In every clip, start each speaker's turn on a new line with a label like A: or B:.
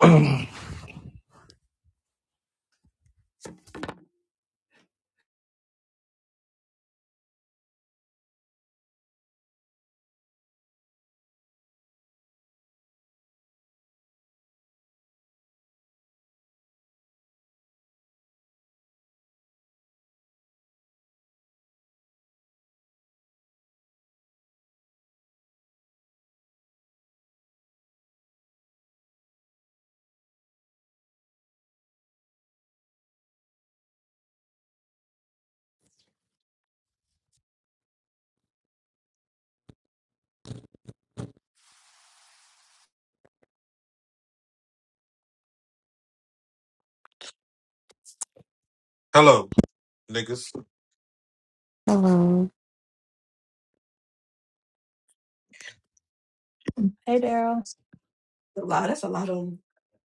A: Hello, niggas.
B: Hello.
C: Hey, Daryl.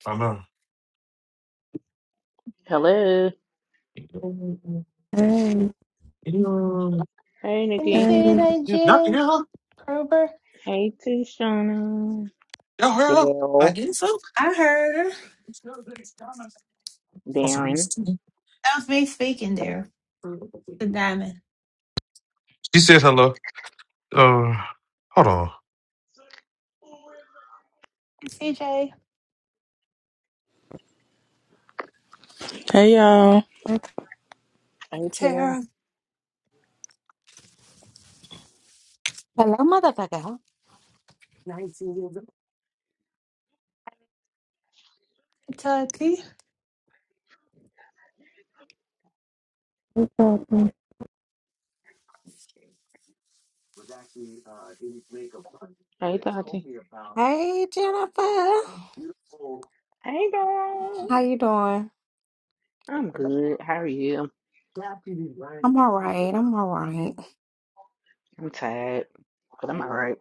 A: I know.
D: Hello.
B: Hey,
D: Hey,
C: And the
D: Nikki.
C: kid,
B: hey,
C: hey,
A: Y'all can
C: Jen.
A: hear her?
C: Krober.
D: Hey, Tishana.
A: Y'all hear her? I
D: Daryl.
A: guess so.
C: I heard her.
D: Darren.
C: That was me speaking there. The diamond.
A: She said hello. Uh, hold on.
C: CJ.
E: Hey y'all.
D: Hey, Tara.
C: Tara.
F: Hello, motherfucker. Hey,
C: Tucky. Hey,
B: welcome.
D: Hey, Tati.
F: Jennifer.
D: Hey,
F: How
D: girl.
F: you doing?
D: I'm good. How are you?
F: I'm all right. I'm all right.
D: I'm tired, but I'm all right.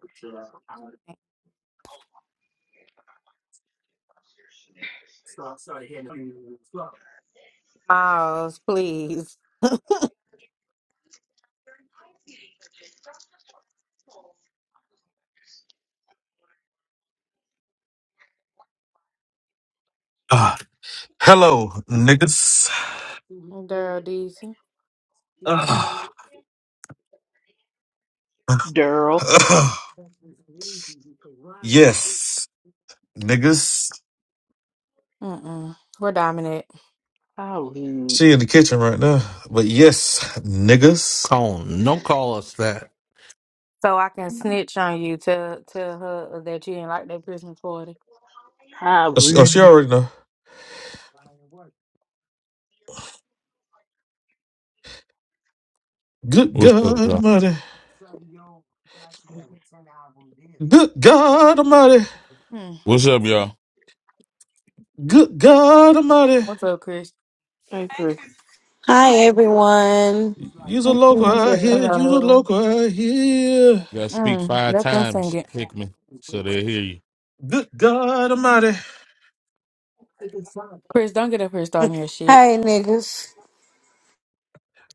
F: Miles, please.
A: Uh, hello, niggas.
F: Daryl Deasy.
A: Ugh.
D: Daryl.
A: Ugh. yes, niggas.
F: Mm-mm. We're dominant.
D: How rude.
A: She in the kitchen right now. But yes, niggas.
G: Cone. Don't call us that.
F: So I can snitch on you. Tell tell her that you didn't like that Christmas party.
D: How
A: Oh, she, oh, she
D: rude.
A: already know. Good
H: What's
A: God
H: up, y'all?
A: Almighty. Good God Almighty.
F: Mm.
H: What's up, y'all?
A: Good God Almighty.
F: What's up, Chris?
D: Hey, Chris.
C: Chris.
I: Hi everyone.
A: Use a
B: Thank
A: local
D: Hi,
B: you.
A: out here. Use a
D: Erica.
F: Hello.
A: local out here.
H: You gotta speak
F: Mm.
H: five
F: Let them sing
H: times,
F: it.
H: Hickman, so they hear you.
A: Good God Almighty.
F: Chris, don't get up here starting your shit.
I: Hi niggas.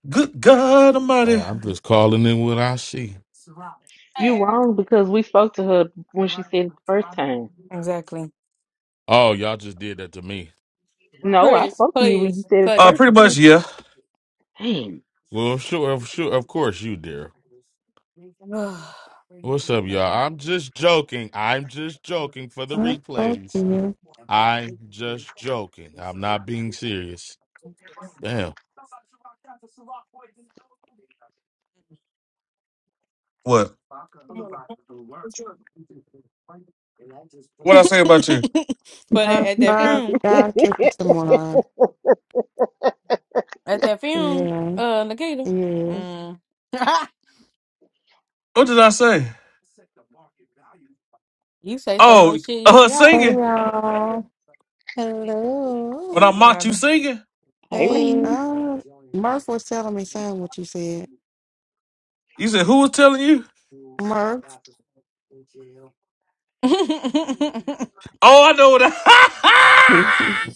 A: Good God
H: Hey,
A: Almighty.
H: I'm just calling in what I see.
D: You
C: Hey, Erica.
D: wrong because we spoke to her when she said it the first time.
F: Exactly.
H: Oh, y'all just did that to me.
D: No, I
F: Chris,
D: spoke to you when you
F: please
D: said it the
F: cut
A: Uh,
F: it.
D: first
A: pretty much,
D: time.
A: yeah.
D: Damn.
H: Well, sure, of- sure, of course you, dear.
F: Ugh.
H: What's up, y'all? I'm just joking. I'm just joking for the
B: Not both
H: replays.
B: of you.
H: I'm just joking. I'm not being serious. Damn.
A: What? What I say about you?
F: but at,
B: Not
F: at that
B: i
F: film,
B: guys kicking someone off.
F: at that film,
B: Yeah,
F: uh, Nikita,
B: yeah.
F: mm.
A: What did I say?
F: you say so
A: Oh,
F: much shit you
A: uh,
F: forgot.
J: Hey
A: singing.
J: y'all.
A: When I
F: Hey,
J: Hello.
A: mocked you
F: Miranda.
A: singing,
D: hey,
J: Hey.
D: Rain.
B: Uh, Murph was telling me saying what you said.
A: you said, "Who was telling you?"
B: Murph?
F: Nikita,
A: Oh, I know what.
B: nah,
A: I-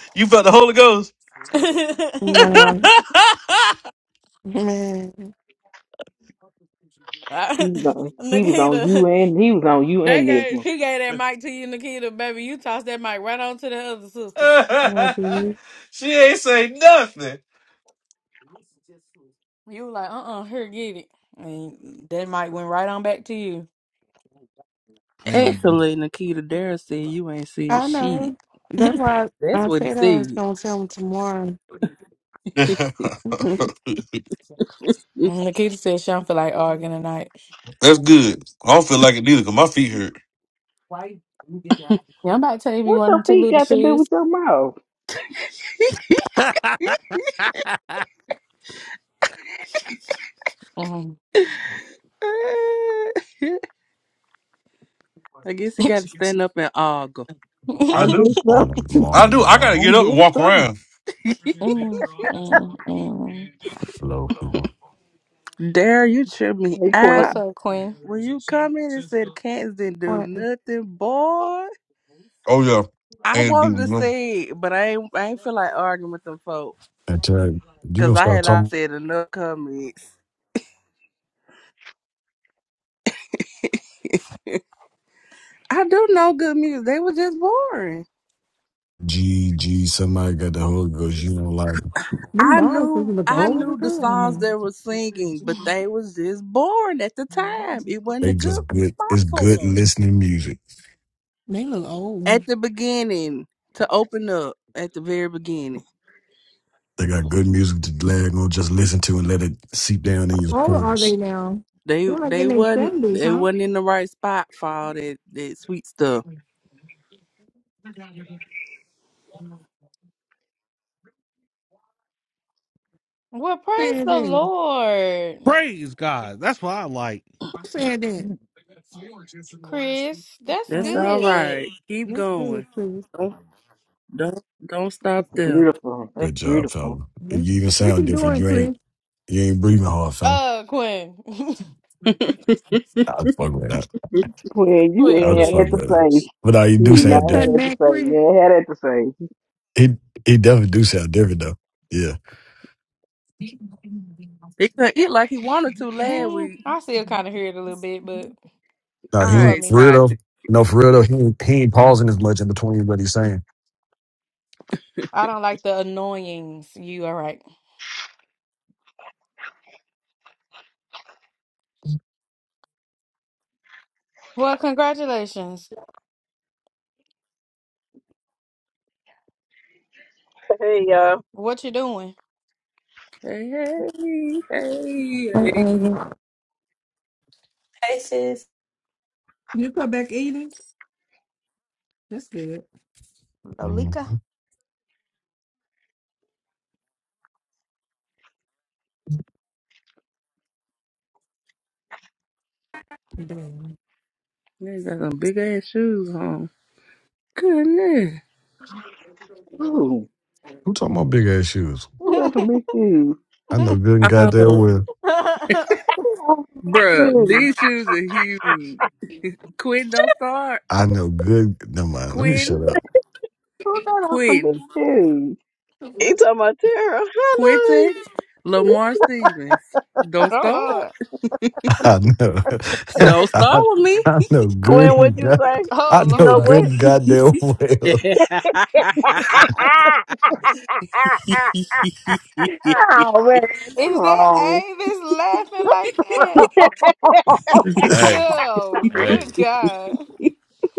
A: you felt the Holy Ghost.
B: man.
D: He was on. He was on you and he was on you
F: they
D: and
F: gave
D: Nisma.
F: she gave that mic to you, Nikita, baby. You tossed that mic right on to the other sister.
B: No, dude.
A: she ain't say nothing.
F: You were like, uh, uh here, get it. And that mic went right on back to you.
G: Man,
E: Actually, Nikita Darrell said you ain't said
B: I
E: shit.
B: know. That's why I,
E: That's what he
B: said I was
E: said.
B: going to tell him tomorrow.
F: And Nikita said she don't feel like arguing tonight.
A: That's good. I don't feel like it neither, cause my feet hurt.
F: Y'all about to tell me
D: What your
F: one to
D: feet
F: little
D: got to do
F: shoes.
D: with your mouth?
F: Mm.
E: I guess he got to stand up and argue.
A: I
D: I guess
A: do.
D: so.
A: I do. I gotta
D: I
A: get up and
D: guess
A: walk
D: so.
A: around.
F: Mm, mm, mm.
E: Darrell, you tripped me
D: Hey,
F: What's
E: out
D: Quentin.
F: up, Queen?
E: when you come in and said cats didn't do
B: What?
E: nothing, boy.
A: Oh yeah,
E: I
A: and do
E: wanted
A: you
E: to
A: know?
E: say it, but I ain't. I ain't feel like arguing with them folks because I had I said enough comments. I do know good music. They were just boring.
K: G, G, somebody got the Holy Ghost. You don't like
J: Them
E: I
J: balls just
E: knew
J: look
E: I
J: old as
E: knew the
J: hell
E: songs
J: now.
E: they were singing, but they was just born at the time. It wasn't a
K: They
E: good
K: just good.
E: spot
K: It's
E: for
K: good
E: them
K: listening music.
J: They look old.
E: at the beginning to open up at the very beginning.
K: They got good music to lag on. Just listen to and let it seep down in your
J: How old are they
K: pores.
J: now?
E: They
J: They're like in
E: they
J: their
E: wasn't
J: seventies,
E: they
J: huh?
E: wasn't in the right spot for all that that sweet stuff.
F: Well,
J: Who said
F: praise the
J: that? Who
F: Lord,
G: praise God. That's what I like.
J: said that?
D: Mm,
F: Chris. That's
J: Oh,
E: That's
J: what?
E: all
F: good.
E: right. Keep
J: Let's do it,
E: going.
J: Chris.
E: Don't don't don't stop
D: That's
E: there.
D: beautiful. That's
K: Good job,
D: beautiful.
K: fella. You
J: Let's,
K: even
J: what's
K: sound
J: he
K: different.
J: doing,
K: You ain't
J: Chris?
K: you ain't breathing hard, fella.
F: Uh, Quinn.
K: I'll just fuck with that.
D: Quentin, you
F: Quinn,
K: I'll
D: ain't had
K: just fuck
D: that
F: please.
D: to
K: with it.
D: say.
K: But now you
D: You
K: do
D: did
J: You
D: not
J: just
K: sound
J: cut
D: had
K: different.
D: that to
J: back,
D: say.
J: Chris.
D: You ain't had that to say.
K: He he definitely do sound different though. Yeah.
E: He could eat like he wanted to last
F: Mm,
E: week.
F: I still kind of hear it a little bit, but
K: No,
E: All
K: he
F: who are
E: right,
K: ain't- for
F: me?
K: real though.
E: Tati.
K: No, for real
E: Hey
K: though. He ain't- he ain't pausing as much in between what he's saying.
F: I don't like the annoyings. You all right? Well, congratulations.
L: Hey, y'all.
F: What you doing,
E: hey hey hey.
B: Uh-oh.
C: Hey, sis.
J: You cut back eating? That's good.
F: Lolika?
K: Mhm.
J: Damn.
E: They got some big ass shoes on. Goodness.
D: Ooh,
K: Who talking about big ass shoes?
D: who got
F: oh
D: some big shoes?
K: I know good and goddamn
E: Oh,
K: well.
D: Who got some big
E: bruh,
D: shoes?
E: these shoes are huge. Quentin, don't start.
K: I know good. Never mind. Let me shut
E: Quentin,
K: up.
D: Who got some big
E: Quentin,
D: shoes?
L: He talking about Tara.
E: Quentin,
L: Hello.
E: Lamar Stevens. Don't start.
F: Lord.
K: I know.
E: Don't start
K: I,
E: with me.
K: I know
L: Gwen,
K: good.
L: what'd
K: and
L: you
K: God-
L: say?
K: I
F: Oh
L: You
K: know
L: know
F: Lord.
K: good
L: what?
K: and goddamn well.
D: Oh, man, that's
F: Is that
D: wrong.
F: Avis laughing like that?
H: Hey,
F: Girl, good
H: hey.
F: God.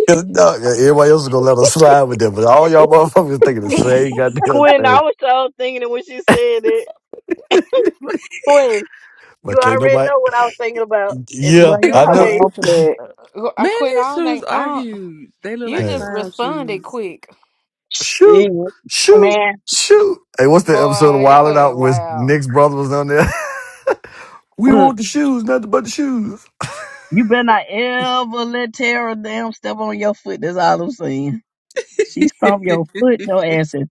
K: Cause no, yeah, everybody else is gonna let us slide with them, but all y'all motherfuckers thinking the same goddamn
L: Gwen, I
K: thing.
L: was so thinking it when she said it. Gwen,
K: But
L: you
K: can't
L: already
K: nobody.
L: know what I was thinking about at the
K: Yeah,
D: But y'all
K: I know.
L: Q&A.
D: wrong for that.
F: I
E: Man,
F: quit. I
E: his
F: don't
E: shoes
F: think. I
E: are
F: don't,
E: huge. They look
F: you
E: like
K: Hey,
F: just
E: clown
F: responded
E: shoes.
F: quick.
K: shoot,
L: Shit.
K: shoot,
L: Man,
K: shoot. Hey, what's the episode of
F: Boy, your
K: Wilding
F: ass
K: Out with
F: wild.
K: Nick's brother was on there? we
L: look,
K: want the shoes, nothing but the shoes.
L: you better not ever let Tara damn step on your foot. That's all I'm saying. She stomped your foot, no asses.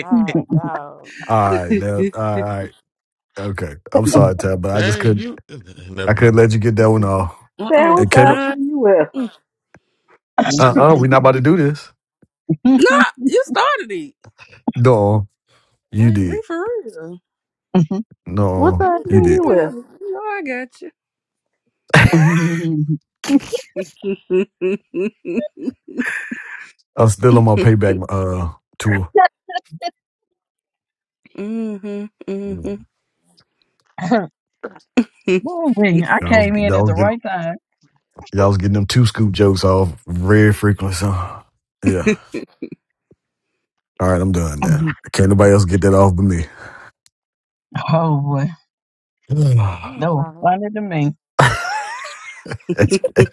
F: Oh, dog.
K: All right, now, all right, all right. okay. I'm sorry, Tab, but I just
H: Dang,
K: couldn't.
H: you. Never
K: I couldn't
H: mind.
K: let you get that one off.
D: Sam,
E: uh-uh.
K: And
D: what
K: can't. Uh,
D: size shoe
E: I,
D: you wear?
E: mm-mm.
K: uh-uh, uh, we not about to do this.
E: Nah, you started it.
K: No, you
E: Like, we
K: did.
E: for real.
D: What
K: No,
D: size
E: You
K: you
D: shoe
K: did.
E: know
D: you
E: I have.
D: wear?
E: You know I got you.
K: I'm still on my payback uh tour.
E: mhm. Mhm.
L: Woo I
K: Y'all was
L: came in
K: y'all
L: at the
K: was getting
L: right time.
K: y'all was getting them two scoop jokes off very frequently. So yeah. All right, I'm done now. Can't nobody else get that off but me.
L: Oh boy,
F: I need
L: that
F: to
L: was
F: buy me.
L: funny to me.
K: That's-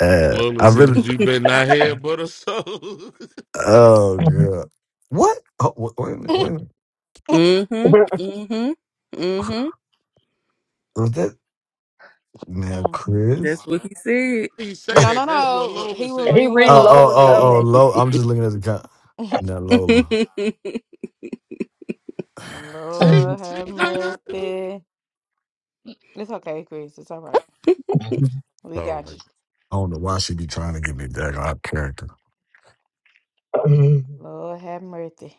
K: uh,
H: Lola
K: I really.
H: says you better not hear but a soul.
K: Oh god. What? Oh, wait, wait a minute. Wait a minute.
E: Mhm. Mhm. Mhm.
K: Was that now
F: Mm.
K: Chris?
E: That's what he said.
H: he say
F: No, no,
H: that. That's what
F: no.
H: Lola
F: He was
L: he
H: said.
F: reading what
L: read
K: Oh,
F: Lola
K: oh,
L: Lola
K: oh, oh,
F: said.
L: comment.
K: Lola. I'm just looking at the guy. Now, Lola.
H: See,
F: Lord have
H: see how y'all do?
F: mercy. It's okay, Chris. It's all right. We
H: All
F: got
H: right.
F: you.
K: I don't know why she be trying to give me that out character.
L: Ooh
F: Lord have mercy.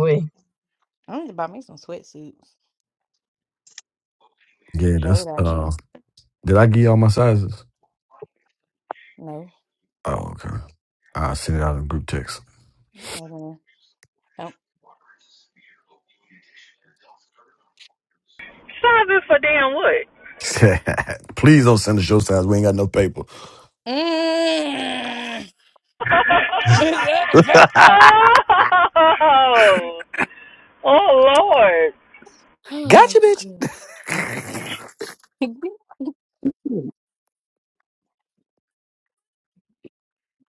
L: wee.
F: I need to buy me some sweatsuits.
K: Yeah, that's.
F: Sold out you.
K: uh Did I give y'all my sizes?
F: No.
K: Oh, okay. I'll send it out in group text.
F: Mm-mm.
M: Shopping for damn what?
K: Please don't send the show signs. We ain't got no paper.
F: Mm. Is that a back
K: gotcha,
F: joke?
M: oh, oh Lord!
F: Oh, God.
K: bitch.
D: Mm,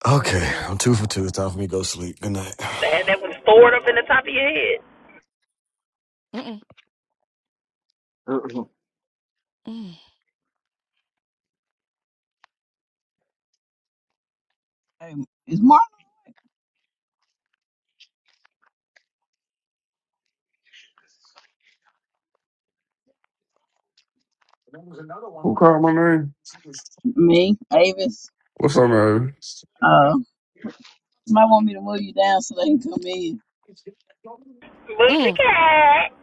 K: Okay,
F: oh,
K: I'm two for two. It's
F: God.
K: time for me to go sleep. Good night.
M: And that was stored up in the top of your head.
F: Mm-mm.
D: Uh-uh.
F: Mm.
L: Hey, is Mark
N: Call my name.
L: me, Avis?
N: What's up, man?
L: Uh, you might want me to move you down so they can come in.
M: Booty
F: Mm.
M: cat,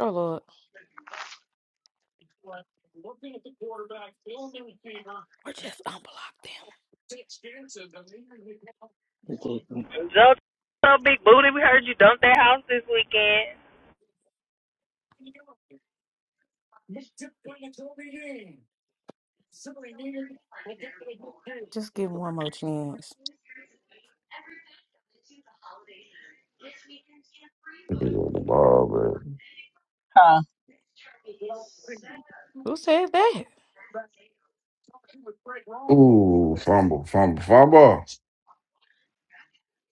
F: Oh, Lord. Or just unblock them.
M: Joe, so big booty. We heard you dumped that house this weekend.
F: Just give them one more chance.
L: Huh?
F: Who said that?
N: Ooh, fumble, fumble, fumble.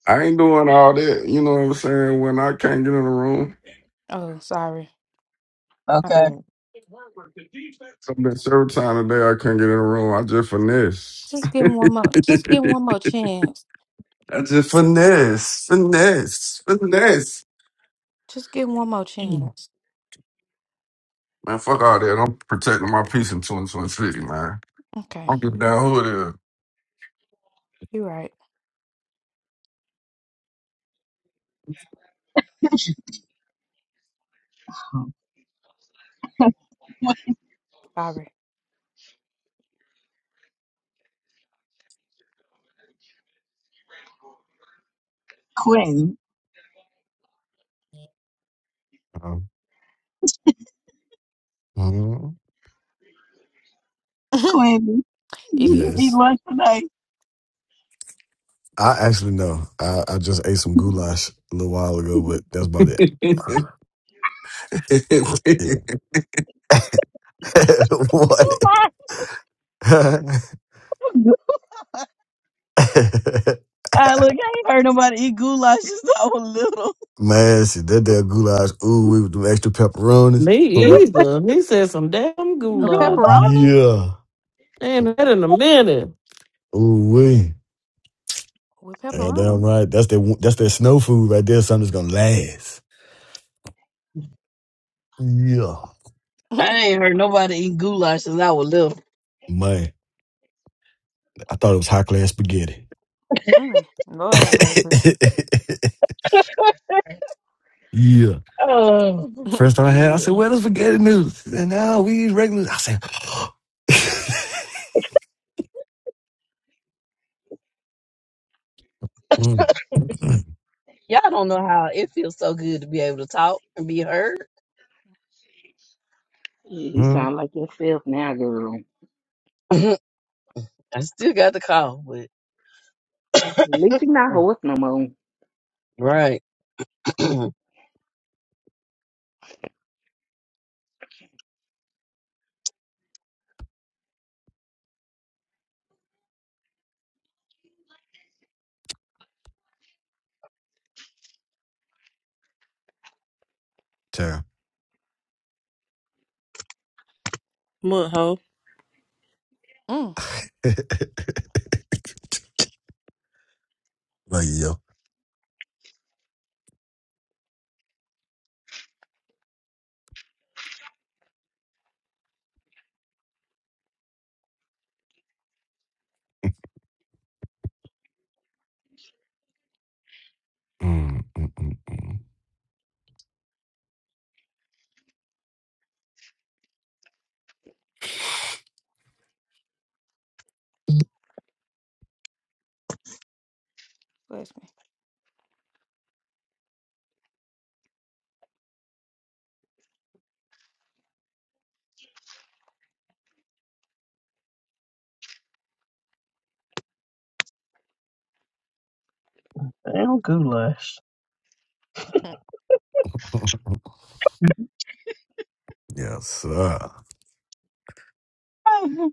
N: I ain't doing all that. You know what I'm saying? When I can't get in the room,
F: Oh, sorry. My
L: Okay.
F: bad.
N: I've been several times today. I can't get in the room. I just finesse.
F: Just give him one more. Just give him one more chance.
N: I just finesse, finesse, finesse.
F: Just give him one more chance.
N: Man, fuck all that. I'm protecting my peace in 2026, man.
F: Okay.
N: I'm giving down who
F: You're right. Sorry.
L: Quentin,
K: Um, mhm.
F: it
L: Quentin, eat
F: is.
K: Yes.
L: lunch today.
K: I actually know. I, I just ate some goulash a little while ago, but that's about it.
N: it is.
K: Yeah. what?
L: Goulash. I look, I ain't heard nobody eat goulash since I was little.
K: Man, shit, that damn goulash. Ooh, we with them extra pepperonis.
O: Me
K: Probably-
O: either. He said some damn
F: A
O: goulash.
L: Goulash.
F: pepperoni?
K: Yeah.
O: Ain't that in a minute.
K: Ooh, we.
F: With
K: Yeah,
F: pepperoni?
K: damn right. That's their that's their snow food right there. Something that's gonna last. Yeah,
L: I ain't heard nobody eat goulash since I was little.
K: man. I thought it was high class spaghetti.
F: mm. Lord have mercy.
K: yeah.
L: Oh,
K: First time I had, I
F: yeah.
K: said, "Where the spaghetti noodles?" And now we eat regular. I said, mm, mm,
L: y'all don't know how it feels so good to be able to talk and be heard.
D: Yeah, you
K: mm.
D: sound like yourself now, girl.
L: I still got the call, but
D: At least you're not horse no more.
L: right, damn
K: "Damn."
E: Mud hoe.
F: Mm.
K: like yo. Mm, mm, mm, mm.
F: Bless me.
L: goulash.
K: Yes, sir.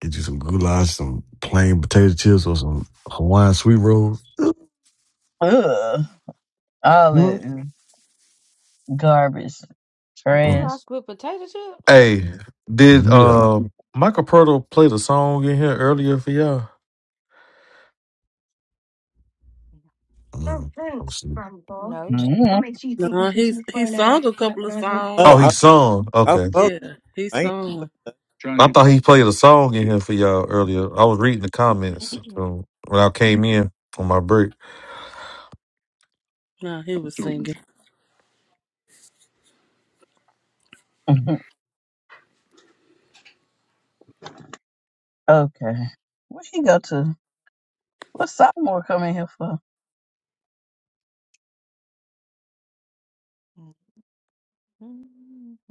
K: Get you some goulash, some plain potato chips, or some Hawaiian sweet rolls.
L: Ugh, all that
K: Mm,
L: is garbage,
K: mm,
L: trash.
F: Goulash with potato chips?
A: Hey, did
K: Yeah.
A: uh Michael Pertle play the song in here earlier for y'all?
K: Mm, i was asleep.
F: No.
L: mm
A: Oh,
E: No, he's he sung a couple of songs.
P: Oh, I,
A: he sung.
P: I
A: Okay,
P: fuck.
E: Yeah, he
P: I ain't
E: sung.
A: I thought he played a song in here for y'all earlier. I was reading the comments from when I came in on my break.
E: No, he was singing.
L: okay, where he go to? What's Sophomore coming here for?
F: Who?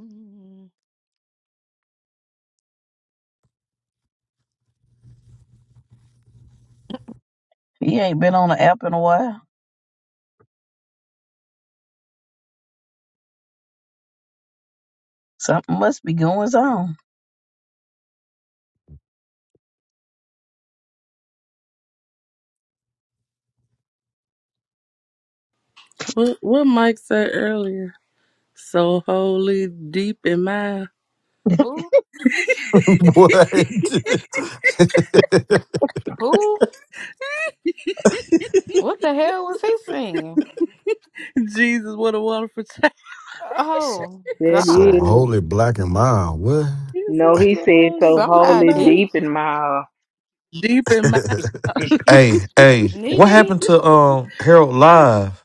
L: He ain't been on the app in a while. Something must be going on.
E: What what Mike said earlier. So holy, deep in my
K: what?
F: Who? What the hell was he singing?
E: Jesus, what a wonderful child.
F: Oh
D: That
K: so
F: God!
D: is.
K: holy black and mild. What?
E: He
D: No,
E: said,
D: he
E: so
D: said
E: holy,
D: so
E: deep in
F: Somebody
D: holy
E: my,
F: deep,
D: deep in my uh,
E: deep in my.
A: Hey, hey,
F: knee
A: what
F: deep.
A: happened to um Harold Live?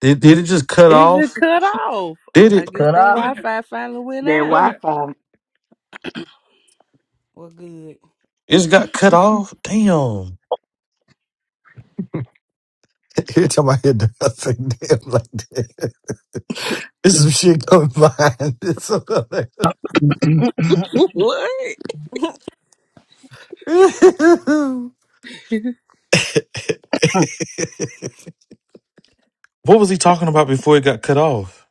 A: Did did it just cut
E: Is it
A: off?
E: cut off?
A: Did
E: I
A: it?
E: guess
L: Cut
E: that
L: off.
E: Wi-Fi finally went
D: that
E: out.
D: Wi-Fi.
F: Well, good.
A: It just got cut off. Damn.
K: Every time I hear the I think damn like that. There's some shit coming behind this.
E: Wh- What?
L: I
A: What was he talking about before it got cut off?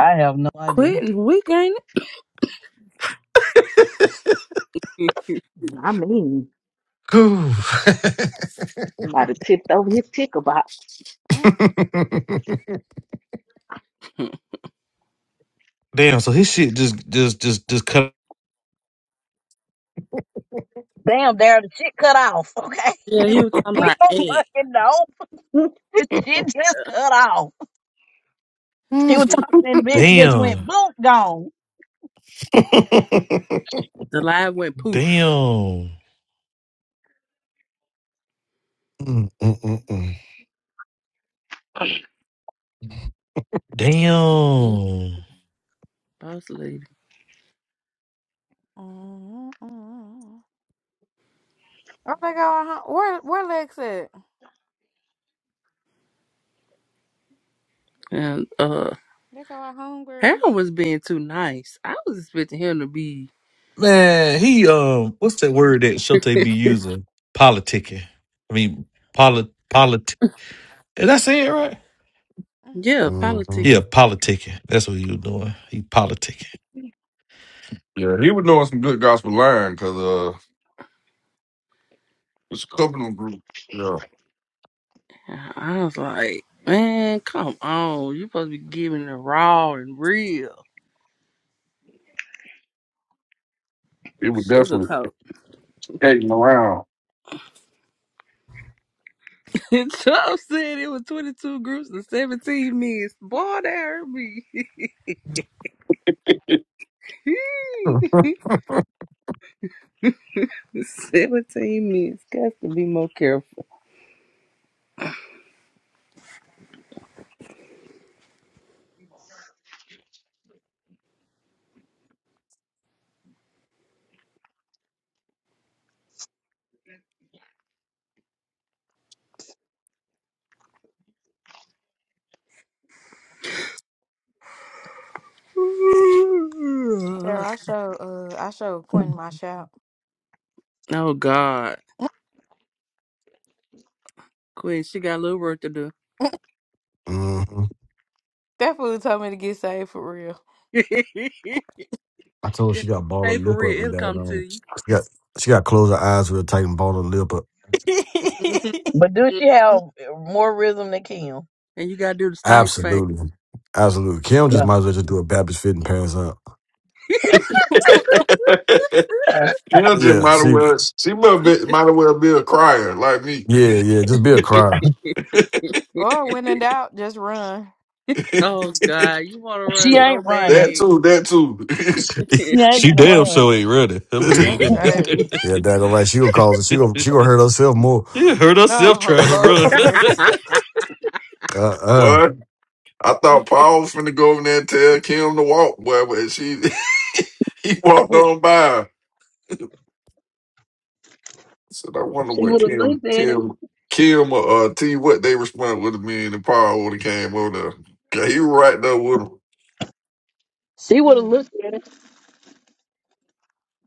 L: have no idea.
E: Quitting week, ain't
D: I mean, I might have tipped over his ticker box.
F: Mm.
E: it?
A: Damn, so his shit just just just just cut
L: Damn, Daryl, the shit cut off. Okay,
E: Yeah, he was talking
L: we
E: about
L: don't
E: ant.
L: fucking know. The shit just cut off. She was talking, and the bitch just went
A: damn.
L: boom, gone.
K: Ooh.
E: The live went poof.
A: Damn.
K: Mm, mm, mm, mm.
E: Mr. Poof,
A: Damn.
E: boss lady.
F: Mm-mm. oh, they go our home. Where where Lex at?
E: And uh
F: They go our homegirl.
E: Harold was being too nice. I was expecting him to be
A: Man, he um what's that word that Shote be using? Politicking. I mean polit polit Did I say it right?
F: Mm.
E: Yeah,
K: Mhm,
A: Yeah,
E: politicking.
A: politicking. That's what he was doing. He politicking.
N: yeah, he was doing some good gospel line because uh, it's a couple of them group. Yeah,
E: I was like, man, come on. You supposed to be giving the raw and real
N: it was definitely
E: sugarcoat.
N: skating around.
E: Trump said it was 22 groups and 17 missed. Boy, that hurt me. 17 missed. Got to be more careful.
F: Tara, I show uh I show Quentin my shout.
E: Oh, God. Queen, she got a little work to do.
K: mhm.
F: That fool told me to get saved for real.
E: yeah,
K: I told her
E: you
K: she got ball her
E: pay for
K: lip up
E: real.
K: and
E: It'll come to
K: down. She
E: you.
K: got she got to close her eyes real tight and ball her lip
L: But do she have
E: Mhm.
L: more rhythm than Kim?
E: and you got to do the stank face.
K: Absolutely. Absolutely. Kim just
L: Yeah,
K: might as well just do a Baptist fit and pants up.
N: Kendra just
K: Yeah,
N: might as
K: she
N: well she might be, might as well be a crier like me.
K: yeah, yeah, just be a crier.
F: Or when in doubt, just run.
E: oh, God. You want to run
L: she ain't
E: so
N: That
L: running.
N: too, that too.
L: She ain't
A: She damn
L: gonna
A: sure ain't running. I'm going tell you
F: That's
K: Mm-mm.
L: run.
F: right.
A: that.
K: Yeah, that all right. She gonna cause it. She gonna she gonna hurt herself more.
A: yeah, hurt herself
F: Oh,
K: uh
A: trying to
F: Lord
A: run.
F: have mercy.
E: bad.
K: uh.
N: what? I thought Paul was finna go over there and tell Kim to walk, boy, but she he walked
L: She
N: on by. I said, I wonder what
L: would have
N: Kim
L: looked at it.
N: Kim Kim or uh, T what they responded with me and Paul would have came over there. 'Cause he was right there with him.
L: She would have
F: Mm.
L: looked at it.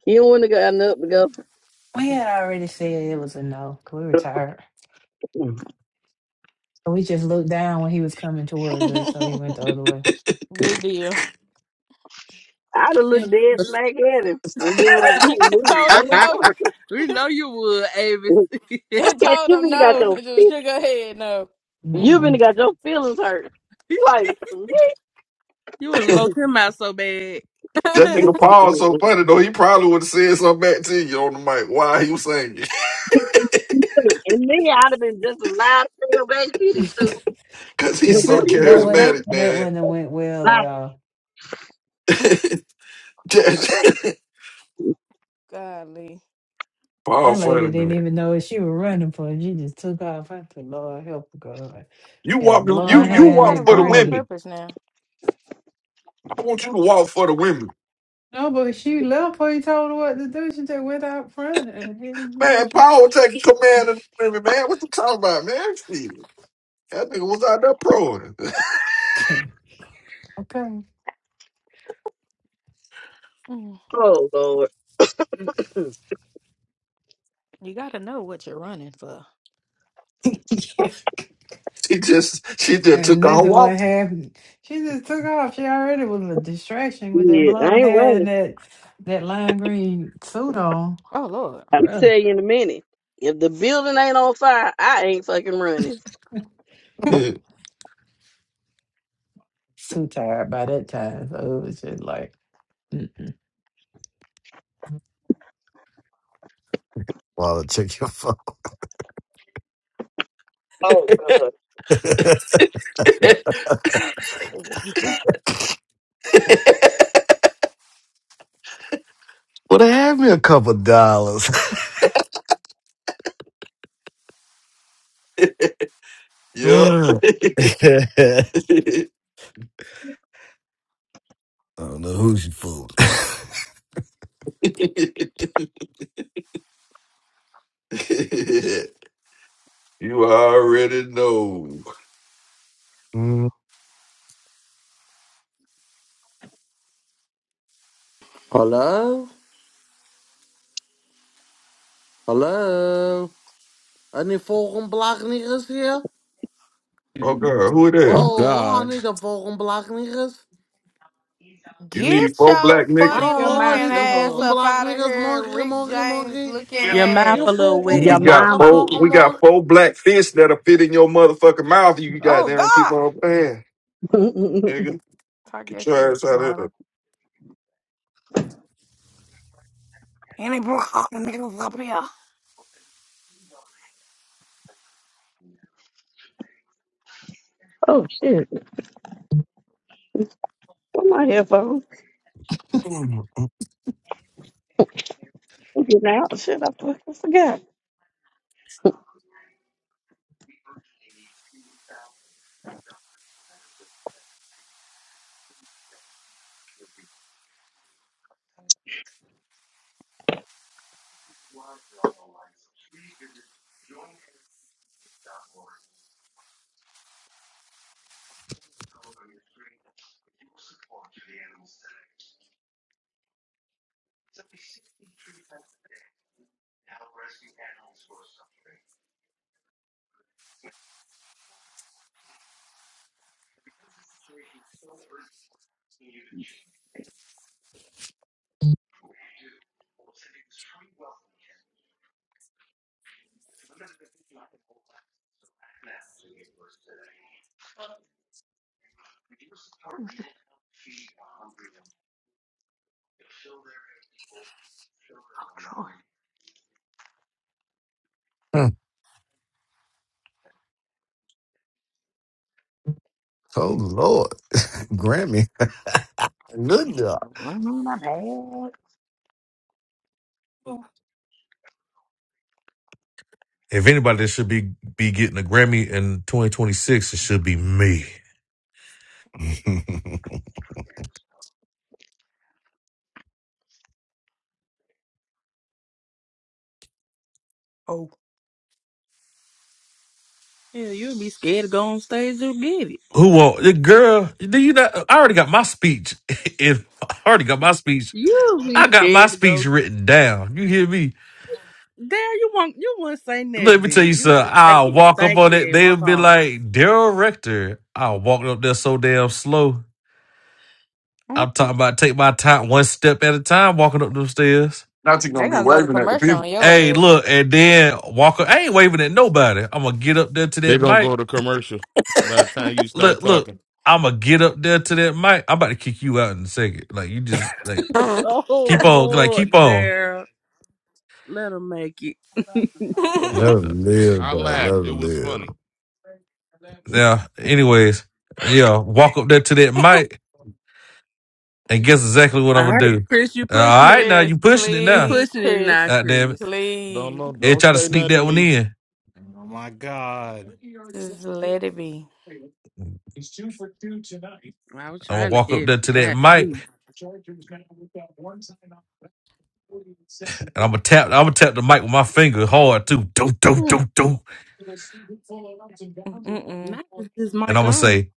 L: He wouldn't have gotten up to go.
C: We had already said it was a no 'cause we were tired. So we just looked down when he was coming towards us, so he went the other way.
F: Good deal.
L: I'd have looked dead smack at him and been like, I ain't
F: It
L: moving.
F: told
L: I'm
F: him no.
L: sorry.
E: we know you would, Avis.
F: It
L: Shit,
F: told
L: you
F: him
L: really got
F: no. It just
L: your
F: shook her head no.
L: You've
F: Mm-mm.
C: Mm-mm.
L: been got your feelings hurt. You Like,
E: you would low him out so bad.
N: That
L: me?
N: nigga Paul so funny though. He probably would have said something back to you on the mic. Why he was saying it?
L: and me, I'd have been just as loud as your baby feeding too.
N: Cause
C: Yeah,
N: he's
L: If we
N: so
C: that
L: don't
C: that
L: go back
N: charismatic,
C: wasn't that wouldn't
N: man.
C: have went well at
L: back
C: all.
F: Golly.
N: Paul
C: One
N: funny,
C: lady didn't
N: man.
C: even know what she was running for. She just took off. I said, Lord, help her, God.
N: You
C: She
N: walk
C: had
N: the,
F: Oh,
N: you
C: blonde
F: no,
N: you
F: you
C: hair and
F: got to
N: walk
C: that
N: for the
F: run with
C: green.
N: women.
F: purpose now.
N: I want you to walk for the women.
C: No, but she left before he told her what to do. She just went out front and didn't know
N: Man,
C: she.
N: Paul was taking command of the women, man. What you talking about, man? Shit. That nigga was out there proing.
C: Okay. Okay.
F: Mm.
L: oh Lord.
F: You got to know what you're running for.
C: Yeah.
N: She just she just
C: And
N: took her
C: nothing
N: walk.
C: what happened. She just took off. She already was a distraction with that
L: yeah, I
C: blonde
L: ain't
C: hair and
L: running.
C: that that lime green suit on.
F: Oh, Lord.
L: I'll tell
C: Bruh.
L: you in a minute. If the building ain't on fire, I ain't fucking running.
N: yep.
C: Too tired by that time. So it was just like, mm.
K: While I check your phone.
L: Oh God.
D: It wasn't.
K: Well, they had me a couple dollars. Mm. I don't know who she fooled.
N: you already know.
K: Mm.
Q: Hello? Hallo? En die vogelblaknigers hier?
N: Oh God, who that?
G: Oh,
Q: Oh, en
G: God.
Q: niet de vogelblaknigers?
N: You
F: Get
N: need four
F: your
N: black niggas?
E: Wipe
F: funny
E: your
Q: No,
F: looking
E: mouth,
Q: niet de
F: ass
E: sweetheart.
F: up out of
Q: vogelblaknigers,
F: here,
Q: monkey,
F: Rick
Q: monkey,
F: James
Q: monkey.
F: looking
E: Your mouth
F: ass.
Q: Die
E: a little
N: We
L: Your
E: wet.
N: got
L: mama.
N: four. We got
Q: vogelblaknigers,
N: four black fish that'll fit in your motherfucking mouth. You
F: Oh,
N: goddamn keep
F: God.
N: on playing,
L: oh
N: nigga.
F: Talk your
N: Get your
F: shit,
N: ass out of here.
F: Marta. Any broke niggas up here?
L: shit. Where my headphones? I'm getting out. Shit, I fucking forgot.
K: Mm. oh Lord, Grammy, good job.
D: run on my bag.
C: Oh,
A: If anybody should be be getting a Grammy in 2026, it should be me.
F: Oh.
E: Yeah, you'll be scared to go on stage to get it.
A: Who won't? The girl, do you not? I already got my speech. If I already got my speech,
E: You'll be
A: I got my
E: scared to
A: speech
E: go.
A: written down. You hear me?
E: Damn, you won't. You won't say
A: Let me tell
E: nothing.
A: you
E: You
A: something.
E: just take
A: I'll
E: it.
A: walk up
E: Thank
A: on it.
E: you and
A: They'll
E: walk
A: be
E: off.
A: like, Daryl Rector. I'll walk up there so damn slow. I'm talking about take my time one step at a time walking up them stairs.
N: Not you
F: They
N: gonna be
F: gonna go to
N: waving at the
F: commercial
N: people.
F: on your
A: Hey,
F: ass.
A: look, and then walk. up. I ain't waving at nobody. I'm gonna get up there to
H: They're
A: that
H: gonna
A: mic.
H: go to commercial by the time you start
A: Look, look,
H: talking
A: I'm gonna get up there to that mic. I'm about to kick you out in a second. Like you just like
E: Oh
A: keep on, like
E: Lord,
A: keep on.
E: Daryl. Let him make it.
H: for
K: Let
A: Yeah.
H: laughing.
K: him live,
H: I
K: man. Let
H: laughed. It
K: him
H: was funny.
K: live.
A: Yeah, Anyways, yeah, walk up there to that mic, and guess exactly what I'm
E: All
A: gonna
E: right,
A: do.
E: Chris, you
A: Uh,
E: pushing
A: All right,
E: it.
A: now you
F: Chris,
A: pushing it
E: You
A: now.
F: please,
E: pushing it
F: Chris,
E: now,
A: God damn
E: Chris.
A: it!
H: Don't
F: please,
H: know.
A: They
H: don't
A: try to
H: say
A: sneak
H: nothing to
A: that one
H: me.
A: in.
G: Oh, my God.
F: just let it be.
E: I was
A: I'm gonna
E: trying to
A: walk up
E: help
A: there to that mic
E: you,
A: and I'm gonna tap. I'm gonna tap the mic with my finger hard too. Do do
E: God.
A: do do.
F: Mm-mm.
E: Not is this
A: And
E: mic
A: I'm gonna
E: on.
A: say,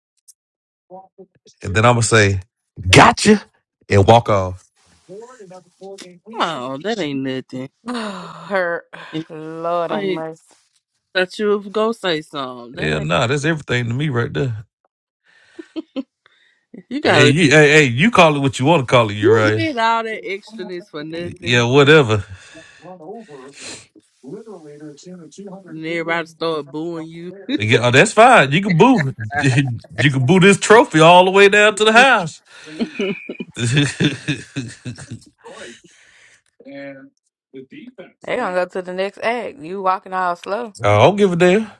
A: and then I'm gonna say, gotcha, and walk off.
E: Oh, that ain't nothing.
F: Oh, Her,
E: And
F: Lord have
E: I
F: mercy.
E: thought you was gonna say something.
A: Yeah,
E: That ain't
A: nah, that's everything to me right there.
E: you
A: Hey,
E: gotta
A: you, hey, hey, you call it what you want to call it,
E: you
A: Uriah.
E: did all that extraness for
A: Yeah,
E: nothing.
A: whatever.
E: And everybody started booing you.
A: Yeah, oh, that's fine. You can boo. You can boo this trophy all the way down to the house. I
F: They gonna go to the next act. You walking all slow.
A: don't give a damn.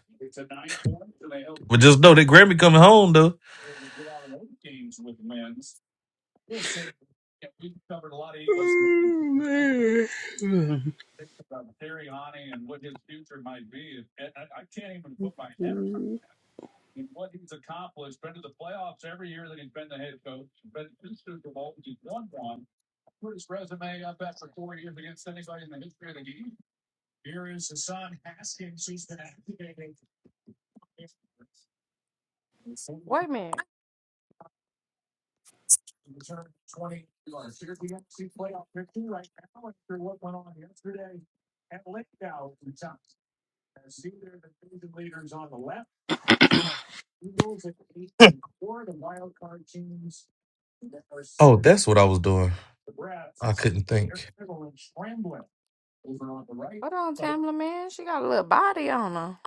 A: But just know that Grammy coming home though.
E: Oh, man. you
F: Wait a minute.
A: Oh, that's what I was doing. I couldn't think.
F: Hold on, Tamla man. She got a little body on her.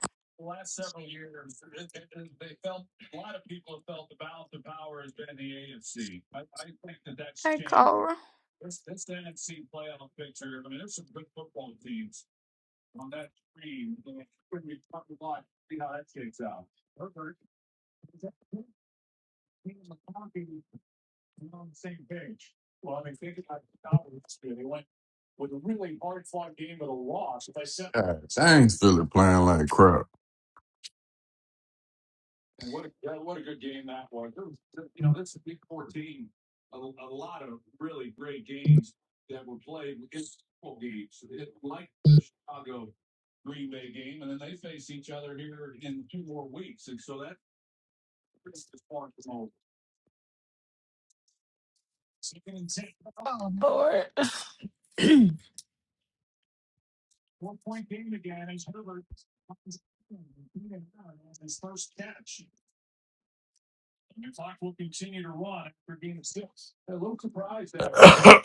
F: Hey, Cora.
N: dang.
C: oh, Lord.
A: I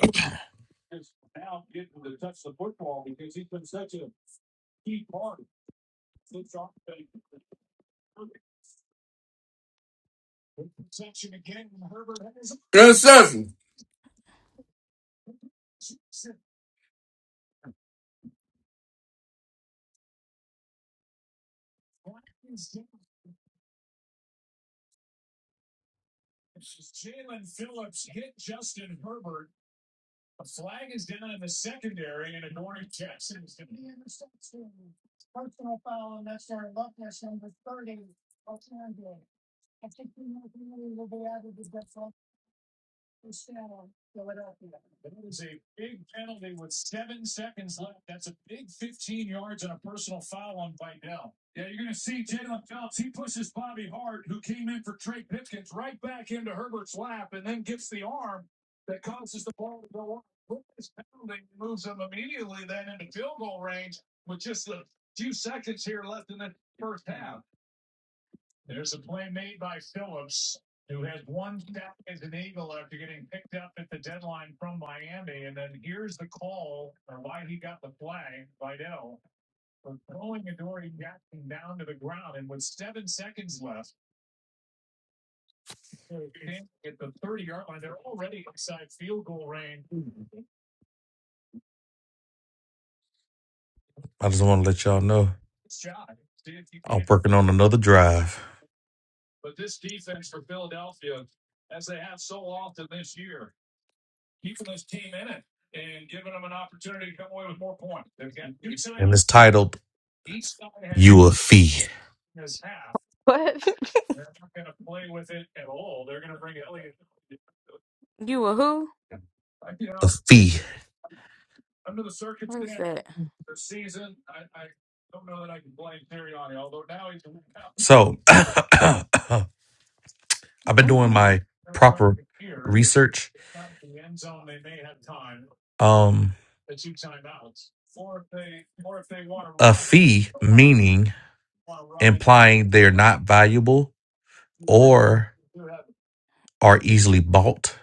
A: just want to let y'all know. I'm working on another drive, and it's titled "You a Fee."
F: What? you a who?
A: A fee.
F: What is that?
A: So I've been doing
F: Mm-mm.
A: my proper research. Um, a fee meaning implying they're not valuable or are easily bought.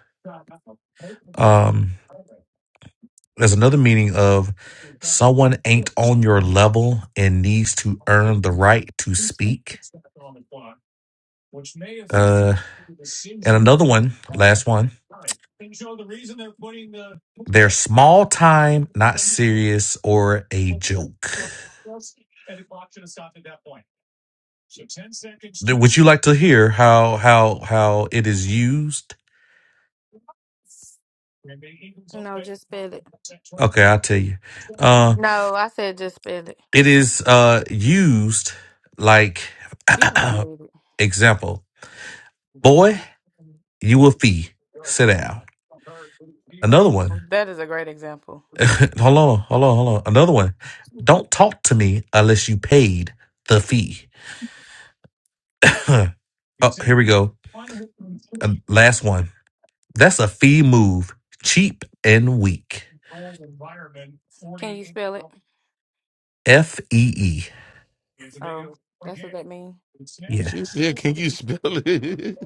A: Um, There's another meaning of someone ain't on your level and needs to earn the right to speak. Uh, and another one, last one. They're small time, not serious, or a joke. Th- Would you like to hear how how how it is used?
F: No, just spell it.
A: Okay, I'll tell you. Uh,
F: No, I said just spell it.
A: it is uh used like
F: You hard headed.
A: example. Boy, you a fee. Sit down. Another one.
F: that is a great example.
A: Hold on, hold on, hold on. Another one. Don't talk to me unless you paid the fee. oh, here we go. Uh, last one. That's a fee move. Cheap and weak.
F: Can you spell it?
A: F E E.
F: Oh, that's what that mean.
A: Yeah.
H: She said, Can you spell it?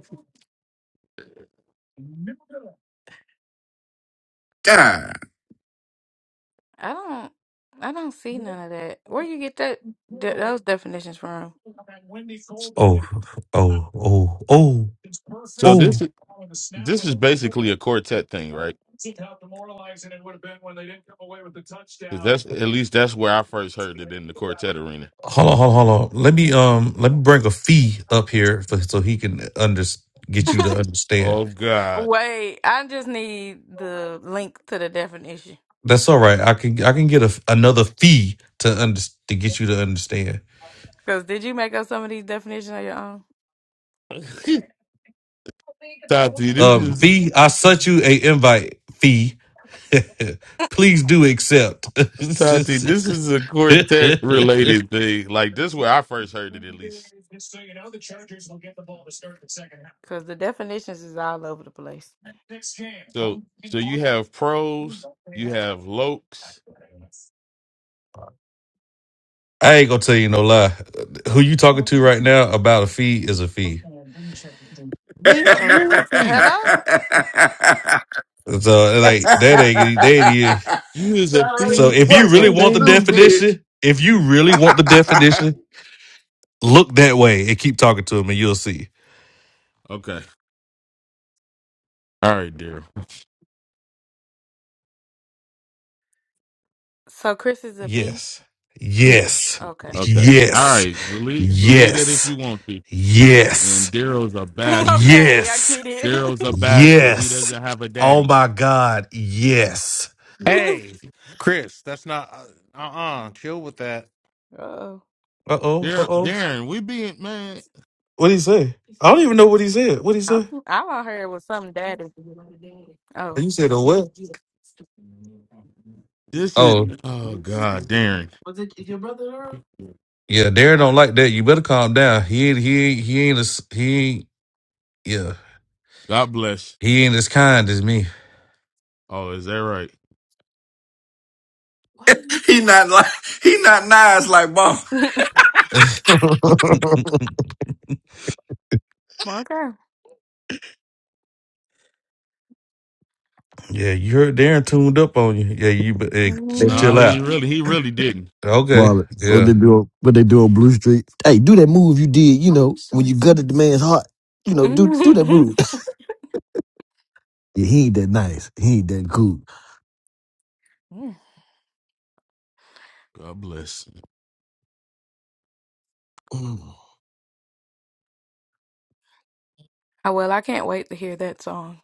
N: God.
F: I don't. I don't see none of that. Where you get that th- those definitions from?
A: Oh, oh, oh, oh,
H: so
A: oh.
H: this is this is basically a quartet thing, right? 'Cause that's at least that's where I first heard it in the quartet arena.
A: Hold on, hold on, hold on. Let me um, let me bring a fee up here for, so he can under get you to understand.
H: Oh God.
F: Wait, I just need the link to the definition.
A: That's all right. I can I can get a, another fee to under to get you to understand.
F: Cause did you make up some of these definitions on your own?
H: Tati,
A: Um,
H: this is
A: Fee, I sent you a invite, Fee. Please do accept.
H: Tati, this is a quartet related thing. Like this is where I first heard it at least.
F: Cause the definitions is all over the place.
H: So so you have pros, you have lokes.
A: I ain't gonna tell you no lie. Who you talking to right now about a fee is a fee.
F: Uh
H: Bitch,
F: oh.
H: you a fiend.
F: Hello.
A: So like that ain't that ain't it.
H: You is a
N: That was
A: So
H: fiend.
A: if
H: You
A: you
H: is a
A: really
N: fucking
A: want the
H: fiend,
N: stupid.
H: bitch.
A: definition, if you really want the definition, Look that way and keep talking to him, and you'll see.
H: Okay. All right, Daryl.
F: So Chris is a fee.
A: Yes, yes,
F: Okay.
H: Okay. All
A: yes,
H: right. Believe believe that if you
A: yes,
H: want to. And
A: yes,
H: Daryl's a bastard.
F: okay, I
A: yes,
F: get it.
H: Daryl's a bastard. He doesn't
A: yes.
H: have a
A: Oh
H: daddy.
A: my God, yes.
G: Hey, Chris, that's not. Uh uh Chill with that.
F: oh,
A: Uh oh, uh
H: Dar-
A: oh.
H: Darren, we being man.
A: What did he say? I don't even know what he said. What did he say?
F: all I heard was something daddy. Oh.
A: You said a what?
H: This is
A: Oh
H: oh God, Darren.
A: yeah, Darren don't like that. You better calm down. He ain't. He ain't. He ain't. A, s- he ain't. Yeah.
H: God bless.
A: He ain't as kind as me.
H: Oh, is that right?
F: okay.
A: yeah, you heard Darren tuned up on you. Yeah, you be- eh, ch-
H: Nah,
A: chill
H: he
A: out.
H: really he really didn't.
A: Okay.
K: Marlon, what
A: Yeah.
K: they do? What they do on Blue Street? Hey, do that move you did. You know when you gutted the man's heart. You know, do do that move. yeah, he ain't that nice. He ain't that cool.
F: Yeah.
H: God bless.
K: Mm.
F: Oh, well, I can't wait to hear that song.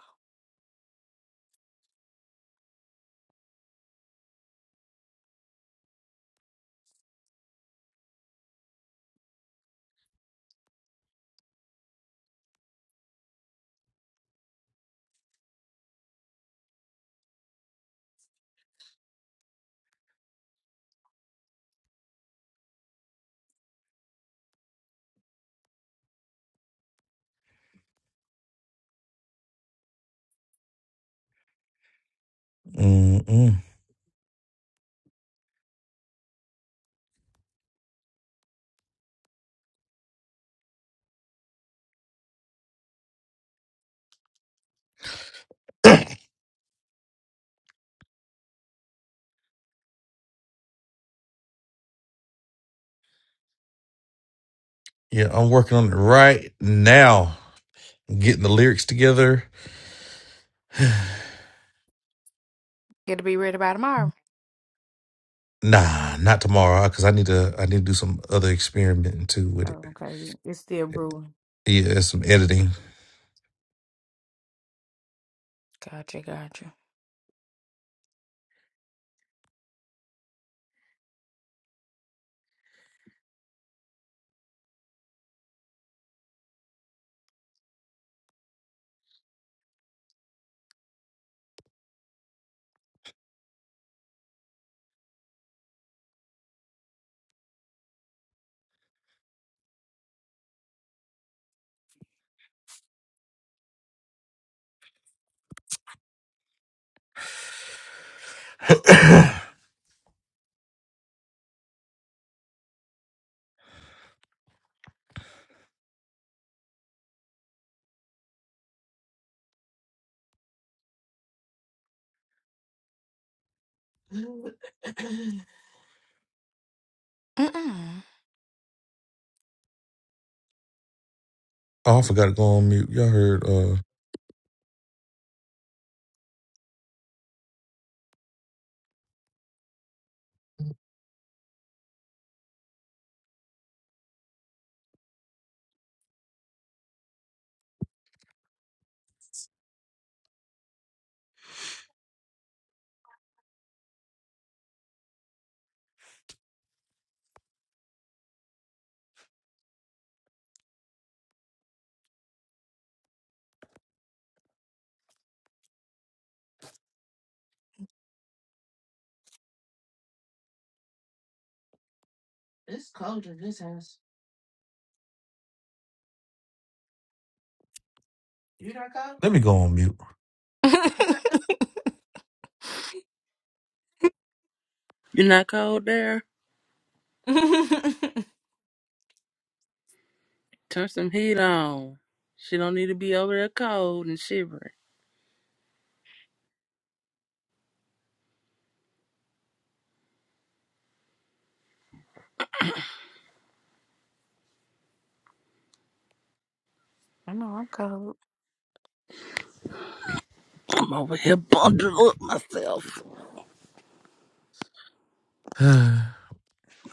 A: Mm-mm. Yeah, I'm working on it right now. Getting the lyrics together.
F: It'll be ready by tomorrow.
A: Nah, not tomorrow because I need to. I need to do some other experimenting too with it.
F: Oh, okay. you- It's still brewing.
A: Yeah, and some editing.
F: Gotcha, gotcha. Mm-mm.
A: Oh, I forgot to go on mute. Y'all heard? Uh, you not go? Let me go on mute.
F: I
E: not cold there? Turn some heat on. She don't need to be over there cold and shivering.
F: know I'm cold.
E: I'm over here bundled up myself.
A: Y'all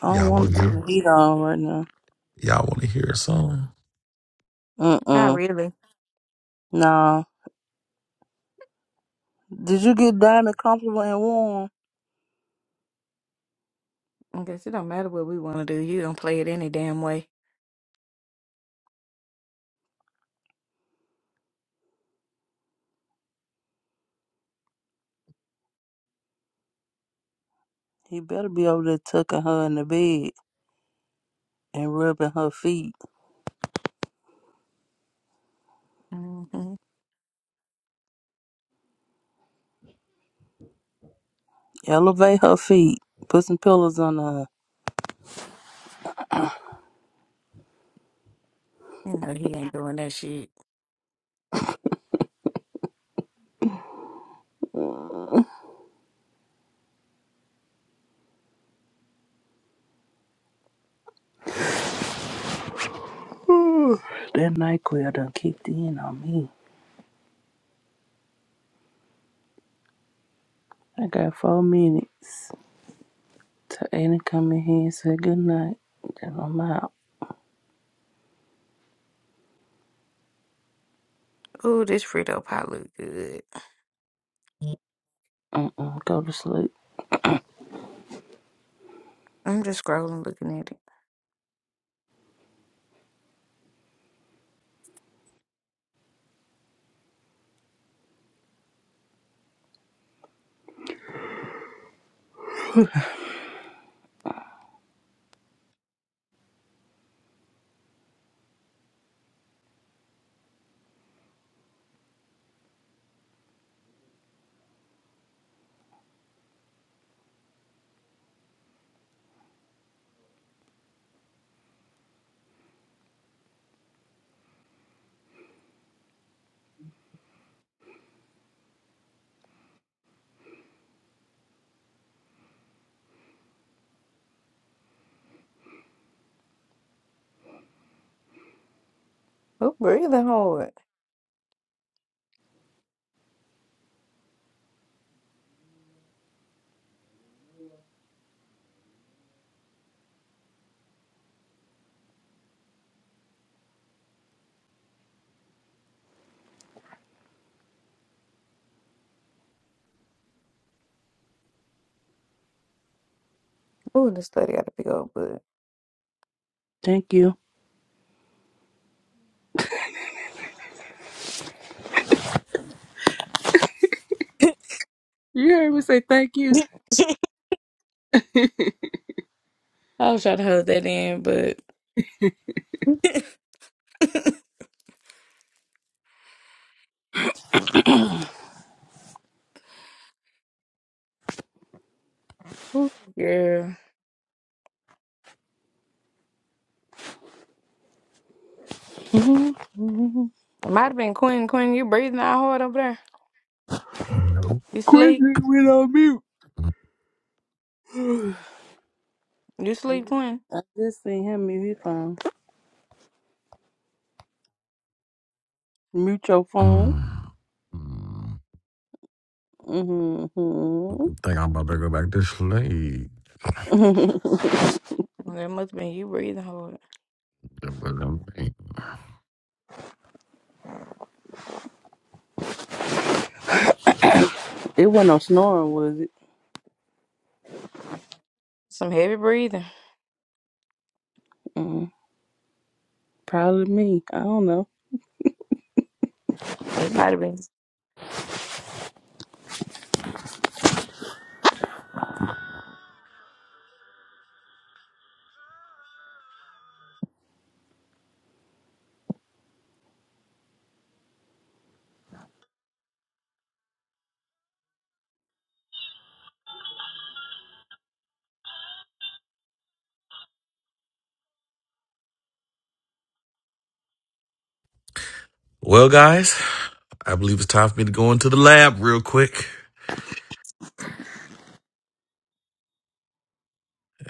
E: I don't
A: want
E: want to
A: to
E: turn
A: hear?
E: the heat on right now.
A: Y'all want to hear a song?
E: Uh
F: Not
E: uh
F: really.
E: No. Did you get Dinah comfortable and warm?
F: I guess it don't matter what we want to do. You don't play it any damn way.
E: He better be over there tucking her in the bed and rubbing her feet.
F: hmm You
E: Elevate her feet. Put some pillows on her.
F: know he ain't doing that shit.
E: Whew, that night quill done kicked in on me. I got four minutes to Aiden come in here and say goodnight. Then I'm out.
F: Ooh, this Frito pie look good.
E: Mm-mm, go to sleep.
F: I'm just scrolling, looking at it. Ooh, breathing hard. Ooh, this study got to be up, but
E: Thank you. You heard me say thank you.
F: I was trying to hold that in, but. Ooh, Yeah.
E: Mm-hmm.
F: It might have been Quinn. Quinn, you breathing out hard over there.
K: No.
F: You sleep.
E: Quincy went on mute.
F: You
E: I
F: sleep,
E: just
F: Quinn.
E: I just seen him mute his phone. Mute your phone.
K: Mm. Mm.
E: Mm-hmm.
K: Think I'm about to go back to sleep.
F: Well, that must have been you breathing hard.
E: it wasn't no snoring, was it?
F: Some heavy breathing.
E: Mm, probably me. I don't know.
F: It might have been.
A: Well, guys, I believe it's time for me to go into the lab real quick.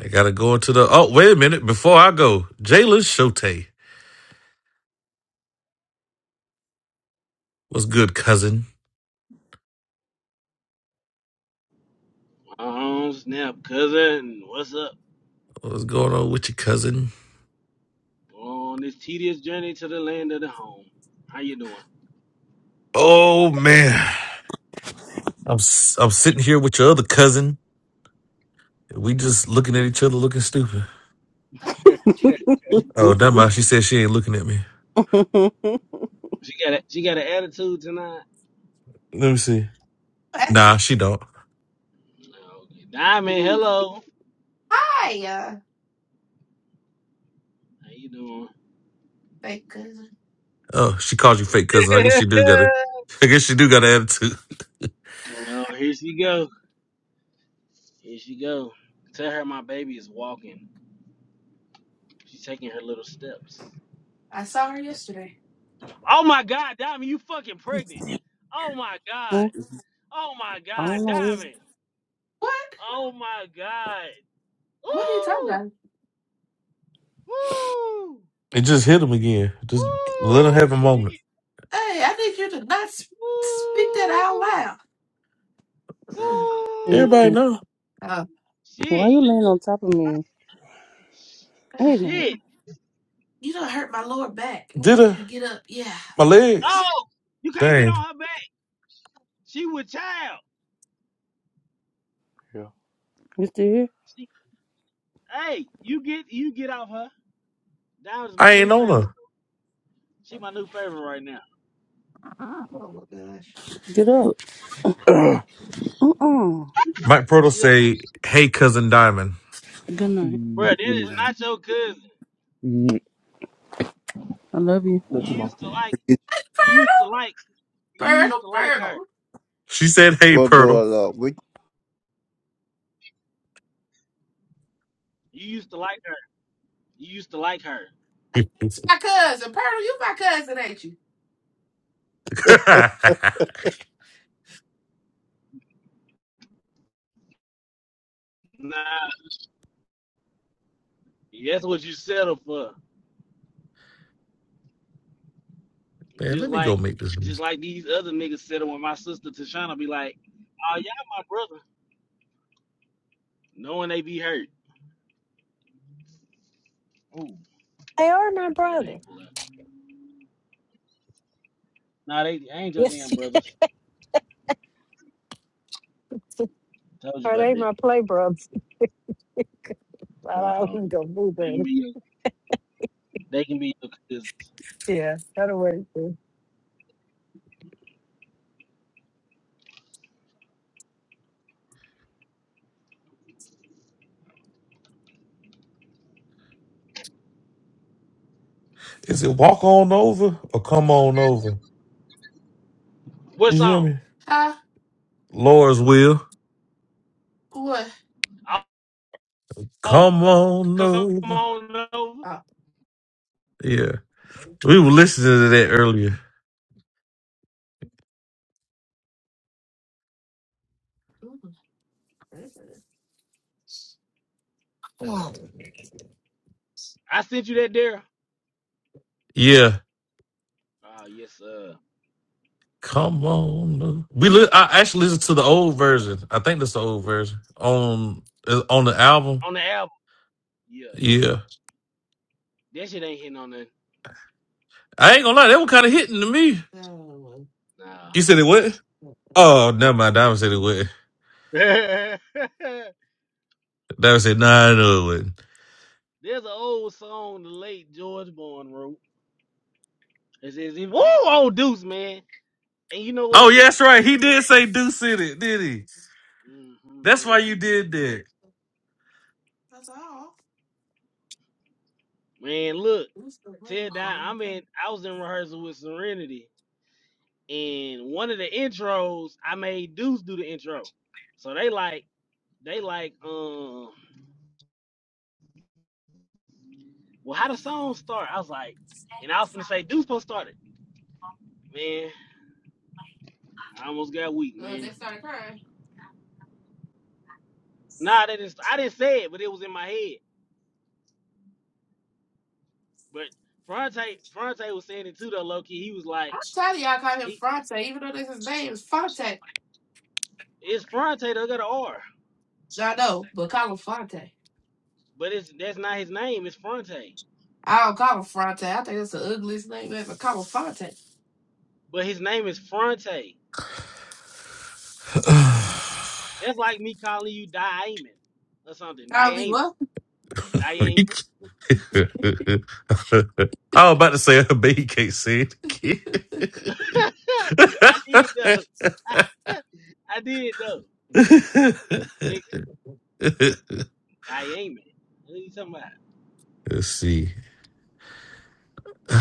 A: I gotta go into the. Oh, wait a minute. Before I go, Jalen Shote. What's good, cousin?
R: Oh snap, cousin, what's up?
A: What's going on with your cousin?
R: On this tedious journey to the land of the home. How you doing?
A: Oh man, I'm s- I'm sitting here with your other cousin. We just looking at each other, looking stupid. Oh, never mind. She said she ain't looking at me.
R: She got a, she got an attitude tonight.
A: Let me see. Nah, she don't.
R: Okay. Diamond, hello. How you doing?
A: Oh, she called you fake cousin. I guess she do got a. I guess she do got an attitude.
R: Oh, here she go. Here she go. Tell her my baby is walking. She's taking her little steps. Oh my god, Diamond, you fucking pregnant. Oh my god.
E: Well,
R: Oh my
E: I
R: god,
E: don't know. It's
R: Diamond. Oh my god. Woo! Woo!
A: It just hit him again. Just let him have a
R: Woo!
A: moment.
R: Woo!
A: Everybody
R: Woo!
E: interesting.
A: know.
E: Why
R: Shit.
E: you laying on top of me? Hey then,
R: Shit.
A: Did her? My legs.
R: Oh, you can't get
A: Dang.
R: on her back. She with child.
E: Yeah. you still here?
R: She, hey, you get you get off her. That was my
A: I ain't
R: new
A: on
R: favorite.
A: her.
R: She my new favorite right now.
E: Get up. Uh-uh.
A: Mike Purtle
R: She done,
A: say, hey, cousin Diamond.
E: Good night.
R: bruh,
E: Mm,
R: that
E: you
R: is
E: know.
R: not your cousin.
E: Mm, I love
R: You
E: you.
R: used to like
P: forget
R: you
P: you.
R: used to like you used to like her.
A: She said, hey,
P: What
A: Purtle.
P: going on?
R: You used to like her. You used to like her.
A: Man,
R: Nah, that's what you settled for. Just
A: let me go
R: like
A: make this.
R: just
A: list.
R: like these other niggas said when my sister Tashana be like, oh all my brother. Knowing they be hurt. Ooh,
C: they are my
R: let they
C: brother.
R: ain't pull out. Nah, they, they ain't your
C: Yes.
R: damn brothers. Told you
C: are
R: about
C: they
R: that.
C: my play brothers? While I was
R: Um,
C: gonna move
R: they can
C: it.
R: be they can be your cousins.
C: Yeah, that'll work.
A: Is it walk on over or come on over?
R: What
A: You hear
R: song?
A: me? Laura's will.
R: Oh, oh,
A: Come on
R: come
A: over.
R: on over.
A: Yeah. We were listening to that earlier.
C: Oh.
R: I sent you that there.
A: Yeah.
R: Oh yes, sir.
A: Come on over. We li- I actually listened to the old version. I think that's the old version on uh, on the album.
R: Oh, on the album. Yeah.
A: Yeah.
R: That shit ain't hitting on nothing.
A: I ain't gonna lie, that was kind of hitting to me.
R: Nah.
A: You said it what? Oh,
R: Oh.
A: never mind. Diamond said it what? Diamond said, nah, I know it wasn't.
R: There's an old song the late George Bourne wrote. It's, it's, it, oh, oh, Deuce, man. And you know
A: Oh,
R: what?
A: yeah, that's right. He did say Deuce in it, did he?
R: hmm
A: That's why
R: man.
A: you did that.
R: Man, look. Tell that I'm in, I was in rehearsal with Serenity. And one of the intros, I made Deuce do the intro. So they like, they like, um, well, how the song start? I was like, and I was gonna say Deuce supposed to start it. Man, I almost got weak, man. Nah, they didn't, I didn't say it, but it was in my head. But Fronte, Fronte was saying it too, though, low key. He was like, he, it's Fronte that got an R. But it's that's not his name. It's Fronte. But his name is Fronte. That's like me calling you Diamond or something. Diamond. Diamond.
A: He can't- I was about to say, I bet he can't say it again.
R: I did though. I, I did though, nigga. Diamond. What are you talking about?
A: Let's see.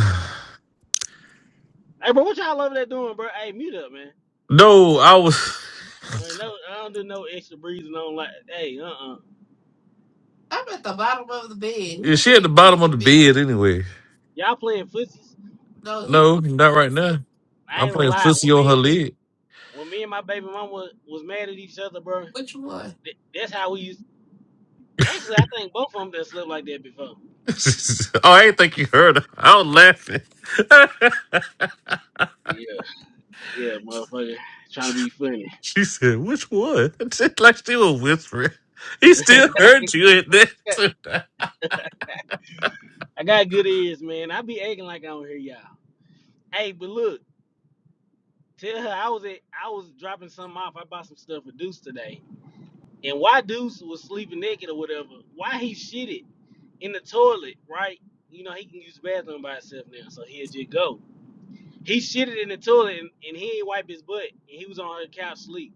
R: Hey, bro, what y'all over there doing, bro? Hey, mute up, man.
A: No, I was.
R: Bro, no, I don't do no extra breezing on like. Hey, uh, uh
A: Yeah, she at the bottom of the bed anyway.
R: Y'all playing footsies?
A: No, not right now.
R: I
A: I'm
R: ain't gonna
A: playing
R: lie.
A: fussy
R: When
A: on her
R: me,
A: leg.
R: when me and my baby mama was mad at each other, bro, th- that's how we used. Actually, I think both of them that slept like that before.
A: oh, I ain't think you heard her. I was laughing.
R: Yeah, yeah, motherfucker. Trying to be funny.
A: she said, which one? Just like she was whispering. He still heard you in that too.
R: I got good ears, man. I be acting like I don't hear y'all. Hey, but look, tell her I was at, I was dropping something off. I bought some stuff for Deuce today. And why Deuce was sleeping naked or whatever, why he shitted in the toilet, right? You know, he can use the bathroom by himself now, so he'll just go. He shitted in the toilet and, and he ain't wipe his butt. And he was on her couch sleep.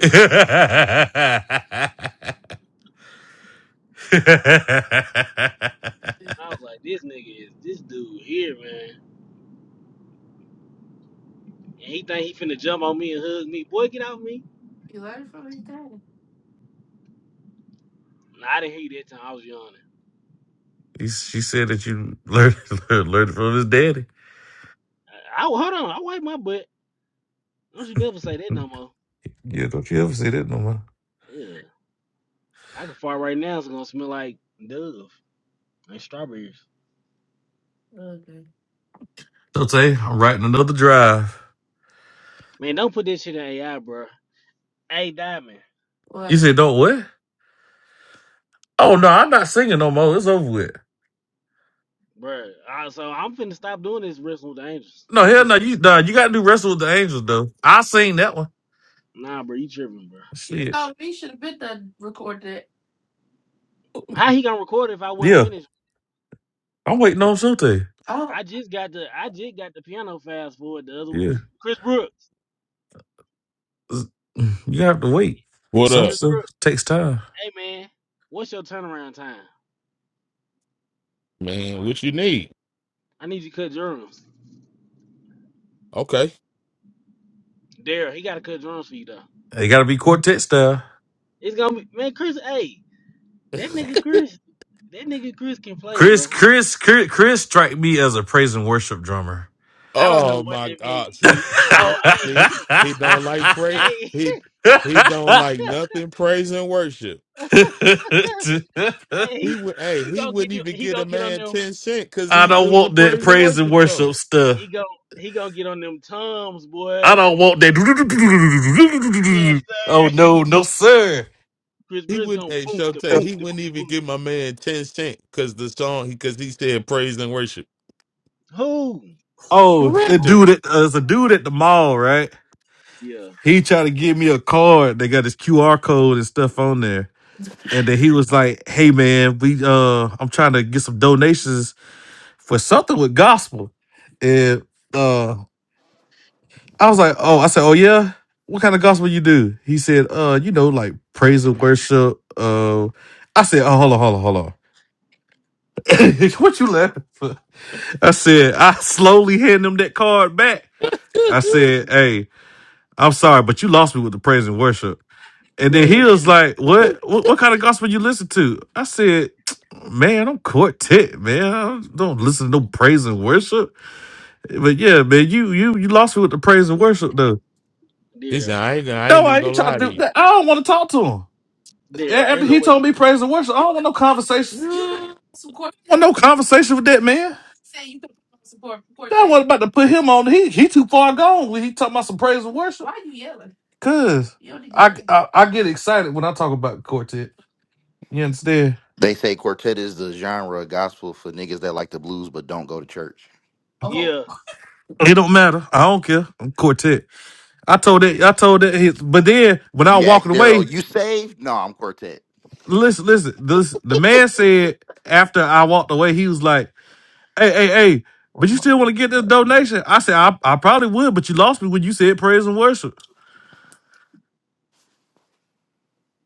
R: I was like, this nigga is this dude here, man. And he think he finna jump on me and hug me. Boy, get off me. Nah, I didn't hate that time. I was yawning.
A: He- she said that you learned, learned learned from his daddy.
R: I, I hold on. I wipe my butt. Don't you never say that no more.
A: Yeah, don't you ever say that no more.
R: Yeah, I can fart right now. It's gonna smell like Dove and strawberries.
A: So Tay, I'm writing another drive.
R: Man, don't put this shit in AI, bro. Hey, Diamond,
A: You said don't what? Oh no, I'm not singing no more. It's over
R: bro. I, so I'm finna stop doing this wrestling with the angels.
A: No,
R: I'm
A: hell
R: finna.
A: no.
R: Say,
A: You nah, you got to do Wrestle with the Angels though. I seen that one.
R: nah, bro, you tripping, bro.
A: Shit.
R: How he gonna record it if I wasn't
A: Yeah,
R: finished?
A: I'm waiting on something.
R: I just got the I just got the piano fast forward the other week.
A: Yeah,
R: Chris Brooks.
A: Z- you have to wait.
H: What
A: Some
H: up,
R: Chris
A: stuff
R: Brooks.
A: takes time.
R: Hey man, what's your turnaround time?
H: man? What you need?
R: I need you to cut drums.
H: Okay.
R: Daryl, he gotta cut drums for you though.
A: It got to be quartet style.
R: It's gonna be man, Chris. Hey, that nigga Chris, that nigga Chris can play,
A: Chris,
R: bro.
A: Chris, Chris, Chris strike me as a praise and worship drummer.
R: I don't know
H: Oh
R: what
H: my
R: that
H: God!
R: means.
A: I
H: See, see,
R: Oh, hey,
H: see. He don't like praise.
R: hey,
H: He he don't like nothing praise and worship.
R: hey,
H: He
R: he
H: would, hey,
R: he
H: he
R: gonna get
H: wouldn't
R: them,
H: even
R: he
H: get a
R: gonna get on
H: man
R: them.
H: ten cent because he
A: don't
H: it was a
A: want that
H: praise and
A: praise and
H: worship
A: worship
H: song.
A: stuff.
R: He gonna he gonna get on them toms,
A: I
R: boy.
A: don't want that.
R: Yes,
A: Oh
R: sir.
A: no, no sir.
R: Chris
H: He
R: Briss
H: wouldn't,
R: gonna
H: hey,
R: boom,
H: Shote,
R: the boom,
H: he
R: the boom,
H: wouldn't even
R: boom.
H: give my man ten cent because the song because he said praise and worship.
R: Who?
A: Oh, the
H: Director,
A: dude at uh, it's a dude at the mall, right?
R: Yeah,
A: He tried to give me a card. They got this QR code and stuff on there. And then he was like, "Hey man, we uh, I'm trying to get some donations for something with gospel." And uh, I was like, "Oh, I said, oh yeah, what kind of gospel you do?" He said, "Uh, you know, like praise and worship." Uh, I said, "Oh, hold on, hold on, hold on. what you laughing for?" I said, I slowly hand him that card back. I said, hey, I'm sorry, but you lost me with the praise and worship. And then he
R: man,
A: was like, what? What, what kind of gospel you listen to? I said, man, I'm quartet, man. I don't listen to no praise and worship. But yeah, man, you you you lost me with the praise and worship, though.
R: there,
H: he said,
R: there,
H: I ain't, gonna- I
A: No,
H: ain't
A: I
H: even
A: ain't
H: gonna
A: trying
H: lie
A: to do
H: to you.
A: that. I don't want to talk to him. A-
R: there.
A: After
R: Ain't no
A: he
R: way.
A: told me praise and worship, I don't want no conversation. I don't want no conversation with that man. That was about to put him on. He he too far gone when he talking about some praise and worship. Cause I, I I get excited when I talk about quartet. You understand?
S: They say quartet is the genre of gospel for niggas that like the blues but don't go to church.
R: Yeah,
A: It don't matter. I don't care. I'm quartet. I told that. I told that. His, but then when I
S: You
A: was
S: ask
A: walking
S: Daryl,
A: away,
S: you saved? No, I'm quartet.
A: listen, listen. This the man said after I walked away, he was like, "Hey, hey, hey." But you still want to get this donation? I said, I, I probably would, but you lost me when you said praise and worship.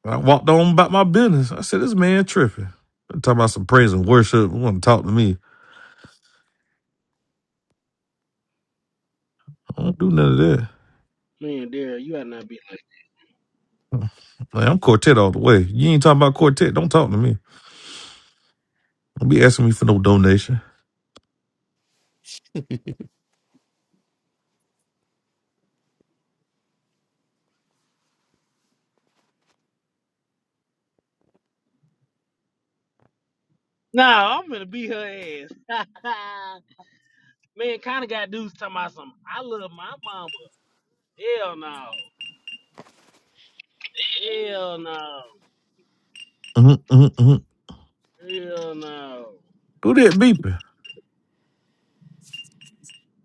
A: And I walked on about my business. I said, this man tripping. I'm Talking about some praise and worship. You want to talk to me. I don't do none of that.
R: man, there. You ought not be. Like,
A: Man, I'm quartet all the way. You ain't talking about quartet. Don't talk to me. Don't be asking me for no donation.
R: nah, I'm gonna beat her ass. man, kind of got dudes talking about some. I love my mama. Hell no. Hell no.
A: Mhm, mhm, mhm.
R: Hell no.
A: Who that beeping?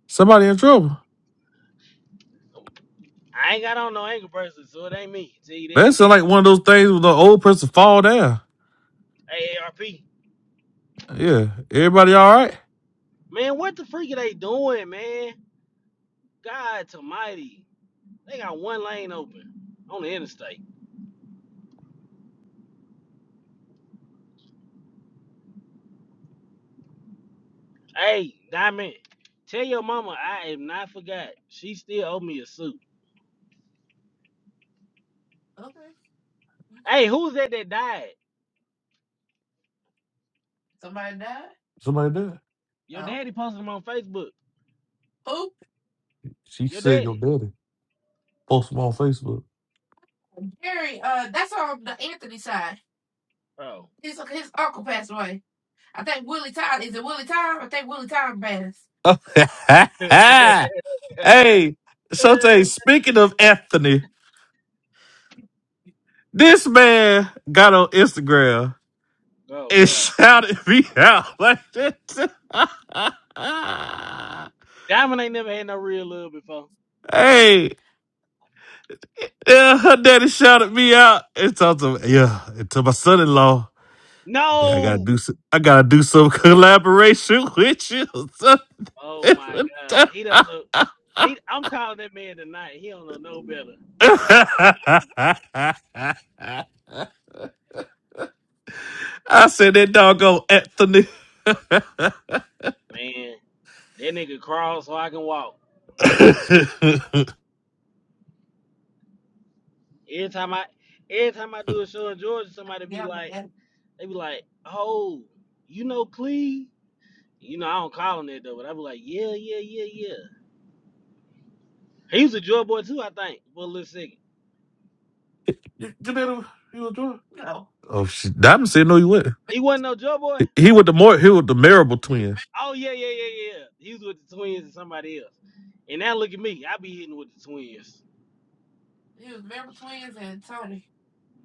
A: Somebody in trouble.
R: I ain't got on no ankle bracelet, so it ain't me. Tell you that.
A: That sound like one of those things where the old person fall down.
R: Hey, A R P.
A: Yeah. Everybody all right?
R: Man, what the freak are they doing, man? God almighty. They got one lane open on the interstate. Hey, Diamond, tell your mama I am not forgot. She still owe me a suit. Hey, who's that that died?
A: Somebody died.
R: Your daddy posted him on Facebook.
A: She
R: Your
A: said your
R: daddy.
A: daddy. Post him on Facebook.
R: Oh.
A: hey, Shante, speaking of Anthony, this man got on Instagram
R: oh,
A: and
R: God.
A: shouted me out like that.
R: Diamond ain't never had no real love before.
A: hey, yeah, her daddy shouted me out and talked to me, yeah, and to my son in law. Man, I gotta
R: No.
A: do some, I gotta do some collaboration with you.
R: Oh my God. He don't know. He, I'm calling that man tonight. He don't know no better.
A: I said that doggone Anthony.
R: Man, that nigga crawl so I can walk. Every time I, every time I do a show in Georgia, somebody be like, they be like, oh, you know Clee? You know I don't call him that though, but I be like, yeah, yeah, yeah, yeah. He was a Joy Boy too, I think, for a little second.
A: you know he was drunk. Oh shit! Diamond said no, he wasn't.
R: He wasn't no Joy Boy.
A: He he with the more he with the Marable twins,
R: Oh yeah, yeah, yeah, yeah. He was with the twins and somebody else. And now look at me, I be hitting with the twins.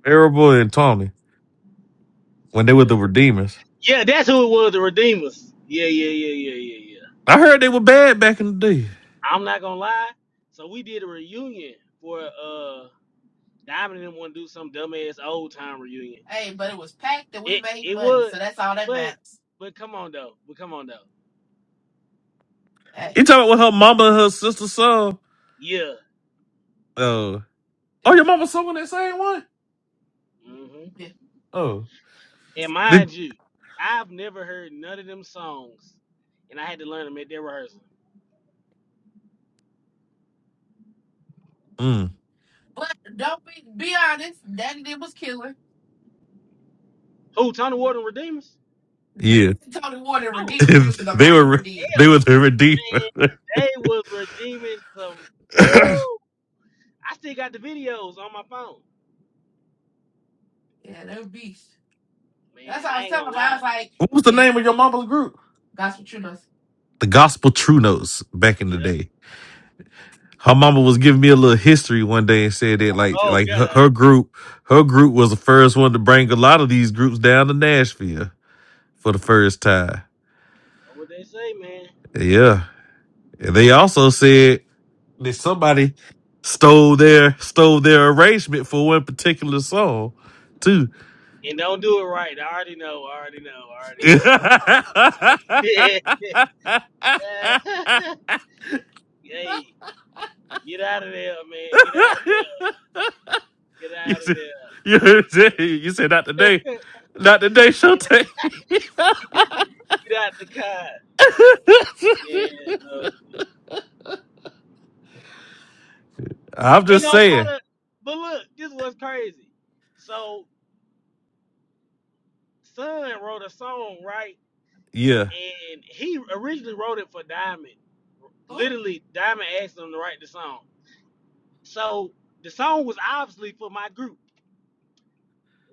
A: Marable and Tawny, when they were
R: Yeah.
A: the Redeemers.
R: Yeah, that's who it was, the Redeemers. Yeah, yeah, yeah, yeah, yeah, yeah.
A: I heard they were bad back in the day.
R: I'm not gonna lie. So we did a reunion for uh Diamond didn't want to do some dumbass old time reunion. It it would, but but come on though, but come on though.
A: You talking about what her mama and her sister saw?
R: Yeah.
A: Oh, oh, your mama saw that same one?
R: hmm
A: Oh.
R: And
A: The
R: mind you, I've never heard none of them songs, and I had to learn them at their rehearsal.
A: mm,
R: Who Tony Ward and Redeemers?
A: yeah,
R: Oh
A: they were were they
R: hell,
A: were the redeemer.
R: man, they was redeeming some. Woo! I still got the videos on my phone. Man, I ain't gonna lie.
A: what was the name of your mama's group? The Gospel True Notes back in the
R: Yep.
A: day. Her mama was giving me a little history one day and said that like
R: Oh
A: like her, her
R: God.
A: group her group was the first one to bring a lot of these groups down to Nashville for the first time.
R: What they say, man.
A: Yeah, and they also said That somebody stole their stole their arrangement for one particular song, too.
R: And don't do it right. I already know. I already know. I already
A: you
R: know. hey, get out of there, man. Get out of there. Get out of
A: said,
R: there.
A: you said, you said not today, not today,
R: get,
A: Showtime.
R: get out the car. Yeah, no.
A: I'm
R: Ain't
A: just
R: gonna
A: saying,
R: try to. But look, this was crazy. So, Son wrote a song, right?
A: yeah,
R: And he originally wrote it for Diamond. Literally, Diamond asked him to write the song. So the song was obviously for my group.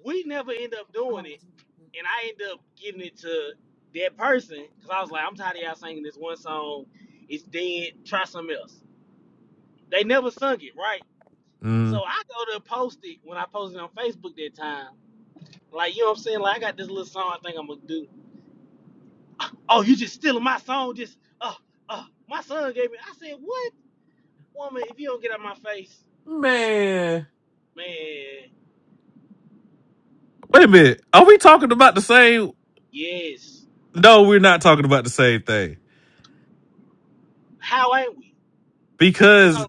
R: We never end up doing it, and I end up giving it to that person because I was like, I'm tired of y'all singing this one song. It's dead. Try something else. They never sung it, right?
A: mm.
R: So I go to post it when I posted it on Facebook that time. Like, you know what I'm saying? Like, I got this little song I think I'm going to do. Oh, you just stealing my song? Just, uh, uh, my son gave me. I said, what? Woman, if you don't get out my face,
A: man.
R: man,
A: Wait a minute, are we talking about the same?
R: yes.
A: No, we're not talking about the same thing
R: How ain't we? It's
A: because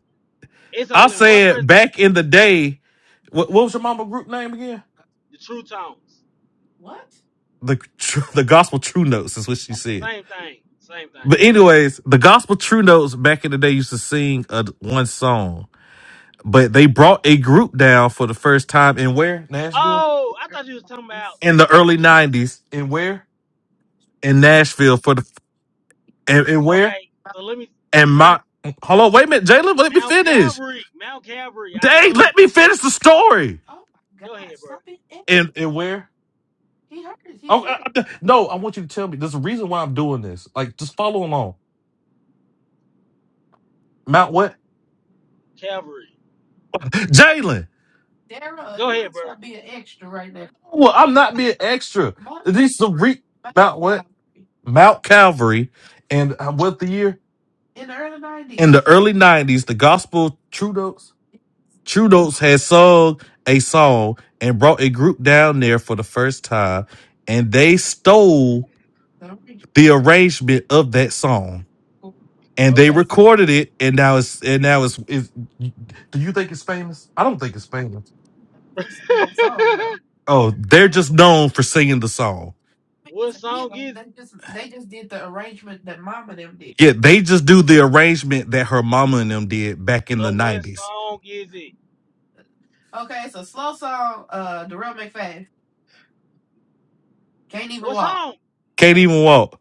R: It's
A: I
R: only one
A: said
R: person.
A: back in the day. What, what was your mama group name again?
R: The True Tones.
A: the the gospel true notes is what she said.
R: Same thing. Same thing.
A: But anyways, the gospel true notes back in the day used to sing uh, one song, but they brought a group down for the first time in where Nashville
R: Oh, I thought you was talking about
A: in the early
R: something else.
A: nineties. In where in Nashville for the and, and where
R: Okay, so let me
A: and
R: let me
A: my hold on wait a minute Jalen let me
R: Mount
A: finish.
R: Calvary. Mount Calvary. I
A: Dang,
R: know.
A: let me finish the story.
R: Go ahead, bro.
A: And and where? Oh I, I- no! I want you to tell me. There's a reason why I'm doing this. Like just follow along. Mount what?
R: Calvary.
A: Jalen.
R: Go ahead, bro.
A: Well, I'm not being extra. This is the re- Mount what? Mount Calvary, and uh, what the year? In the early '90s, the early nineties, the gospel Trudeau's
R: Oh
A: Trudeau's
R: my.
A: had sung a song and brought a group down there for the first time, and they stole the arrangement of that song and they
R: Okay.
A: recorded it, and now it's and now it's. it's do you think it's famous? I don't think it's famous. Oh, they're just known for singing the song.
R: what song is it?
A: Yeah, they just do the arrangement that her mama and them did back in the
R: So what
A: nineties.
R: song is it? What song?
A: Can't even walk.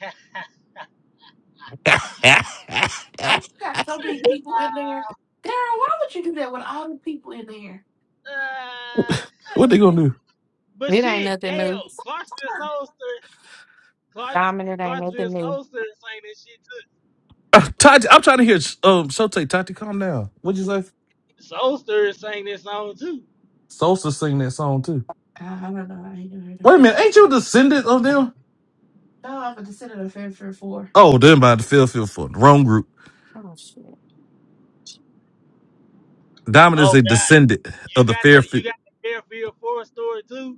R: Uh,
A: what they gonna do?
R: but
F: It ain't
R: shit,
F: nothing
R: damn,
F: new.
R: Clarksville Soulster. Clark,
F: Diamond, it ain't
R: Clarksville
F: nothing new.
R: Soulsters sang this shit
A: Uh, Tati, I'm trying to hear. Um, Shote, Tati, calm down. What'd you say?
R: Soulster is sang this song too.
A: Sosa sing that song too. Wait a it. minute, ain't you a descendant of them? Oh, them by the Fairfield Fund. Wrong group.
F: Oh, shit.
A: Diamond is
R: Oh
A: a
R: God,
A: descendant
R: you
A: of the
R: got the
A: Fairfield.
R: you got the Fairfield Forest story too.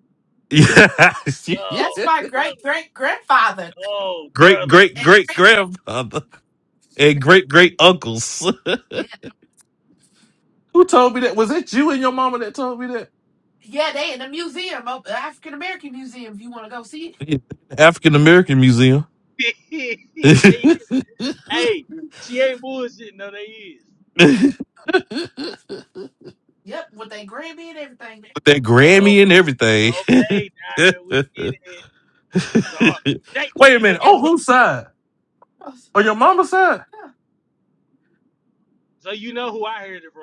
A: Yes.
R: Oh brother, oh
A: great
R: brother,
A: great great great grandfather and great great uncles. Who told me that? Was it you and your mama that told me that? African American Museum. With
R: they hey, she ain't bullshitting no, they is.
A: that
R: Oh,
A: Grammy and everything.
R: okay, Diamond, we get it. Talk. They
A: Wait a
R: get, but
A: minute. Oh,
R: guess what?
A: whose side? On your mama's side?
R: So you know who I heard it from?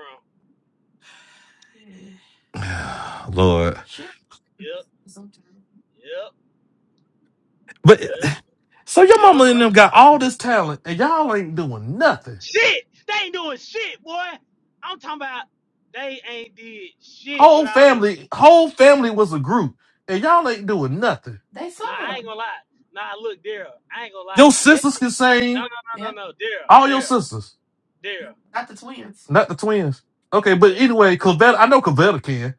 A: Lord.
R: Yep, yep, yep,
A: But uh, So your
R: yep.
A: mama and them got all this talent and y'all ain't doing nothing.
R: Shit, they ain't doing shit, boy. I'm talking about they ain't did shit
A: Whole
R: without it.
A: family, whole family was a group, and y'all ain't doing nothing.
R: Nah, I ain't gonna lie. Nah, look, Daryl, I ain't gonna lie.
A: Your
R: That
A: sisters
R: shit,
A: can
R: no, no,
A: sing,
R: no, no, no, Daryl,
A: all your
R: Daryl,
A: sisters,
R: Daryl,
A: not the twins. Okay, but
R: Daryl.
A: anyway, Cavetta, I know Cavetta can.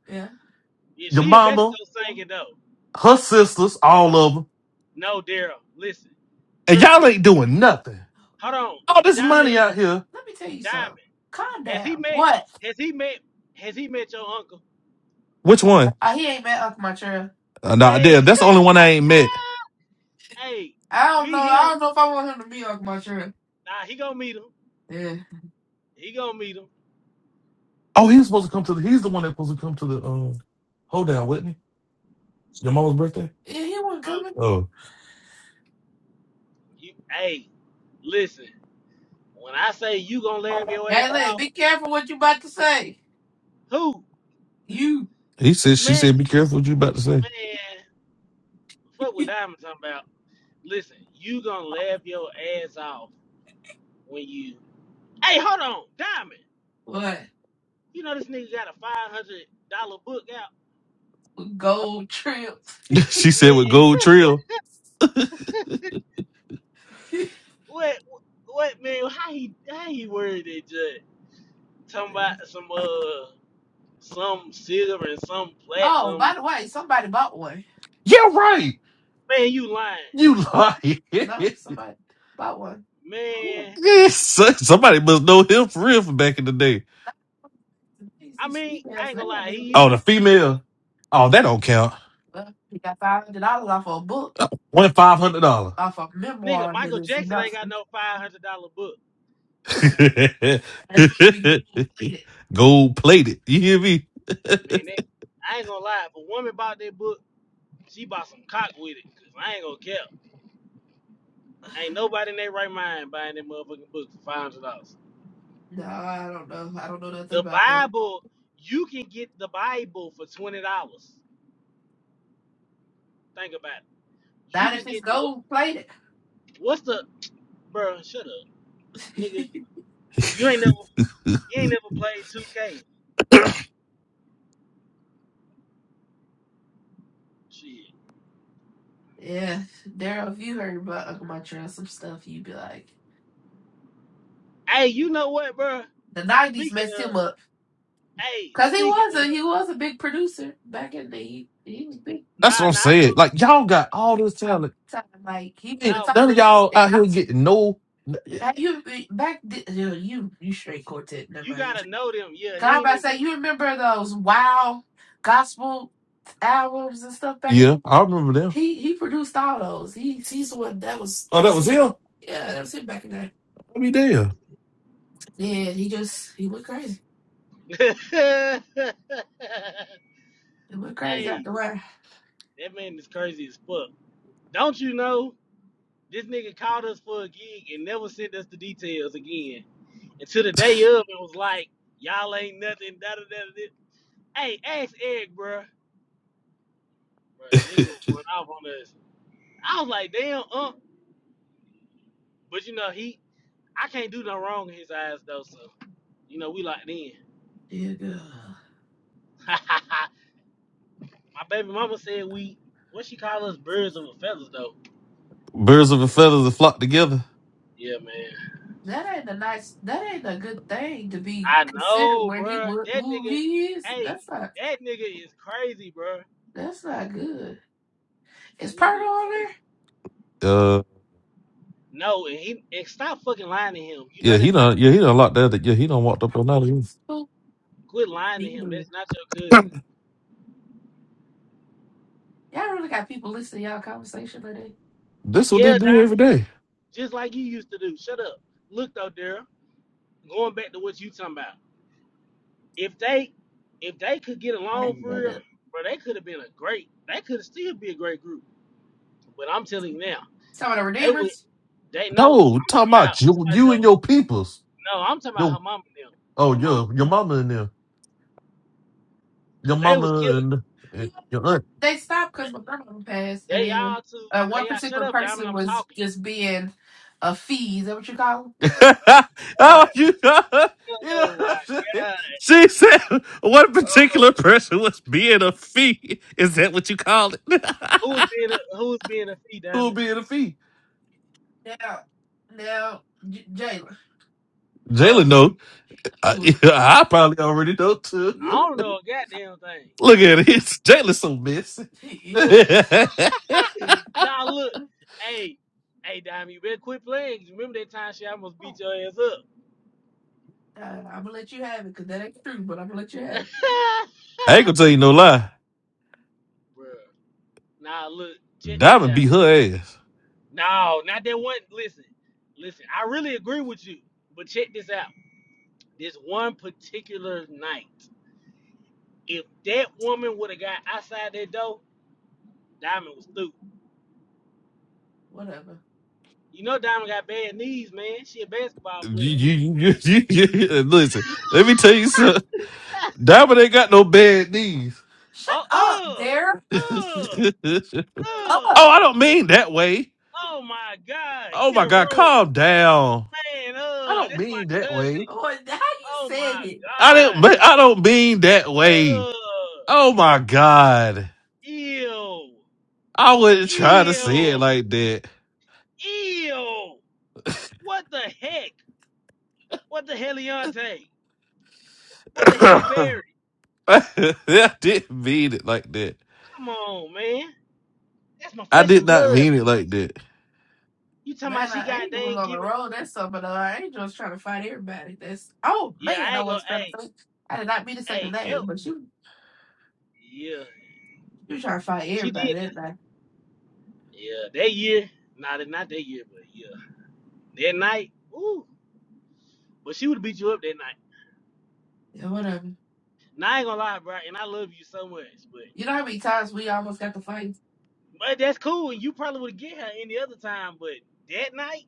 R: Yeah,
A: Your
R: she in
A: mama,
R: Mexico singing though.
A: her sisters, all of them,
R: No, Daryl, listen,
A: and
R: trust
A: y'all
R: me.
A: ain't doing nothing.
R: Hold on,
A: All this
R: Diamond,
A: money out here.
R: Diamond, has he met? Has he met? Has he met your uncle?
A: Which one? Uh, nah,
R: Man,
A: there. That's the only one I ain't met.
R: hey, meet him. Nah, he gonna meet him. He gonna meet him.
A: Oh, he's supposed to come to the. He's the one that's supposed to come to the. Um, hold down, Whitney. Your mama's birthday.
R: Uh,
A: Oh,
R: you, hey, listen. When I say you gonna laugh your ass, who?
A: he said. She
R: Man,
A: said, "Be careful what you about to say."
R: man, fuck what Diamond talking about. listen, you gonna laugh your ass off when you. Hey, hold on, Diamond. You know this nigga got a five hundred dollar book out,
A: she said, "With
R: man.
A: gold trill."
R: What, what, man? How he, how he worded it, Judge? Talking about some, uh, some silver and some platinum.
A: Yeah, right.
R: Man, you lying,
A: You lie.
R: man.
A: Yes, so- Somebody must know him for real from back in the day.
R: I mean, I ain't gonna
A: don't
R: lie,
A: even- Oh,
R: he
A: the female. Oh, that don't count. One five hundred dollar. a
R: nigga Michael Jackson ain't got no five hundred dollar book,
A: Gold plated. You hear me?
R: man.
A: That's
R: That, I ain't gonna lie, if a woman bought that book, she bought some cock with it, cause I ain't gonna care. Ain't nobody in their right mind buying that motherfucking book for five hundred dollars. The Bible, you can get the Bible for twenty dollars. Think about it. You can get the what- what's the bro? Shut up, nigga. You ain't never you ain't never played two K. Shit. Hey, you know what, bro? Speaking of, hey, speaking of, nah,
A: what I'm
R: nah, I
A: saying.
R: ain't
A: Like y'all got all this talent.
R: gonna, nah,
A: none
R: but look,
A: y'all out here getting no you
R: you gotta know them. Yeah, he ain't
A: Yeah, I remember them. Oh, that was him. I mean, damn.
R: even. hey, that man is crazy as fuck. Don't you know? This nigga called us for a gig and never sent us the details again. And to the day of, it was like, y'all ain't nothing, da da da da. Hey, ask Eric, bruh. Bruh, nigga was going off on us. I was like, damn, uh. But you know, he, I can't do no wrong in his eyes, though, so, you know, we locked in. My baby mama said we, what she call us, birds of a feathers, though.
A: Birds of a feather that flock together.
R: Yeah, man. I know, bruh. That nigga, hey, that nigga is crazy, bruh. That nigga is crazy.
A: Uh,
R: No, and he and stop fucking lying to him. You know
A: yeah, he
R: that's not
A: done. Yeah, he done locked that. Yeah, he done walked up on that. again.
R: quit lying to him. That's not your cousin.
A: That's what they
R: Yeah,
A: do
R: Diamond,
A: every day.
R: just like you used to do. Shut up. Look though, Daryl, going back to what you talking about. If they if they could get along for real, bro, they could have been a great they could have still be a great group. But I'm telling you now, they would they know.
A: No,
R: I'm
A: talking
R: talking about
A: about
R: I'm talking
A: you,
R: about
A: you and your
R: though,
A: peoples.
R: no, I'm talking about
A: Your
R: her mama and them.
A: oh,
R: Her mama.
A: your your mama and them. Your
R: Cause they was
A: mama
R: killing.
A: and, and your aunt.
R: They, they all too they all shut up, Diamond, I'm talking. Oh my god.
A: oh, you know, you know
R: Oh
A: what I'm saying?
R: my
A: She said one
R: Uh,
A: particular person was being a fee. Is that what you call it?
R: who's being a, who's being a fee
A: Who
R: diamond?
A: being a fee? Jalen
R: Huh?
A: know. I, I probably already know
R: I
A: too.
R: don't know a goddamn thing.
A: Look at it. Jalen so messy.
R: Ooh, now look, hey, hey diamond, you better quit playing. 'cause remember that time she almost beat your ass up,
A: I ain't gonna tell you no lie.
R: Bruh. Now look, check this
A: Diamond
R: out.
A: beat her ass.
R: No, not that one. Listen, listen. I really agree with you, but check this out. This one particular night, if that woman would have got outside that door, Diamond was through. You know, Diamond got bad knees, man. She a basketball
A: You,
R: player.
A: you, you, you, you, you- listen. Let me tell you something. Diamond ain't got no bad knees.
R: Oh, ugh,
A: oh,
R: ugh, ugh.
A: I don't mean that way.
R: Oh my God,
A: Oh
R: get
A: my
R: a
A: God,
R: room,
A: calm down.
R: man.
A: I
R: Ugh,
A: don't
R: that's my
A: mean that
R: cousin.
A: way.
R: Oh my
A: I didn't.
R: God,
A: me- I don't mean that way.
R: ugh,
A: Oh my God,
R: ew,
A: I wouldn't try to say it
R: ew,
A: like that.
R: ew. What the heck? What the heliante? What the heli berry?
A: I didn't mean it like that.
R: Come on, man. That's my
A: I
R: flesh
A: did
R: and
A: not
R: blood. Man.
A: mean it like that.
R: You talking about she got dang giving? Yeah, I ain't gonna. Hey, hey, yeah, yeah. She did. that. Yeah, that year. Not not that year, but yeah. That night, ooh, but she would have beat you up that night. Now I ain't gonna lie, bro, and I love you so much, but but that's cool, and you probably would get her any other time, but that night,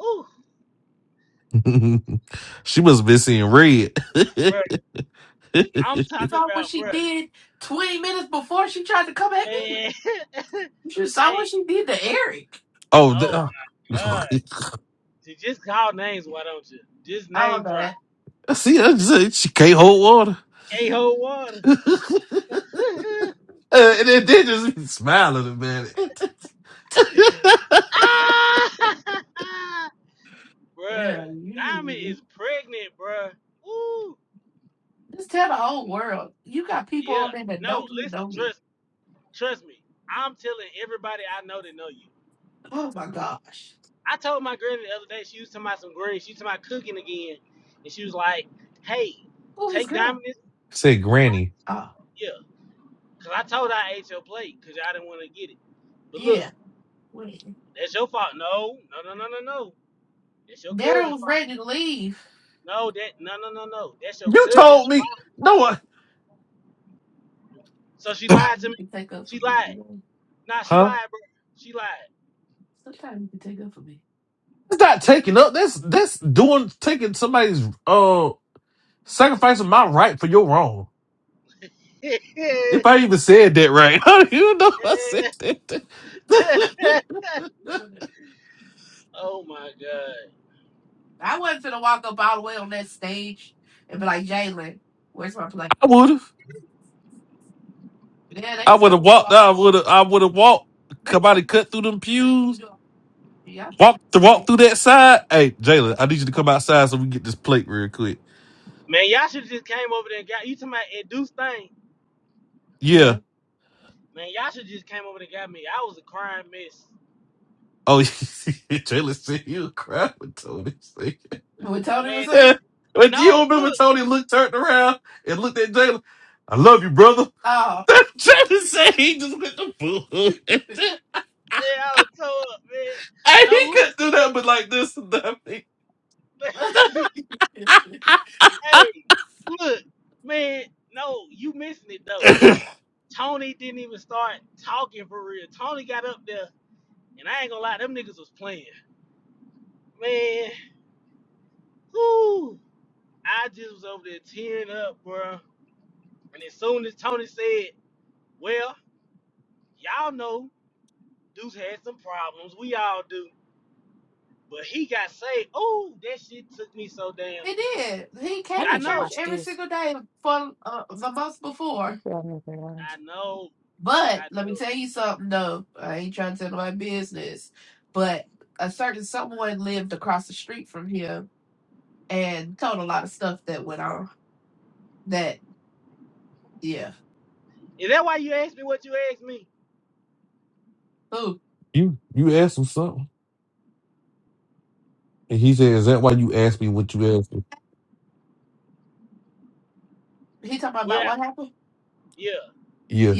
R: ooh,
A: she must have been seeing red.
R: bro,
A: You
R: I'm talking about, bro, man, hey,
A: oh.
R: oh
A: The,
R: my god, Ju- just call names, why don't you? Just name drop,
A: See, that's it. She can't hold water.
R: K hold water,
A: Uh, and then they just be smiling about it.
R: ah, bro, Diamond is pregnant, bro, ooh, yeah, no, listen, trust. Trust me, I'm telling everybody I know that know you. I told my granny the other day, she was talking about some greens, she was talking about cooking again, and she was like, hey, take Diamond this,
A: Said Granny.
R: yeah, because I told her I ate your plate because I didn't want to get it. But look, that's your fault. No, no, no, no, no, no. That's your cousin's fault. No, that, no, no, no, no. That's your
A: You
R: cousin's
A: told me.
R: fault.
A: No one.
R: So she lied to me.
A: take up for
R: She
A: me,
R: lied. Nah, she
A: Huh?
R: lied, bro. She lied.
A: It's not taking up. That's that's doing taking somebody's uh sacrificing my right for your wrong. If I even said that right, how do you know I said that?
R: oh my God.
A: I would have. I would have walked. I would have. I would have walked. Somebody cut through them pews. Walk to walk through that side. Hey, Jalen, I need you to come outside so we can get this plate real quick.
R: Man, y'all should just came over there and got you to my induced thing.
A: Yeah.
R: Man, y'all should just came over there and got me. I was a crying mess.
A: Oh, Jalen said you cried with Tony. said.
R: Man, tell,
A: Yeah. But do you
R: no,
A: remember
R: look.
A: Tony looked turned around and looked at Jalen? I love you, brother. Jalen said he just went to fool. and
R: Yeah, I was tore up, man.
A: he
R: No,
A: couldn't do that, but like this and nothing.
R: look. hey, look, man. No, you missing it though. Tony didn't even start talking for real. Tony got up there, and I ain't gonna lie, them niggas was playing. Man, whoo. I just was over there tearing up, bro. And as soon as Tony said, well, y'all know. Dude's had some problems. We all do. But he got saved. Oh, that shit took me so damn.
F: I
R: I
F: need to
R: know.
F: watch this. This got me there.
R: I know. I know. Is that why you asked me what you asked me?
A: you you asked him something, and he said, "Is that why you asked me what you asked me?"
R: Well, I, yeah.
A: Yeah.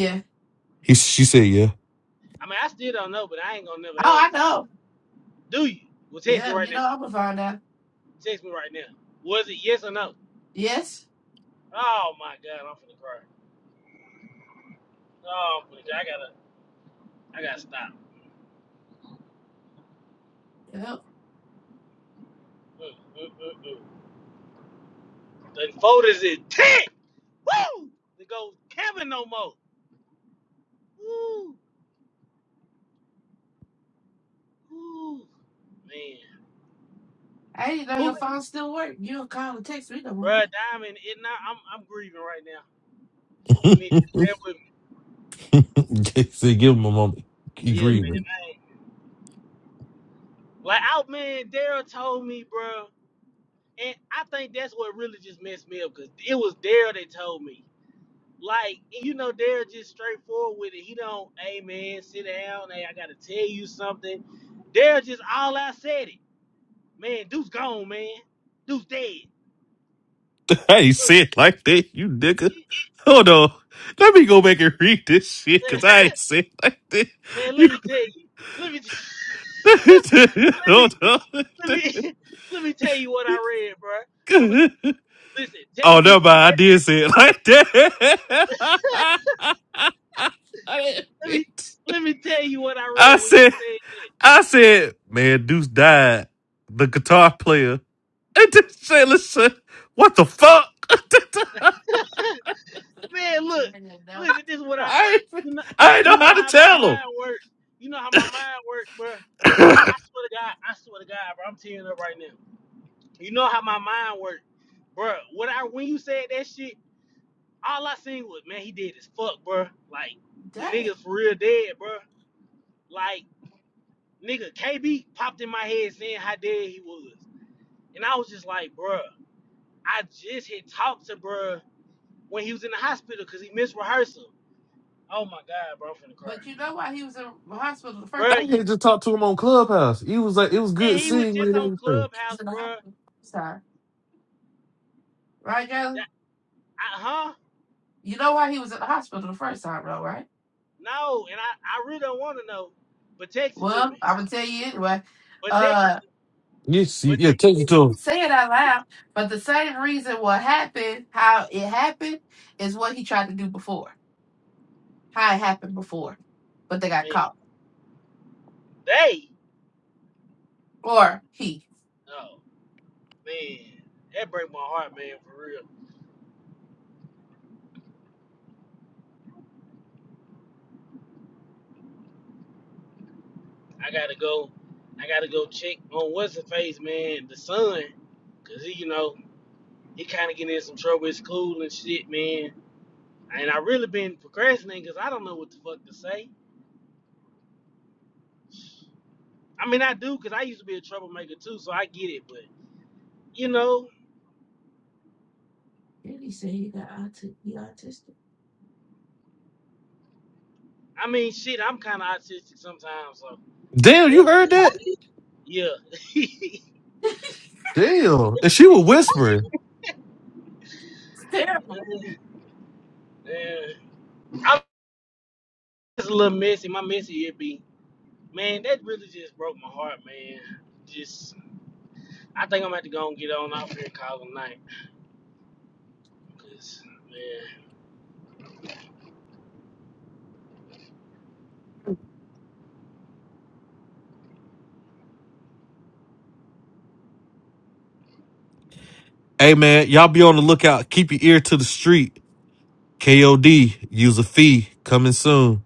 A: He, she said, yeah.
R: I mean, I still don't know, but I ain't gonna never ask. So. Do you? Well, text me right now. Text me right now. Was it yes or no? Oh my God, I'm finna cry. Oh, I'm finna cry. I gotta, I gotta stop. Mm, mm, mm, mm. The folders is tick. Woo! It goes Kevin no more. Woo! Woo! Man. Who Bruh, Diamond, it not. I'm I'm grieving right now. Just give me
A: he
R: just bear with me.
A: said, give him a moment. He
R: Yeah, man.
A: agreed with. it.
R: I ain't, like out man, Daryl told me, bro, and I think that's what really just messed me up because it was Daryl that told me. Like and you know, Daryl just straightforward with it. He don't, hey man, sit down. Hey, I gotta tell you something. Daryl just all out said it. Man, Dude's gone, man. Dude's dead.
A: Hey, you
R: Look,
A: say it like that, you nigga.
R: you-
A: Hold on. Let me go back and read this shit because I ain't say it like that.
R: Man, let
A: You,
R: me tell you. Let me. Let me.
A: hold on.
R: let me let me tell you what I read, bro. I'm gonna
A: oh
R: listen. Text
A: no,
R: me.
A: but I did say it like that. I didn't
R: Let
A: mean
R: me
A: to.
R: let me tell you what I read
A: I
R: when you
A: said, I said, man, Deuce died. The guitar player. And then say, listen, what the fuck? I
R: said that. Man, look, listen. This is what I
A: ain't,
R: you know.
A: I ain't know
R: You know
A: how to
R: how my
A: tell him.
R: mind work. You know how my mind work, bro. And I, I swear to God, I swear to God, bro. I'm tearing up right now. You know how my mind work, bro. When I when you said that shit, all I seen was man, he dead as fuck, bro. Like the niggas for real dead, bro. Like nigga, KB popped in my head saying how dead he was. And I was just like, bruh, I just had talked to bruh when he was in the hospital because he missed rehearsal. Oh my God, bro, I'm finna cry.
A: I
R: Bruh,
A: had just talked to him on Clubhouse. He was like, it was
R: and
A: good
R: he was
A: seeing you
R: just
A: and
R: on
A: everything.
R: Clubhouse, bruh. That, I, huh? No, and I, I really don't want to know, but text it to me. But text it to
A: You see,
R: But
A: yeah,
R: te-
A: take it to him.
R: man, they, oh, man, that break my heart, man, for real. I gotta go, I gotta go check on what's the face, man, the son, because he, you know, he kind of getting in some trouble at school and shit, man And I really been procrastinating because I don't know what the fuck to say. I mean, I do because I used to be a troublemaker too, so I get it. But you know, I mean, shit, I'm kind of autistic sometimes, so I-
A: Damn, you
R: that-
A: heard that?
R: yeah.
A: Damn. And she was whispering.
R: yeah. I'm just a little messy. My messy it be, man. That really just broke my heart, man. Just, I think I'm gonna have to go and get on out here and call it a night, cause man,
A: Hey man, y'all be on the lookout. Keep your ear to the street. KOD, use a fee, coming soon.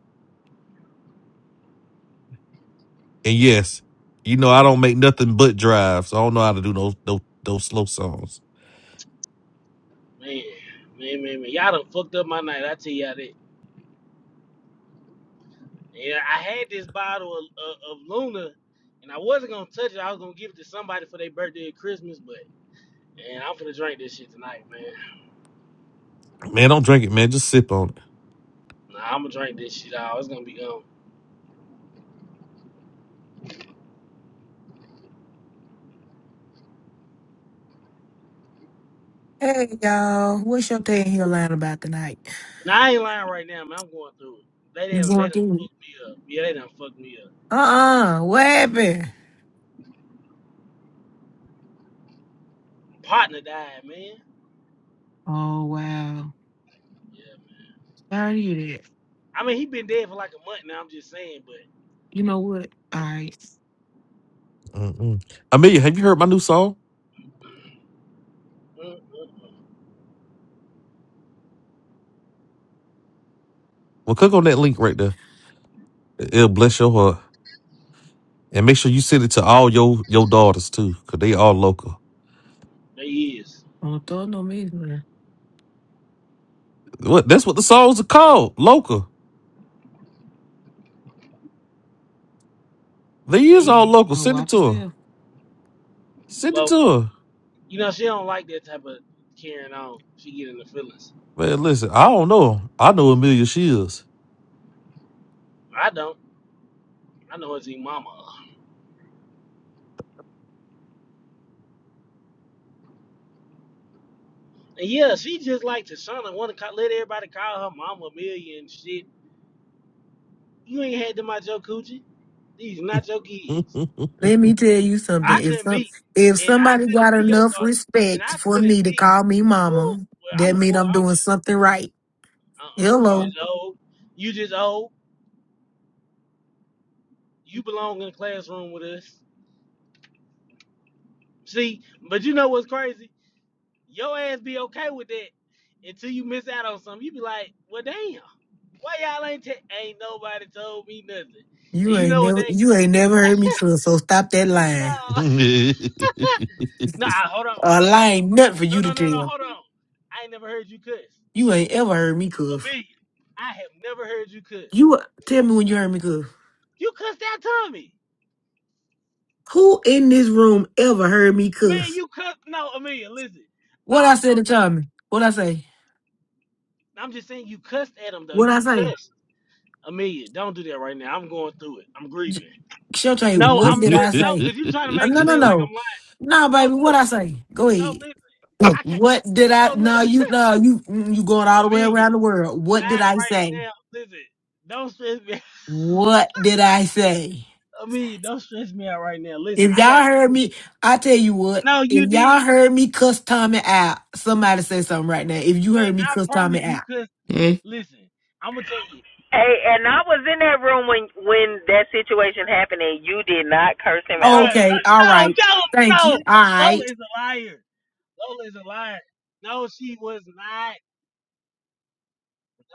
A: And yes, you know I don't make nothing but drives. I don't know how to do those those, those slow songs.
R: man, man, man, man, y'all done fucked up my night. I tell y'all that. Yeah, I had this bottle of, of, of Luna, and I wasn't gonna touch it. I was gonna give it to somebody for their birthday or Christmas, but man, I'm finna drink this shit tonight, man.
A: Man, don't drink it, man. Just sip on it.
R: Nah, I'm gonna drink this shit out. It's gonna be gone.
T: Hey y'all, what's your thing here lying about tonight?
R: Nah, I ain't lying right now, man. I'm going through it. They
T: You
R: done, they
T: going
R: done
T: through? it?
R: fucked me up. Yeah, they done fucked me up.
T: Uh-uh, what happened?
R: Partner died, man.
T: Oh wow,
R: Yeah, man.
T: sorry to hear that.
R: I mean, he been dead for like a month now. I'm just saying, but
T: You know what? All right,
A: Mm-mm. Amelia, have you heard my new song?
R: mm, mm, mm.
A: Well, click on that link right there. It- It'll bless your heart, and make sure you send it to all your your daughters too, cause they all local.
R: they is,
T: don't throw no misery.
A: What? That's what the songs are called, local. They
R: they
A: is
T: Uh,
A: all
R: is
A: local.
T: uh,
A: Send it
T: watch
A: to her.
T: yourself.
A: Send it
R: local.
A: to her.
R: You know, she don't like that type of carrying on. She get in the feelings.
A: Man, listen, I don't know. I know Amelia. She is.
R: I don't. I know it's his mama. And yeah, she just like Tashana want to call, let everybody call her mama Amelia and shit. You ain't had them out your coochie. These not your kids.
T: Let me tell you something.
R: I
T: If
R: couldn't
T: some,
R: be,
T: if
R: and I
T: somebody
R: couldn't
T: got
R: be your
T: enough
R: daughter, and
T: respect
R: I
T: for
R: couldn't
T: me to
R: be.
T: call me
R: Woo, well,
T: mama,
R: I'm
T: that
R: a
T: mean
R: boy.
T: I'm
R: I don't
T: doing
R: need.
T: something right.
R: Uh, uh You
T: Hello,
R: just old. You just old. You belong in the classroom with us. See, but you know what's crazy? Your ass be okay with that until you miss out on something. You be like, well, damn. Why y'all ain't ta- ain't nobody told me nothing? And
T: you
R: you
T: ain't
R: know what
T: never,
R: they?
T: you ain't never heard me cuss. So stop that lying.
R: nah.
A: What?
R: Nah, hold on,
T: A lie
R: hold on.
T: ain't nothing for
R: No,
T: you to
R: no, no, no,
T: tell.
R: hold on. I ain't never heard you cuss.
T: You ain't ever heard me cuss.
R: Amelia, I have never heard you cuss.
T: You uh, tell me when you heard me cuss.
R: You cussed out Tommy.
T: Who in this room ever heard me
R: Man,
T: cuss?
R: you cuss. No, Amelia, listen.
T: What I
R: All
T: said to
R: jokes on.
T: Tommy? What I say?
R: I'm just saying you cussed at him though.
T: What
R: You
T: I say?
R: cussed. Amelia, don't do that right now. I'm going through it. I'm grieving.
T: J- Showtray,
R: No,
T: what
R: I'm.
T: did
R: But
T: I
R: no,
T: say?
R: cause you trying to
T: Uh,
R: make
T: no,
R: it
T: no,
R: seem like I'm
T: no,
R: lying.
T: no,
R: No,
T: baby.
R: look.
T: What I say? Go
R: No,
T: ahead.
R: listen. I can't.
T: What did
R: No,
T: I? No,
R: look.
T: you, no, you, mm, you going all the way
R: Amelia,
T: around the world. What did
R: not
T: I
R: right
T: say?
R: now. Listen. Don't stress me.
T: What did I say?
R: Amelia, don't stress me out right now. Listen,
T: If
R: I
T: y'all
R: got.
T: heard me, I tell you what.
R: No, you
T: If
R: did,
T: y'all heard me cuss Tommy out, somebody say something right now. If you
R: man.
T: heard me
R: I
T: cuss
R: promise
T: Tommy
R: you.
T: out.
R: Cause
H: Hmm.
R: listen, I'm gonna tell you,
M: Hey, and I was in that room when when that situation happened, and you did not curse him out.
R: bruh,
T: Okay, all
R: Uh, no,
T: right. Thank
R: no, no.
T: you. All right.
R: Lola is a liar. Lola is a liar. No, she was not.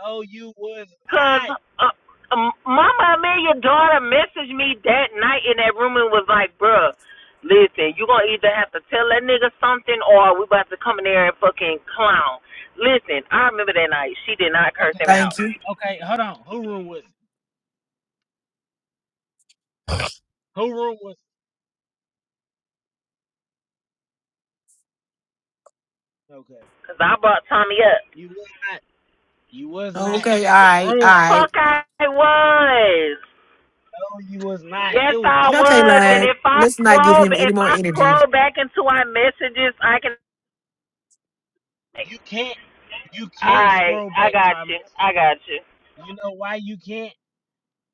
R: No, you was
M: Cause
R: not.
M: uh, um, Mama Amelia daughter messaged me that night in that room and was like, "Bruh, listen, you gonna either have to tell that nigga something, or we about to come in there and fucking clown." Listen, I remember that night. She did not curse
R: Okay,
M: him out,
T: Thank you.
R: okay. Hold on. Who room was it? Who room was it? Okay,
M: cause I brought Tommy up.
R: you was not. You was not
T: Okay,
R: in
T: all
R: the
T: right, all
R: room.
T: right.
M: Fuck, I was.
R: No, you was not.
M: Yes,
R: It was
M: I
R: two
T: Shante
R: different
M: was. And
T: lying.
R: rooms.
M: if I
T: Let's not give
M: scroll,
T: him any
M: if
T: more
M: I
T: energy.
M: scroll back into our messages, I can.
R: You can't. You
M: All
R: can't
M: right,
R: scroll
M: I
R: back to
M: got
R: our
M: you.
R: message.
M: I got you.
R: You know why you can't?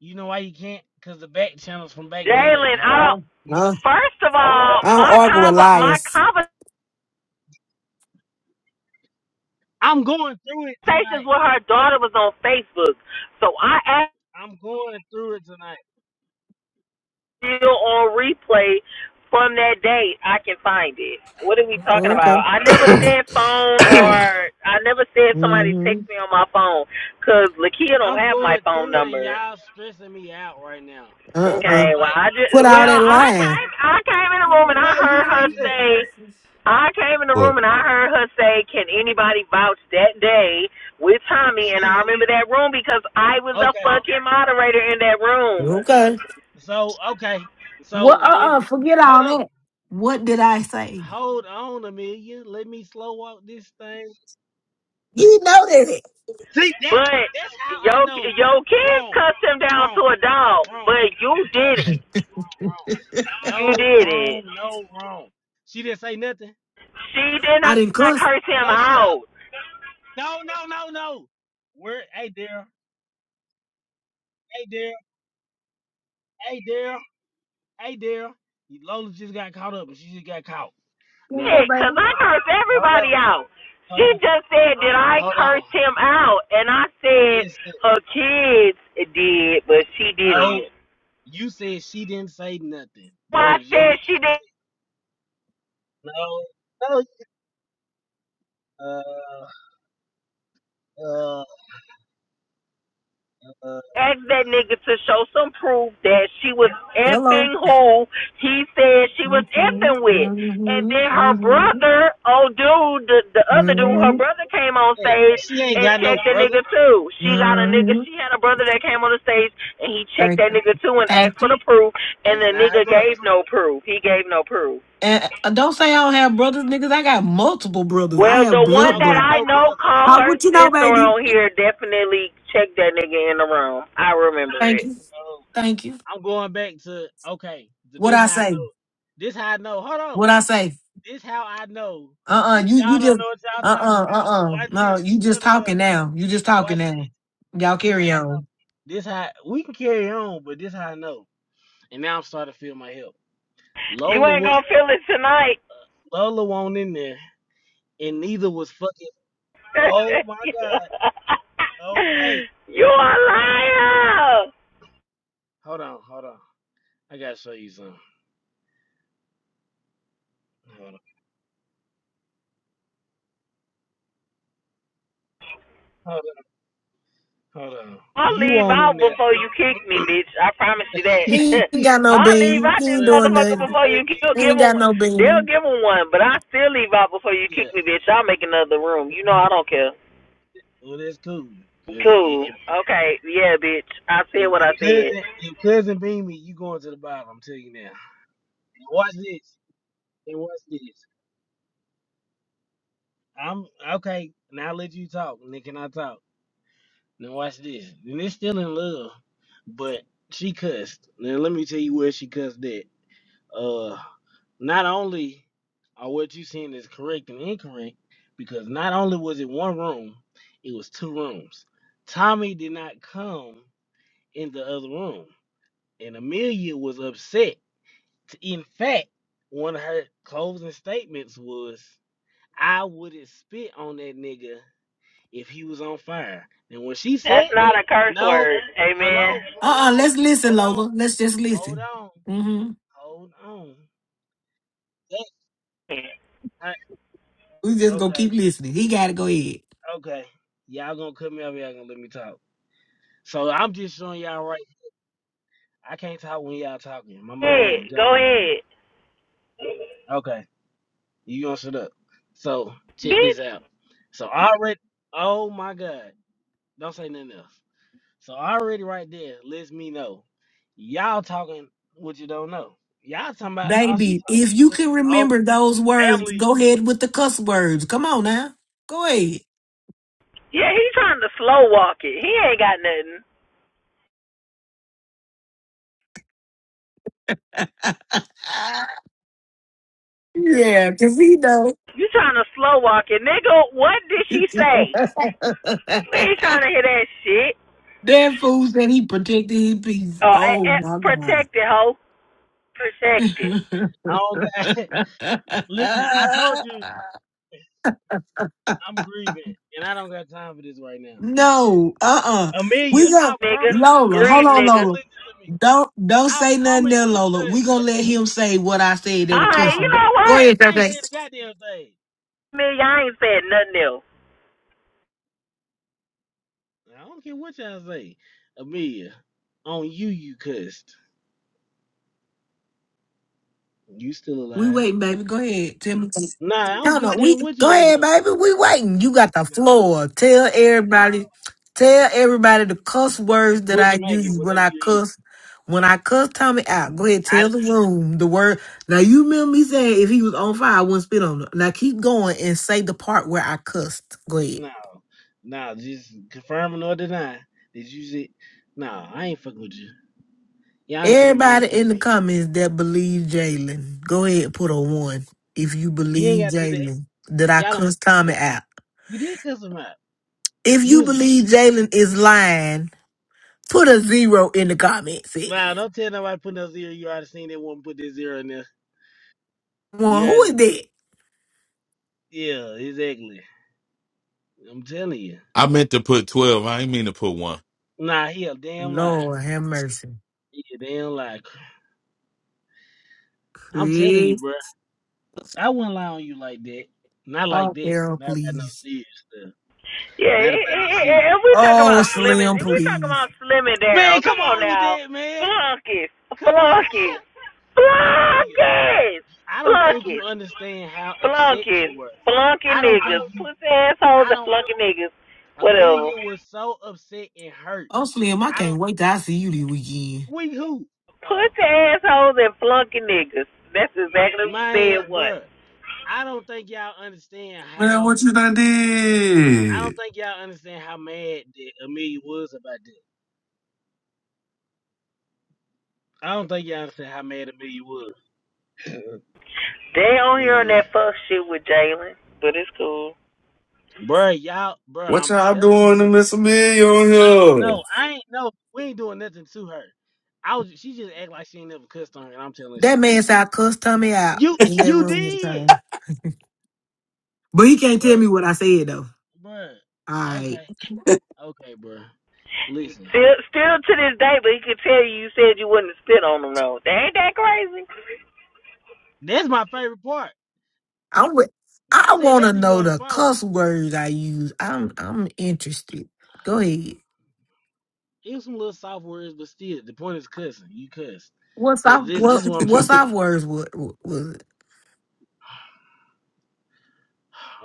R: You know why you can't? Cause the back channels from back then are
M: Jalen, I
R: gone.
M: don't.
R: You don't.
T: No,
M: First of all,
T: I don't
M: my
T: argue with
M: conver- my
T: liars.
R: I'm going through it
M: conversations
R: tonight.
M: with her daughter was on Facebook, so I asked
R: I'm going through it tonight.
M: you on replay from that date. I can find it. What are we talking
R: I'm
T: Okay.
M: about? I
R: going.
M: never said phone, or I never said
R: So
M: somebody
T: Mm-hmm.
M: text me on my phone, cause Lakia don't
R: I'm
M: have my
R: going
M: phone
R: through it, and
M: number.
R: y'all stressing me out right now.
T: Uh-uh.
M: Okay, well
R: Like,
M: I just
T: Quit all
M: well
R: she's
T: that
M: I
T: lying.
M: came I came in the room and I
R: no, you
M: heard her
R: didn't cuss.
M: say I came in the room and I heard her say, "Can anybody vouch that day with Tommy?" And
R: She's
M: I remember that room because I was a
R: okay.
M: fucking moderator in that room.
T: Okay.
R: So okay.
T: What?
R: So when
T: Uh uh Forget
R: hold
T: all
R: on,
T: that. What did I say?
R: hold on, Amelia. Let me slow walk this thing.
T: You know that.
R: See, that's
M: But
R: that's how
M: yo,
R: I know.
M: yo, kids
R: Wrong,
M: cussed him down
R: wrong,
M: to a dog,
R: wrong.
M: but you
R: No,
M: didn't.
R: wrong.
M: You
R: No
M: didn't.
R: wrong, no wrong. She didn't say nothing.
M: She did
T: I didn't
M: not
T: cuss.
M: curse him
R: No, shut up.
M: out.
R: No, no, no, no. Where? Hey, Daryl. Hey, Daryl. Hey, Daryl. Hey, Daryl. Lola just got caught up, and she just got caught. Now,
T: Let's go,
M: Cause
T: baby.
M: I curse
R: hold
M: everybody
R: on,
M: out.
R: hold
M: She
R: on,
M: just said, "Did I
R: hold on.
M: curse him out?" And I said,
R: Listen,
M: "Her kids did, but she
R: no,
M: didn't."
R: you said she didn't say nothing.
M: Well,
R: That
M: I
R: was just what
M: said she did
R: you
M: not
R: just said. No, no. Uh, uh, uh.
M: asked that nigga to show some proof that she was effing
T: Hello.
M: who he said she was
T: Mm-hmm,
M: effing with. And
T: mm-hmm,
M: then her
T: mm-hmm,
M: brother, oh dude, the, the other dude, her
T: mm-hmm,
M: brother came on
R: hey,
M: stage
R: She ain't
M: and
R: got no
M: checked the
R: brother.
M: nigga too. She got a nigga,
T: mm-hmm.
M: she had a brother that came on the stage and he checked
T: Thank
M: that
T: you.
M: nigga too and asked
T: Thank
M: for the
T: you.
M: proof and
R: It's
M: the
R: not her
M: nigga
R: brother.
M: gave no proof. He gave no proof.
T: And uh, don't say I don't have brothers, niggas. I got multiple brothers. I
M: Well,
T: have
M: the
R: She
M: one
T: blood
R: don't
M: that
T: brothers.
R: got
M: I
R: no
M: know
R: brothers.
M: called
T: How
M: her
T: what you know,
M: sister
T: baby?
M: on here definitely checked that nigga in the room. I remember
T: Thank
M: it.
T: you.
R: Oh.
T: Thank you.
R: I'm going back to okay. So
T: What
R: this
T: I
R: how I
T: say?
R: know. This how I know. Hold on.
T: What I say?
R: This how I know that
T: Uh-uh. You you
R: y'all don't
T: just
R: know what y'all
T: uh-uh,
R: talking about.
T: uh-uh.
R: Watch
T: No,
R: this.
T: you
R: No,
T: just
R: no,
T: talking
R: no.
T: now. You just talking
R: Watch this.
T: now. Y'all
R: This how
T: carry
R: I
T: on.
R: know. This how we can carry on, but this how I know. And now I'm starting to feel my help.
M: You
R: Lola
M: ain't
R: was
M: gonna feel it tonight.
R: Lola won't in there, and neither was fucking. Oh my god. Oh hey,
M: you a
R: hold on,
M: liar.
R: hold on, hold on. I gotta show you something. Hold on, hold on, hold on.
M: I'll
R: You
M: leave
R: won't
M: out
R: in there.
M: before you kick me, bitch. I promise you that.
T: He ain't got no
M: I'll leave
T: bean.
M: out
T: He
M: this
T: ain't
R: Look,
T: doing
M: motherfucker
T: nothing.
M: before
R: look,
M: you kill.
T: He
M: Give
T: ain't
M: him,
T: got no
M: they'll
T: bean.
M: give him one, but I still leave out before you
R: yeah.
M: kick me, bitch. I'll make another room. You know I don't care.
R: Well, that's cool. If
M: Cool.
R: if
M: Okay. Yeah, bitch. I said
R: if,
M: what
R: if
M: I said.
R: cousin if cousin beam me, you going to the bottom. I'm telling you now. And watch this. And watch this. I'm okay. Now I let you talk. And then can I talk? Now watch this. And it's still in love, but she cussed. Now let me tell you where she cussed at. Uh, not only are what you seeing is correct and incorrect, because not only was it one room, it was two rooms. Tommy did not come in the other room. and Amelia was upset. In fact, one of her closing statements was, "I wouldn't spit on that nigga if he was on fire." And when she
M: That's
R: said that,
M: not a curse
R: no,
M: word. Amen.
R: hello,
T: Uh
R: hold
T: uh-uh, uh,
R: on,
T: let us listen,
R: hold on,
T: Lola. Let's just
R: hold
T: listen.
R: on,
T: hmm
R: hold on. That, I-
T: We just gonna
R: okay,
T: keep listening. He gotta go ahead.
R: okay, y'all gonna cut me off? Y'all gonna let me talk? So I'm just showing y'all right. I can't talk when y'all talking. My
M: Yeah.
R: mind
M: Go
R: gone right
M: ahead,
R: now. Okay. You gonna shut up. So check this
M: bitch.
R: out. So already, oh my God, don't say nothing else. So already right there lets me know y'all talking what you don't know. Y'all talking about all she
T: Baby,
R: talking
T: if you
R: to
T: can
R: oh
T: remember those words,
R: family.
T: go ahead with the cuss words. Come on now. Go
M: Yeah, he trying to slow walk it. He ain't got nothing.
T: ahead. Yeah, because he know.
M: You trying to slow walk it, nigga? What did she
T: that
M: say? We ain't trying to hear that shit.
T: fool said he protected his peace.
M: Oh,
T: Oh
M: eh, eh,
T: my God.
M: protect it, hoe. Protect it,
R: Oh God, listen, I told you I'm grieving and I don't got time for this right now.
T: no, uh-uh. We
R: Amelia,
T: going to
R: I
M: nigga.
R: promise you,
T: Lola, hold
M: Grieve,
R: Amelia,
T: on,
R: no,
M: nigga.
T: Lola.
R: listen to me.
T: Don't don't
R: I
T: say nothing
R: promise
T: there,
R: you
T: Lola.
R: this,
T: We gonna let
R: Amelia.
T: him say what I said that
M: All
T: was
M: right, you
R: No,
T: cussing.
M: know
T: Go
M: what?
T: ahead,
R: I ain't
T: Tate.
R: saying a goddamn thing.
M: Man, y'all ain't saying nothing else.
R: I don't care what y'all say. Amelia, on you, you cussed. You still
T: We
R: alive.
T: waiting, baby. Go ahead. Tell me.
R: Nah, I don't
T: No,
R: give
T: no.
R: a
T: We
R: damn what you
T: go
R: waiting
T: ahead,
R: on.
T: baby. We waiting. You got the
R: Nah,
T: floor. Tell
R: nah.
T: everybody. Tell everybody the cuss words that
R: Quit
T: I
R: smacking
T: use when
R: whatever
T: I
R: you eat.
T: cuss. When I cuss Tommy out, go ahead.
R: I
T: Tell the room the word. Now you remember me saying if he was on fire, I wouldn't spit on him. Now keep going and say the part where I cussed. Go ahead.
R: no, no, just confirming or denying. Did you see? No, I ain't fucking with you. Y'all ain't finna mind
T: Everybody
R: flip
T: in the
R: me.
T: comments that believe Jalen, go ahead and put a one if you
R: You ain't
T: believe
R: gotta do that.
T: Jalen. Did I
R: Y'all don't have
T: cuss
R: to do
T: Tommy
R: that.
T: out?
R: You did cuss him out.
T: If
R: You
T: you
R: was,
T: believe Jalen is lying, put a zero in the comment section.
R: nah, don't tell nobody put no zero. You already seen that one put that zero in there. You
T: Well, who
R: already,
T: is that?
R: yeah, exactly. I'm telling you.
H: I meant to put twelve. I ain't mean to put one.
R: Nah, he a damn lie.
T: Lord have mercy.
R: Yeah, they don't lie. I'm telling you,
T: Please.
R: bro. I wouldn't lie on you like that. Not like
T: Oh,
R: that.
T: Daryl,
R: Not about no
T: please.
R: serious stuff.
M: Yeah,
R: Not
M: i-
R: about no
M: i-
R: serious.
M: i- if we talking
T: Oh,
M: about slimming,
T: Slim,
M: if we talking
T: please.
M: about slimming
R: Man,
M: down, come
R: come
M: on
R: on with
M: now,
R: that, man.
M: flunkies,
R: Come on,
M: flunkies,
R: Amelia.
M: flunkies,
R: I don't think
M: flunkies,
R: you understand how upset you
M: flunkies,
R: were.
M: flunky
R: I don't think
M: niggas,
R: you.
M: pussy assholes
R: I
M: and
R: don't.
M: flunky niggas, whatever.
R: Amelia was so upset and hurt.
T: Oh, Slim, I
R: I
T: can't
R: don't.
T: wait till I see you this weekend.
R: We who? Oh,
M: Pussy assholes and flunky niggas. That's exactly what they
R: man,
M: was.
R: bruh. I don't think y'all understand
N: Man,
R: how.
N: what you done
R: I
N: did?
R: don't think y'all understand how mad that Amelia was about this. I don't think y'all understand how mad at me you was,
M: They on here on
R: man.
M: that fuck shit with Jalen, but it's cool.
R: Bruh, y'all, bruh,
N: What
R: I'm
N: y'all
R: telling
N: doing to
R: you.
N: Miss Amelia on here?
R: No, I ain't. No, we ain't doing nothing to her. I was. She just act like she ain't never cussed on her, and I'm telling her
T: That
R: she did.
T: man said I cussed Tommy out
R: You,
T: in that
R: you
T: room this
R: did,
T: time. But he can't tell
R: bruh,
T: me what I said, though.
R: bruh.
T: All right.
R: Okay, okay, bruh. Listen,
M: Still, still to this day, but he could tell you you said you wouldn't spit on him though. That ain't that crazy.
R: that's my favorite part.
T: I'm with.
R: Well, I
T: I
R: said
T: want
R: that
T: to
R: to you
T: know
R: on the
T: the
R: phone.
T: cuss words I use. I'm I'm interested. Go ahead.
R: It was some little soft words, but still, the point is cussing. You cussed.
T: What's our
R: But this,
T: what
R: this is what I'm trying
T: what's
R: to tell
T: our words what was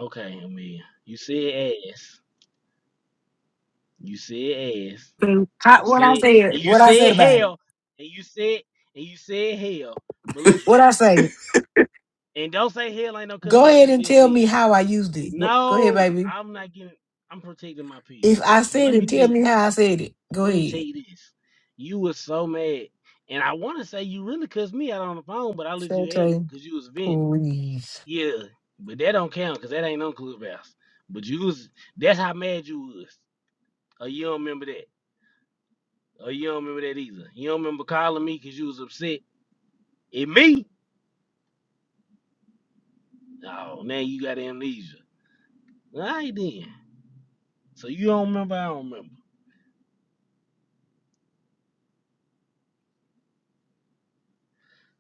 R: you. Okay, Amelia, you said ass. You said ass.
T: it?
R: And you
T: How, what I
R: said
T: said
R: and you
T: what I said
R: said
T: about it.
R: hell. And you said and you said hell. But
T: What
R: listen,
T: I say.
R: and don't say hell ain't no cuss
T: Go
R: word,
T: ahead
R: because
T: and
R: yes it
T: tell me
R: is.
T: how I used it. Wh- Go ahead,
R: No,
T: baby.
R: I'm not getting I'm protecting my peace.
T: If I
R: But
T: said
R: let me
T: it,
R: tell
T: tell me
R: you,
T: how I said it. Go
R: let me tell
T: ahead.
R: you this. You was so mad. And I wanna say you really cussed me out on the phone, but I let you have it
T: Shante,
R: because you was venting.
T: please.
R: Yeah. But that don't count because that ain't on Clubhouse. But you was that's how mad you was. Oh, you don't remember that. Oh, you don't remember that either. You don't remember calling me because you was upset at me? Oh, now you got amnesia. All right then. So you don't remember? I don't remember.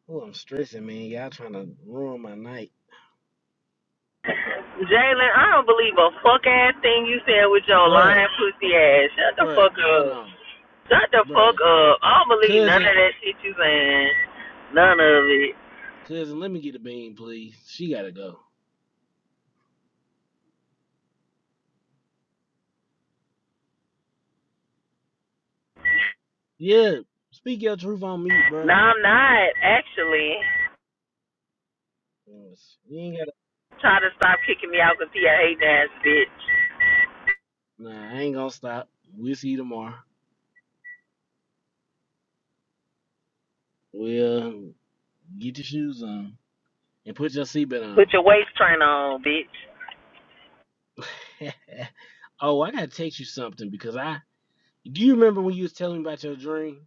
R: Oh, I'm stressing, man. Y'all trying to ruin my night.
M: Jalen, I don't believe a fuck ass thing you said with your
R: Bruh,
M: lying pussy ass. Shut the
R: bruh,
M: fuck
R: hold
M: up.
R: on.
M: Shut the fuck
R: Bruh.
M: up. I don't believe none
R: Cousin,
M: of that shit you saying. None of it.
R: cousin, let me get a bean, please. She gotta go. Yeah, speak your truth on mute,
M: No,
R: bruh.
M: I'm not actually.
R: Yes. You ain't gotta.
M: Try to stop kicking me out because he a hating ass bitch.
R: Nah, I ain't gonna stop. We'll see you tomorrow. Well, get your shoes on and put your seatbelt
M: Put
R: on.
M: your waist train on, bitch.
R: oh, I gotta text you something because I do you remember when you was telling me about your dream?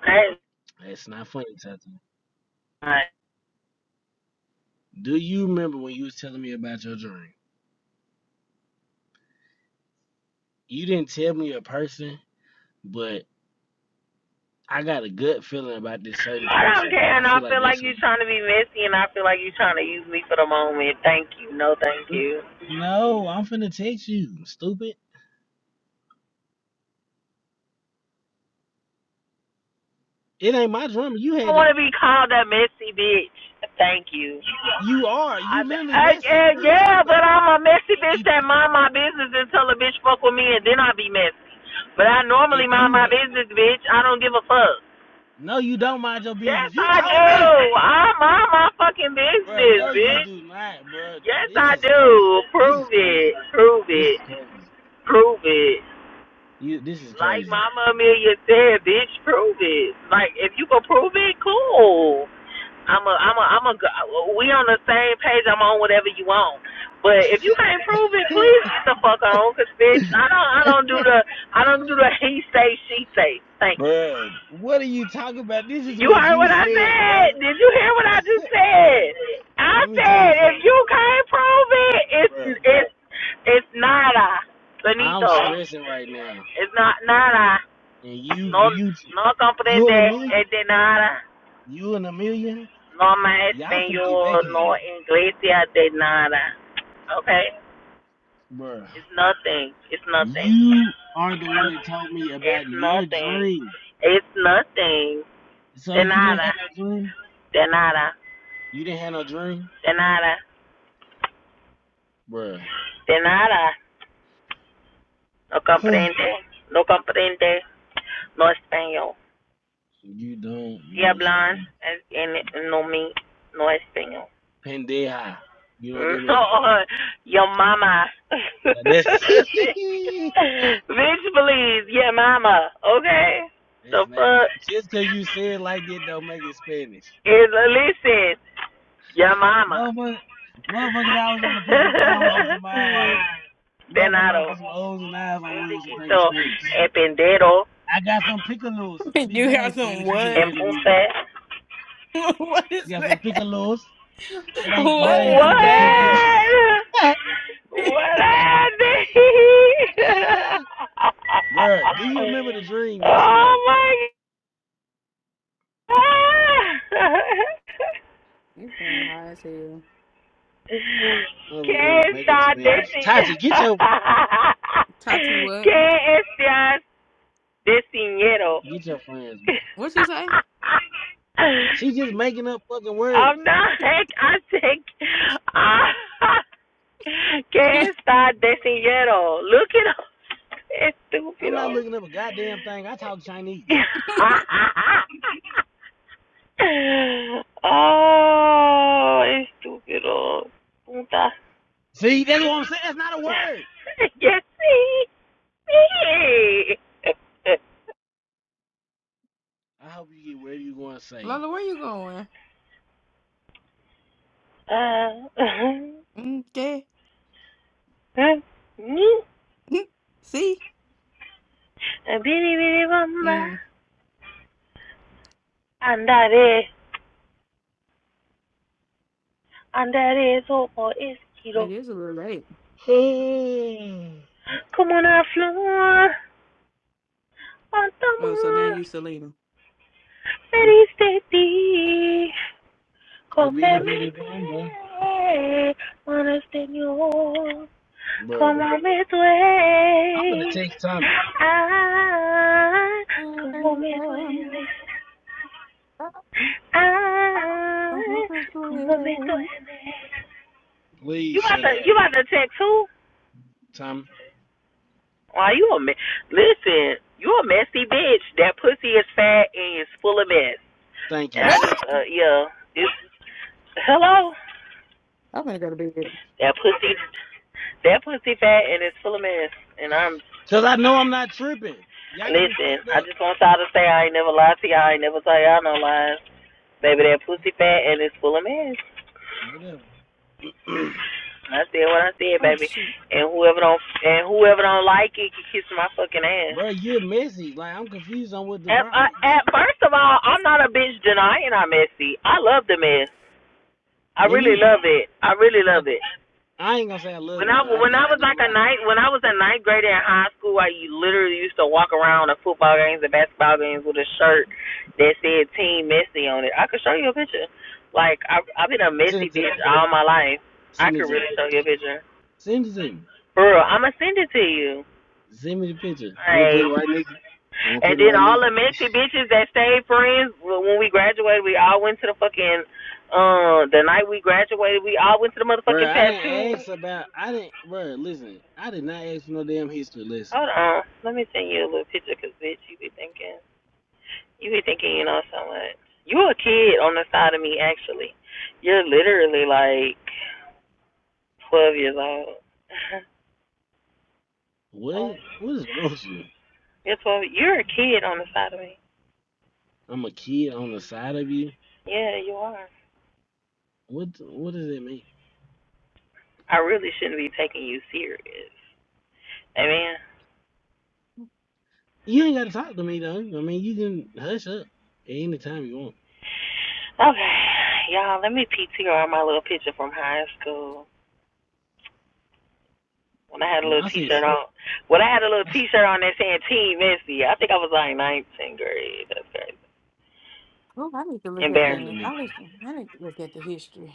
M: That's
R: That's not funny, Tata.
M: fine.
R: Do you remember when you was telling me about your dream? You didn't tell me a person, but I got a gut feeling about this certain
M: I don't
R: person,
M: care,
R: and I
M: and
R: feel
M: I
R: like
M: feel
R: that's
M: like
R: who
M: you are
R: you.
M: trying to be messy, and I feel like you are trying to use me for the moment. Thank you. No, thank
R: Mm,
M: you.
R: No, I'm finna text you, stupid. It ain't my dream. You
M: I don't
R: had
M: want
R: it.
M: to be called a messy bitch. Thank you.
R: You are.
M: I,
R: You literally
M: I,
R: messy.
M: I-
R: What you
M: yeah,
R: talking
M: but
R: about?
M: I'm a messy bitch
R: If
M: that mind my business until a bitch fuck with me, and then I be messy. But I
R: if
M: normally mind
R: you
M: my
R: d-
M: business, bitch. I don't give a fuck.
R: no, you don't mind your
M: Yes,
R: business. You
M: I
R: told
M: do.
R: me.
M: I mind my fucking
R: Bro,
M: business,
R: no, you
M: bitch.
R: do not, bro.
M: Yes,
R: This
M: I
R: is
M: do.
R: crazy. This
M: Prove
R: is
M: it.
R: crazy.
M: Prove
R: This is
M: it.
R: crazy.
M: Prove it.
R: You, this is
M: Like
R: crazy,
M: Mama Amelia said, bitch, prove it. Like if you can prove it, cool. I'm a, I'm a, I'm a. We on the same page. I'm on whatever you want. But if you can't prove it, please get the fuck on, cause bitch, I don't, I don't do the, I don't do the he say she say. Thank
R: bro. What are you talking about? This is
M: you. You
R: what
M: heard
R: you
M: what I
R: said, bro.
M: said? Did you hear what I just
R: Bro,
M: said? I
R: let me tell
M: said
R: you
M: if you
R: something,
M: can't prove it, it's,
R: bro.
M: it's, it's nada,
R: I'm
M: bonito.
R: stressing right now,
M: It's not nada.
R: and
M: No,
R: you, you,
M: no
R: you and a
M: comprende
R: million,
M: eh, de nada.
R: you and a million,
M: No más
R: y'all finna get
M: español, no
R: backhanded,
M: inglés de nada. Okay.
R: bro.
M: It's nothing. It's nothing.
R: You are the one that told me
M: It's
R: about your
M: nothing.
R: dream.
M: It's nothing.
R: So
M: De
R: you didn't have
M: nada.
R: no dream.
M: De nada.
R: You didn't have no dream,
M: De nada.
R: bro.
M: De nada. No comprende. No que. No yo.
R: You don't know Spanish.
M: No yo.
R: Pendeja. You know what I mean?
M: No. Your mama.
R: Like that-
M: Bitch, please. Yeah, mama. Okay.
R: That's
M: The
R: not,
M: fuck?
R: just cause you say it like that don't make it Spanish.
M: It, listen, your mama.
R: Motherfucker, motherfuckers always wanna put some O's in some eyes.
M: De
R: Motherfucker wanna
M: naro, un
R: put some O's and eyes on words and think it's
M: chiquito,
R: Spanish.
M: el pendero,
R: I got some picolos. Bitch,
F: You
R: that
F: got
R: ain't
F: some
R: Spanish. You just
F: what?
M: en
R: made a word.
M: punta.
F: what is
R: You got some
F: that?
R: picolos. That ain't that
F: What
R: ain't
F: is
R: fucking
F: that?
M: What?
R: pickles.
M: What happened?
R: Bruh, do you remember the dream? Yes or no,
M: oh
R: bruh?
M: my God.
F: You sound high as hell.
M: ¿Qué
R: Motherfucker gonna make up
M: está
R: Spanish.
M: diciendo?
R: Tati, get your
F: Tati, what?
M: ¿Qué está diciendo?
R: Get your friends, bro.
F: What you say?
R: She just making up fucking words.
M: I'm not. I think I que está
R: like,
M: designero. Look at him.
R: I'm
M: Estúpido.
R: not looking up a goddamn thing. I talk Chinese.
M: oh, estúpido. Puta.
R: See, that's what I'm saying. That's not a word.
M: Yes, sí. Sí.
R: I hope you get wherever you going safe.
F: Lola, where you going? Okay.
M: Ah,
F: See?
M: Biri biri bamba.
F: Mm,
M: Andaré. Andaré sobre el
F: it
M: cielo.
F: is a little late.
M: Como una flor. cuánto
F: Oh, so now
M: amor
F: you Selena.
M: me diste ti,
R: a bitty bitty
M: convémete,
R: bomba.
M: con Señor,
R: Bro,
M: como me
R: I'm gonna
M: duele,
R: text Tommy.
M: ay, como me duele, ay, como me duele. You
R: Please
M: about
R: shut
M: to,
R: up,
M: you about to text who?
R: Tommy.
M: Why you a mess? listen? You a messy bitch. That pussy is fat and it's full of mess.
R: Thank
M: And I
R: you.
F: What?
M: just, uh, yeah. It's hello.
F: I'm gonna go to bed.
M: That pussy, that pussy fat and it's full of mess. And I'm
R: Cause I know I'm not tripping. Y'all got me
M: listen.
R: fucked
M: I
R: up.
M: just want y'all to say I ain't never lied to y'all. I ain't never tell y'all no lies, baby. That pussy fat and it's full of mess.
R: Whatever.
M: I said what I said,
F: Oh
M: baby.
F: shoot.
M: And whoever don't and whoever don't like it can kiss my fucking ass.
R: Bro, you're messy. Like I'm confused on what the
M: At, I,
R: problem is.
M: at first of all, I'm not a bitch denying I'm messy. I love the mess. I
R: Me
M: really
R: neither.
M: love it. I really
R: I,
M: love it.
R: I ain't gonna say I
M: When
R: love it,
M: I
R: but I
M: when I
R: definitely
M: was like
R: don't
M: a
R: mind.
M: ninth when I was a ninth grader in high school, I literally used to walk around to football games and basketball games with a shirt that said Team Messi on it. I could show you a picture. Like I I've been a
R: Send
M: messy
R: it to
M: bitch
R: me.
M: all my life. I
R: Send it
M: could
R: to
M: really
R: me.
M: show you a picture.
R: Send it to me.
M: For real, I'ma send it to you.
R: Send me the picture. I'm gonna put it
M: Like,
R: right next. I'm gonna
M: and
R: put it
M: then
R: right
M: all
R: next.
M: the messy bitches that stayed friends well, when we graduated, we all went to the fucking uh the night we graduated, we all went to the
R: Bro,
M: motherfucking
R: I didn't
M: tattoo.
R: ask about. I didn't. Bro, listen. I did not ask for no damn history lesson.
M: Hold on, let me send you a little picture, cause bitch, you be thinking. You be thinking, you know, so much. You a kid on the side of me, actually. You're literally like 12 years old.
R: What? What is wrong with you?
M: you're 12. You're a kid on the side of me.
R: I'm a kid on the side of you.
M: Yeah, you are.
R: What? What does that mean?
M: I really shouldn't be taking you serious. Amen.
R: You ain't gotta talk to me though. I mean, you can hush up at any time you want.
M: Okay, y'all, let me PTR my little picture from high school. When I had a
R: No,
M: little
R: I said,
M: T-shirt on, when I had a little
R: I said,
M: T-shirt on that said "Team Messy," I think I was like ninth grade. That's crazy.
F: Oh, I need to look at
M: Embarrassed.
R: damn the
F: the
R: nigga,
F: I need, I need to look at the history.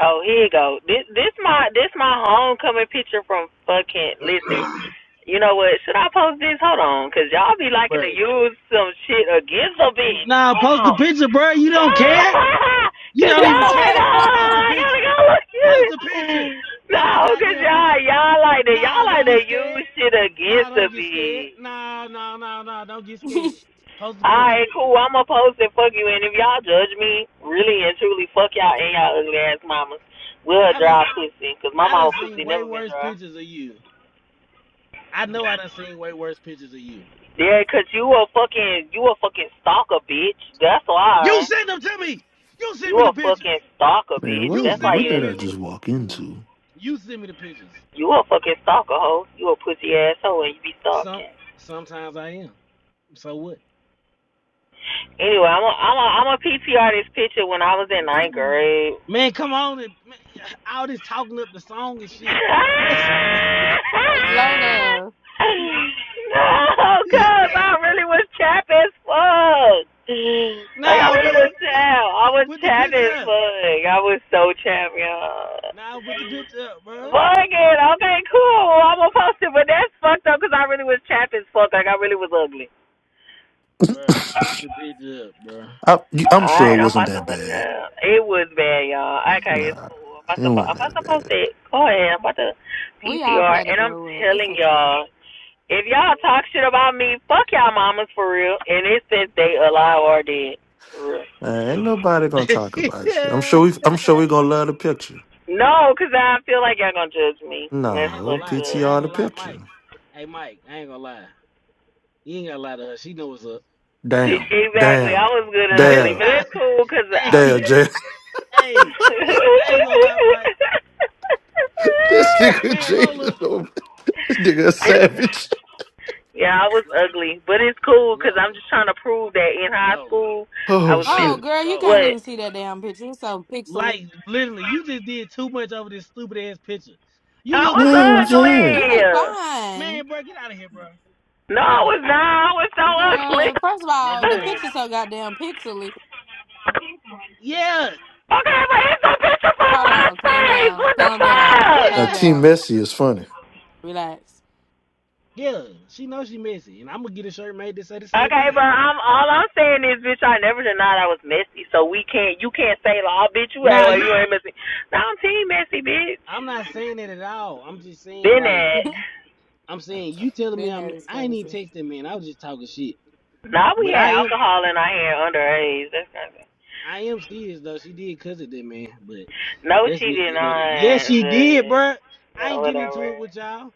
M: Oh, here you go. This this my this my homecoming picture from fucking listen. You know what? Should I post this? Hold on, cause y'all be liking
R: bro.
M: to use some shit against a bitch.
R: Nah, post the
M: Oh,
R: picture, bro. You
M: no,
R: don't care. You
M: cause
R: don't even
M: y'all like
R: care. Post the
M: oh I
R: picture.
M: gotta go look at
R: Post a picture.
M: it. No,
R: Post a
M: cause
R: goddamn picture.
M: y'all y'all like to y'all
R: Nah,
M: like
R: don't
M: to
R: get scared.
M: use shit
R: Nah,
M: against a
R: don't get scared.
M: bitch.
R: Nah, nah, nah, nah, don't get scared. Post a picture.
M: Alright, cool. I'm gonna post and fuck you. And if y'all judge me, really and truly, fuck y'all and y'all ugly ass mamas. We're a
R: I done,
M: dry pussy, cause my
R: I
M: mama
R: done
M: pussy
R: seen way
M: never been
R: worse
M: dry.
R: pictures of you. I know I done seen way worse pictures of you.
M: Yeah, cause you a fucking, you a fucking stalker, bitch. That's
R: You
M: why.
R: send them to me. You send
M: You
R: me
M: a
R: the pictures.
M: fucking stalker,
U: Man,
M: bitch.
U: what
R: You
M: That's
R: send
M: why
R: me
U: what
R: the
U: did
M: you,
U: I
R: pictures.
U: just walk
F: Mm.
U: into?
R: You send me the pictures.
M: you a fucking stalker, hoe. You a pussy ass hoe and you be
R: Some
M: stalking.
R: sometimes I am. So what?
M: Anyway, I'm a, I'm a, I'm a PTR this picture when I was in ninth grade.
R: Man, come on and man, all this talking up the song and
M: no,
R: shit. Press,
F: Lola,
M: cuz I really was chappy as fuck. Like, I
R: nah,
M: really
R: bro.
M: was chap. I was
R: Put the
M: chappy
R: picture
M: as
R: up.
M: fuck. I was so chappy, y'all.
R: Nah, put the picture up, bruh.
M: Fuck it. Okay, cool. Well, I'm gonna post it, but that's fucked up because I really was chappy as fuck. Like, I really was ugly.
R: Bruh, put the picture up, bruh.
U: I, you- I'm sure it
M: Alright, I'm
U: wasn't
M: about to
U: that
M: put it
U: bad.
M: up. It was bad, y'all. Okay, it's
U: Nah,
M: cool. I'm about
U: it
M: to, po-
U: wasn't
M: I'm about
U: that
M: to post
U: bad.
M: it. Go ahead. I'm about to
F: we all
M: PTR.
F: had a
M: And I'm
F: glow up. It's
M: telling
F: okay.
M: y'all, If y'all talk shit about me, fuck y'all mamas for real. And it's since they alive or dead. For real.
U: Man, ain't nobody gonna talk about you. I'm sure we I'm sure we gonna love the picture.
M: No, 'cause I feel like y'all gonna judge me, and that's
R: I ain't gonna
U: No,
M: fucked
R: lie.
M: up.
R: I ain't
U: PTR the
R: gonna lie, Mike.
U: picture.
R: Hey, Mike, I ain't gonna lie. You ain't gotta lie to her. She knows what's up.
U: Damn,
M: Exactly.
U: damn,
M: I was good and ugly,
U: damn,
M: but
R: nah,
M: it's cool cause I.
U: damn,
R: hey,
U: Jay.
R: hey, I ain't gonna lie, Mike.
U: this nigga
R: Man, Lola,
U: Jalen over. This nigga a savage.
M: yeah, I was
R: Lola,
M: ugly, but it's cool because 'cause I'm
R: Lola,
M: just trying to prove that in high
R: Lola,
M: school I
U: Oh
M: was
F: Oh
M: meant.
U: shit.
F: girl, you can't
R: Lola.
F: even
M: What?
F: see that damn picture. It's so pixely.
R: Like, literally, you just did too much over this stupid ass picture. You
M: I
R: look
U: You
M: was
R: like
U: know what I'm
R: fucking Leslie.
F: You
U: saying?
F: look
M: ugly.
F: fine.
R: Man, bruh, get out of here, bruh.
M: No,
R: Get
M: I
R: out of here,
M: was
R: bruh.
M: not. I was so
F: Girl,
M: ugly.
F: first of
R: Bruh,
F: all,
R: get
F: the
R: out of here,
F: picture's
R: bruh.
F: so goddamn pixely.
R: Yeah,
M: Okay, but it's a picture from
F: Hold on, calm
M: MySpace.
F: down,
M: What the
F: calm down,
M: fuck?
U: Now,
F: calm
R: yeah.
U: team
F: down.
U: Messi is funny.
F: Relax.
R: Yeah, she knows she messy, and I'm gonna get a shirt made to say the same
M: Okay,
R: thing.
M: but I'm all I'm saying is, bitch, I never denied I was messy, so we can't. You can't say, like, oh, bitch, you act
R: Nah,
M: like
R: you.
M: you ain't messy. No, I'm team messy, bitch.
R: I'm not saying it at all. I'm just saying
M: Been
R: like
M: at.
R: you. I'm saying you telling me
F: Been
R: I'm.
F: there is
R: I ain't even
F: crazy.
R: text that man. I was just talking shit.
M: No, we
R: But
M: had
R: I am.
M: alcohol in our hand underage. That's not good.
R: I am serious though. She did cuss at that man, but
M: No,
R: that's
M: she
R: neither
M: did
R: you know that. Yes,
M: not.
R: she did, bruh.
M: But
R: I
M: no,
R: ain't getting
M: whatever,
R: into it with y'all.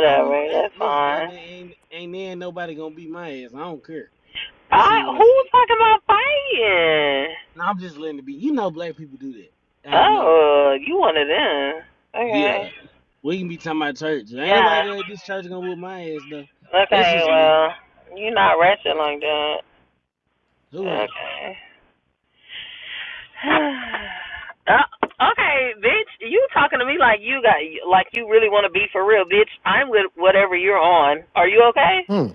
R: I don't give. ain't
M: That's
R: listen. I ain't no-
M: fine.
R: ain't ain't there nobody gonna beat my ass. I don't care. I
M: I
R: see what I see.
M: who's talking about fighting?
R: Nah, I'm just letting it be. You know, black people do that out of nowhere.
M: Oh, you one of them. Okay.
R: Yeah. We can be talking about church. Ain't
M: Yeah.
R: nobody go at this church gonna whoop my ass though. That's
M: Okay,
R: just me.
M: well, you're not ratchet
R: Yeah.
M: like that.
R: Who ain't?
M: Okay. Uh, okay, bitch, you talking to me like you got like you really want to be for real, bitch. I'm with whatever you're on. Are you okay?
U: Hmm.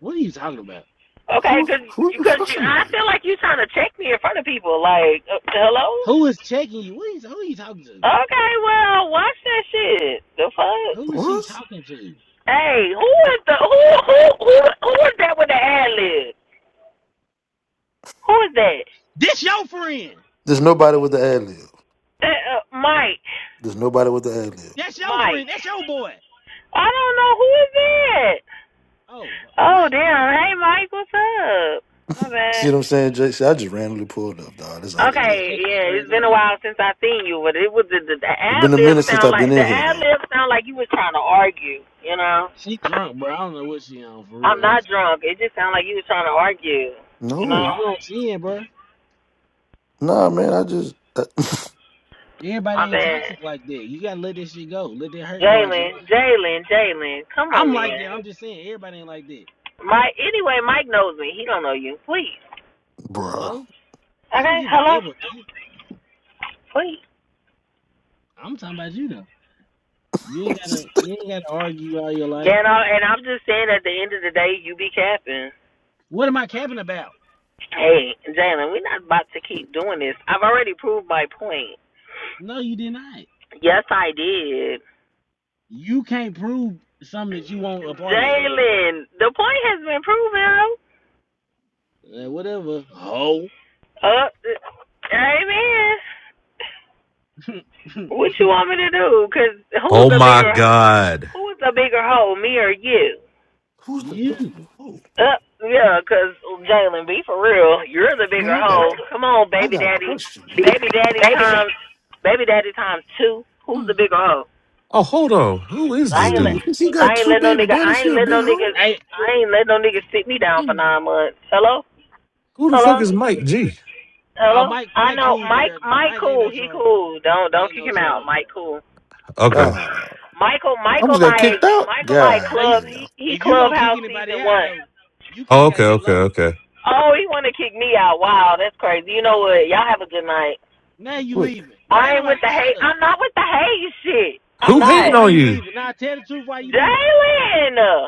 R: What are you talking about?
M: Okay,
U: Who
M: cause,
U: who are you
M: cause
U: fucking
M: I
U: with?
M: feel like you trying to check me in front of people. Like, uh, hello?
R: Who is checking you? What is who are you talking to?
M: Okay, well, watch that shit. The
R: Who
M: fuck?
R: is she
U: What?
R: talking to?
M: Hey, who is the who who who who is that with the ad lib? Who is that?
R: This your friend.
U: There's nobody with the ad lib.
M: That uh, Mike.
U: There's nobody with the ad lib.
R: That's your
M: Mike.
R: friend. That's your boy.
M: I don't know who is that.
R: Oh,
M: Oh
R: Mike, hold
M: damn!
R: on.
M: Hey Mike, what's up? My
U: See
M: bad.
U: what I'm saying, Jay? See, I just randomly pulled up, dog. That's all it
R: Man,
M: Okay,
R: catch
U: is.
R: it
M: yeah,
R: straight
M: it's
R: like
M: been a
R: you.
M: while since i seen you, but it was the, the, the
U: It's been
M: ad
U: a
M: lib
U: minute since
M: sound
U: I've been
M: like the
U: in here,
M: ad
U: though.
M: lib sound like you was trying to argue. You know,
R: She drunk, bro. I don't know what she on for
M: I'm
R: real,
M: not
R: honestly.
M: drunk. It just sounded like you was trying to argue. You
R: Bro,
M: know,
U: No,
R: you don't see it, bro.
U: nah, man. I just, uh,
R: Everybody
M: my
R: ain't toxic
M: bad.
R: like that. You gotta let this shit go. Let that hurt go out your life.
M: Jalen, Jalen, Jalen, come on,
R: I'm like that. I'm
M: man.
R: just saying everybody ain't like that.
M: Mike. Anyway, Mike knows me. He don't know you. Please.
U: bruh.
R: Hello? I don't
M: Okay.
R: give a
M: Hello.
R: double damn.
M: Please.
R: I'm talking about you though. You ain't gotta you ain't gotta argue all your life.
M: Yeah, and, and I'm just saying, at the end of the day, you be capping.
R: What am I capping about?
M: Hey, Jalen, we're not about to keep doing this. I've already proved my point.
R: No, you deny it.
M: Yes, I did.
R: You can't prove something that you want a part of.
M: Jalen, the point has been proven.
R: Eh, whatever. Ho.
M: Uh, amen. What you want me to do? Cause who's
A: Oh
M: the
A: my
M: bigger,
A: God.
M: who's the bigger hoe, me or you?
U: Who's
R: you.
U: the? Oh,
M: Uh, yeah, cause Jalen, be for real. You're the
U: man,
M: bigger
U: I got,
M: hoe. Come on,
U: I
M: baby
U: got
M: daddy,
U: questions.
M: baby daddy times, baby daddy times two. Who's the
F: Mm,
M: bigger hoe?
A: Oh, hold on. Who is
M: I
U: I
A: this
M: ain't
U: mean,
M: let,
A: dude?
U: because he
R: So we
U: got
M: I ain't
U: two
M: let no
U: baby
M: nigga.
U: daddies.
M: I
U: He
M: ain't
U: a
M: let
U: big
M: no nigga.
U: hoe?
R: hey
M: I ain't let no nigga sit me down for
F: mm.
M: nine months. Hello,
A: Who the
M: hello,
A: fuck
R: bro.
A: is Mike G?
R: Oh
M: hello.
R: Mike
M: I
R: Mike
M: know
R: cool
M: Mike.
R: there.
M: Mike
R: Mike ain't
M: cool.
R: no
M: He
R: troll.
M: cool. Don't
R: He
M: don't
R: ain't
M: kick
R: no
M: him out.
R: troll.
M: Mike cool.
A: Okay.
U: Ah,
M: Michael
U: I almost
M: Michael
U: got
M: like
U: kicked out.
M: Michael like
U: God
R: Now you,
M: club.
U: damn.
M: He he
R: if you gonna kick
M: clubhouse
R: anybody
M: season
R: out
M: one.
R: though, you
A: Oh,
R: kick
A: okay,
R: out that
A: okay,
R: low.
A: okay.
M: Oh, he want to kick me out. Wow, that's crazy. You know what? Y'all have a good night.
R: Now you
U: Wait,
R: leaving. Right
M: I ain't with
R: nobody
M: the
R: shut
M: hate.
R: up.
M: I'm not with the hate shit. I'm
A: Who
R: Now
M: not.
A: hating
R: why
A: on
R: you
A: you?
R: leaving? Now tell the truth why you leaving.
M: Jalen.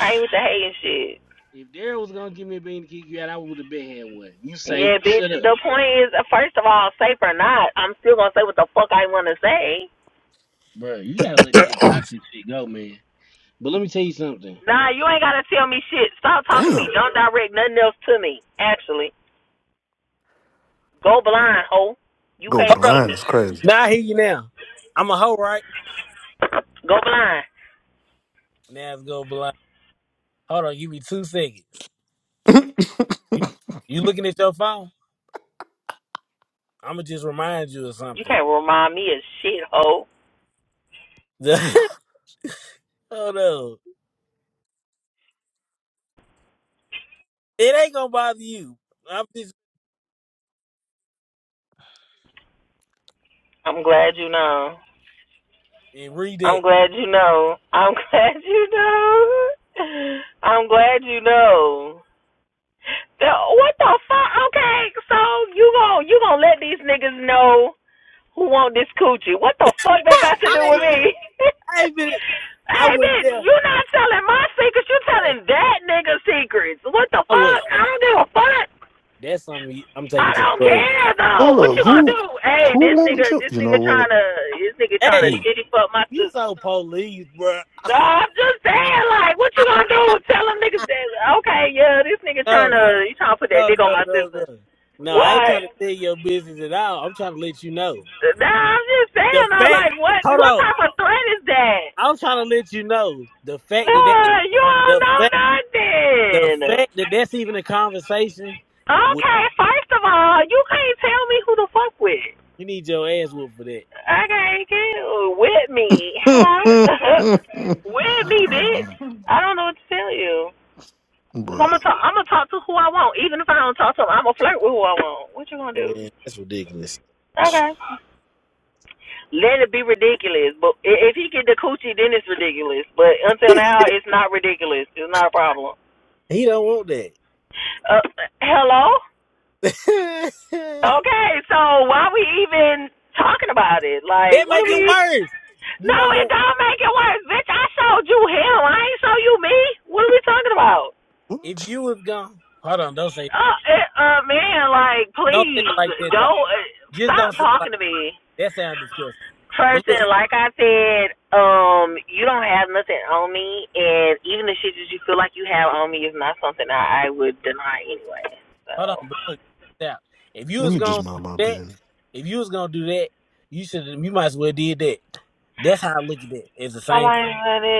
M: I ain't with the hate and shit.
R: If Daryl was gonna give me a bean to kick you out, I would have been had one. You say,
M: Yeah, bitch.
R: shut up,
M: The point is, first of all, safe or not, I'm still gonna say what the fuck I wanna say.
R: bro. You gotta let that toxic shit go, man. But let me tell you something.
M: Nah, you ain't gotta tell me shit. Stop talking to me.
U: damn.
M: Don't direct nothing else to me. Actually, go blind, ho. You
U: Go
R: Hold
M: can't
R: up.
M: see
U: blind
M: me.
U: is crazy.
R: Now I hear you now. I'm a hoe, right?
M: Go blind.
R: Now it's go blind. Hold on, give me two seconds. You, you looking at your phone? I'ma just remind you of
M: You
R: something.
M: can't remind me of shit, ho.
R: Hold
U: Damn.
R: on. It ain't gonna bother you. I'm just
M: I'm glad you know.
R: and read
M: I'm
R: that.
M: glad you know. I'm glad you know. I'm glad you know. The, what the fuck? Okay, so you gon' you gonna let these niggas know who want this coochie? What the fuck that got to do
R: I
M: with
R: ain't been
M: me?
U: Who?
R: I ain't been I
M: hey,
R: went
M: bitch,
R: there.
M: you not telling my secrets. You
R: Hey,
M: telling that nigga secrets. What the
R: I
M: fuck?
R: was
M: I don't give a fuck.
R: that's something you- I'm
M: I
R: taking to the
M: don't
R: grave.
M: care though.
U: Hold
M: What
U: up.
M: you gonna
U: Who,
M: do? Hey,
U: who
M: this
U: wants
M: nigga,
U: you?
M: this
U: You know
M: nigga
U: what?
M: trying to, this nigga trying to
R: Hey.
U: I'm.
M: shitty fuck my
R: You
M: sister.
R: so police, bro.
M: No, I'm just saying, like, what you gonna do? Tell them niggas that? Okay, yeah, this nigga trying
R: No,
M: to, he trying to put that
R: no,
M: dick on
R: no,
M: my
R: no,
M: sister.
R: no. No, I ain't
M: What?
R: trying to steal your business at all. I'm trying to let you know.
M: No, I'm just
R: The
M: saying I'm
R: fact,
M: like what
R: hold
M: what
R: on.
M: type of threat is that?
R: I'm trying to let you know the fact that
M: Nah, you
R: that,
M: don't
R: the
M: know
R: fact, the
M: nothing.
R: fact that that's even a conversation. wh-
M: Okay, first of all, you can't tell me who to fuck with.
R: You need your ass whooped for that,
M: Okay, can with me.
U: A,
M: Hello? with me, bitch.
F: Mm.
M: I don't know what to tell you. Cause I'm
U: bruh.
M: gonna talk. I'm gonna talk to who I want, even if I don't talk to him. I'm gonna flirt with who I want. What you gonna do?
R: man. That's ridiculous.
M: Okay. Let it be ridiculous. But if he get the coochie, then it's ridiculous. But until now, it's not ridiculous. It's not a problem.
R: He don't want that.
M: Uh, hello?
R: that
M: Okay, so why we even talking about it? Like, what are
R: make it
M: we.
R: worse. You
M: No,
R: know
M: it
R: what?
M: don't make it worse, bitch. I showed you him. I ain't show you me. What are we talking about?
R: If
U: What?
R: you was gone, hold on. Don't say,
M: Uh, uh, uh man, like,
R: don't say it
M: please,
R: like that though.
M: don't. Uh,
R: Just
M: stop
R: don't say it like.
M: talking to me.
R: That sounds disgusting. But
M: Person,
R: look,
M: like I said, um, you don't have nothing on me, and even the shit that you feel like you have on me is not something that I would deny anyway. So
R: hold on, but look this out. If you
U: Let
R: was
U: me just
R: gonna do
U: mind my
R: that,
U: business.
R: if you was gonna do that, you should you might as well did that. That's how I look at it. It's the
M: I
R: same thing.
M: might let it.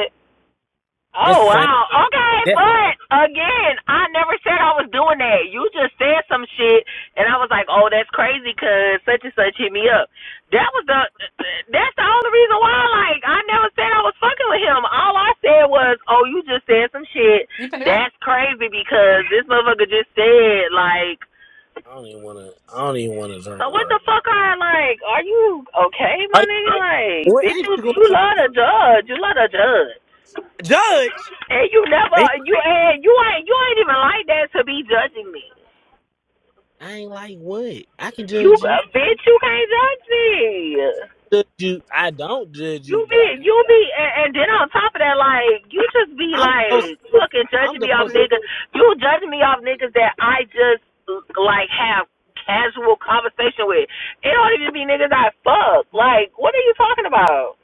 R: That's
M: Oh
R: the same
M: wow. Okay,
R: that's the
M: but again, I never said I was doing that. You just said some shit, and I was like, "Oh, that's crazy," cause such and such hit me up. That was the. That's the only reason why. Like, I never said I was fucking with him. All I said was, "Oh, you just said some shit.
F: You finna go?
M: That's crazy because
F: Oh.
M: this motherfucker just said like."
R: I don't even wanna I don't even wanna drink
M: So
R: no
M: what
R: more.
M: the fuck are like? Are you okay,
R: Are
M: my
R: you
M: nigga? Like,
R: what
M: bitch,
R: ain't
M: you
R: you going
M: you
R: somewhere?
M: love to judge. You love to judge.
R: Judge
M: And you never,
R: me?
M: you and you ain't, you ain't even like that to be judging me.
R: I ain't like what? I can
M: You,
R: judge you.
M: uh, bitch, you can't judge me.
R: Judge you. I don't judge
M: You
R: you, but
M: be,
R: I can
M: you be, and, and then on top of that, like you just be
R: I'm the most
M: like fucking
R: I'm
M: judging
R: the
M: me off
R: most
M: niggas. You judging me off niggas that I just like have casual conversation with. It don't even be niggas I fuck. Like, what are you talking about?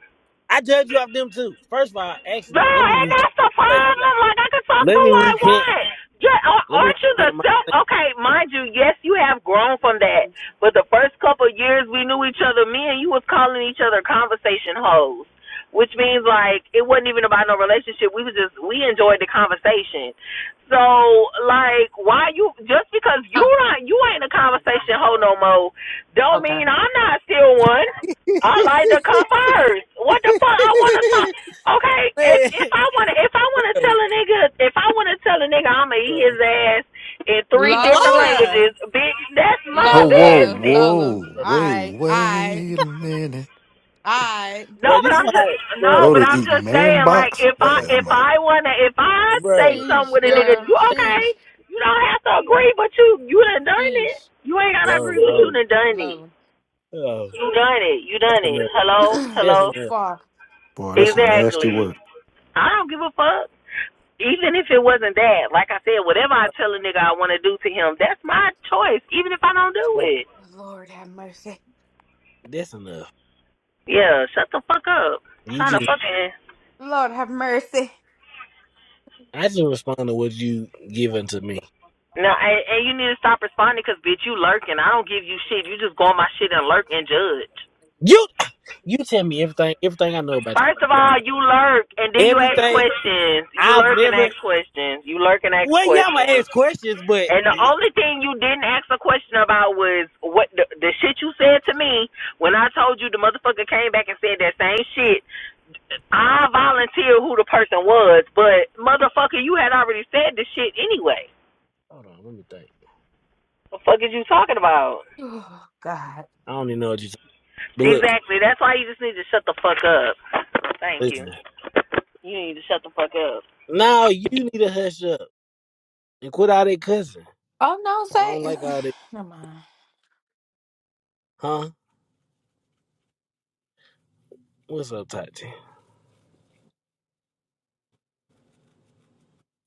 R: I judge you off them too. First of all,
M: No,
R: actually, let me
M: and
R: recant
M: that's the
R: my statement.
M: problem. Like I can talk to
R: Let
M: who
R: me
M: I
R: recant
M: want. Just, uh,
R: let me
M: aren't you the
R: recant my
M: self? Okay, mind you, yes, you have grown from that. But the first couple of years we knew each other, me and you was calling each other conversation hoes, which means like it wasn't even about no relationship. We was just we enjoyed the conversation. So like, why you just because you
F: Huh.
M: not you ain't a conversation hoe no more, don't
F: Okay.
M: mean I'm not still one. I like to come first. What the fuck? I want to talk. Okay, if
R: Man,
M: if I wanna if I
R: bro,
M: wanna tell a nigga if I wanna tell a nigga I'ma eat
R: bro.
M: his ass in three different
R: Hello?
F: Lola.
M: languages, bitch, that's my
U: Oh,
R: Bro,
U: whoa,
F: Lola.
M: business.
F: Lola.
U: whoa.
R: bro,
U: Wait,
F: Alright. Alright.
U: wait a minute.
F: Alright.
M: No,
R: bro.
M: but
R: This is
M: I'm just
R: why,
M: no,
R: bro,
M: but
U: Loader
M: I'm
U: eating
M: just
U: man
M: saying like
U: box?
M: if
R: bro,
M: I
U: Yeah, I'm
M: if
U: out.
M: I wanna if I say
R: bro.
M: something
F: Sheesh,
M: with a
R: You don't have
M: nigga,
R: to
F: girl.
M: you
R: say
M: okay?
F: Sheesh.
M: You don't have to agree, but you you done done it.
F: Sheesh.
M: You ain't gotta agree,
R: hello.
M: but you No. done done it.
F: Lola.
R: Oh,
M: You done it. You
R: that's
M: done it.
R: enough.
M: Hello,
R: That's
M: hello.
R: enough.
F: Fuck.
U: Boy, that's some nasty work.
M: Exactly. I don't give a fuck. even if it wasn't that, like I said, whatever I tell a nigga I want to do to him, that's my choice, even if I don't do
R: Hello.
M: it.
F: Lord have mercy.
R: That's enough.
M: Yeah, shut the fuck up. I'm
R: You
M: trying to
R: just,
M: fucking.
F: Lord have mercy.
R: I just respond to what you given to me.
M: No, and, and you need to stop responding, cause bitch, you lurking. I don't give you shit. You just go on my shit and lurk and judge.
R: You, you tell me everything, everything I know about
M: First of
R: you.
M: all, you lurk and then you ask
R: Everything
M: questions. You
R: I've
M: lurk and
R: never.
M: ask questions. You lurk and ask
R: Well, yeah, I'ma
M: questions.
R: ask questions, but
M: And the only thing you didn't ask a question about was what the, the shit you said to me when I told you the motherfucker came back and said that same shit I volunteered who the person was, but motherfucker, you had already said this shit anyway.
R: hold on, let me think.
M: What the fuck is you talking about?
F: oh
R: I don't even know what you. But look,
M: Exactly. That's why you just need to shut the fuck up. Thank you.
R: listen.
M: You need to shut the fuck up.
R: Now you need to hush up and quit all that cussing.
F: no,
R: I don't
F: say
R: like all this.
F: never mind.
R: Huh? What's up, Tati?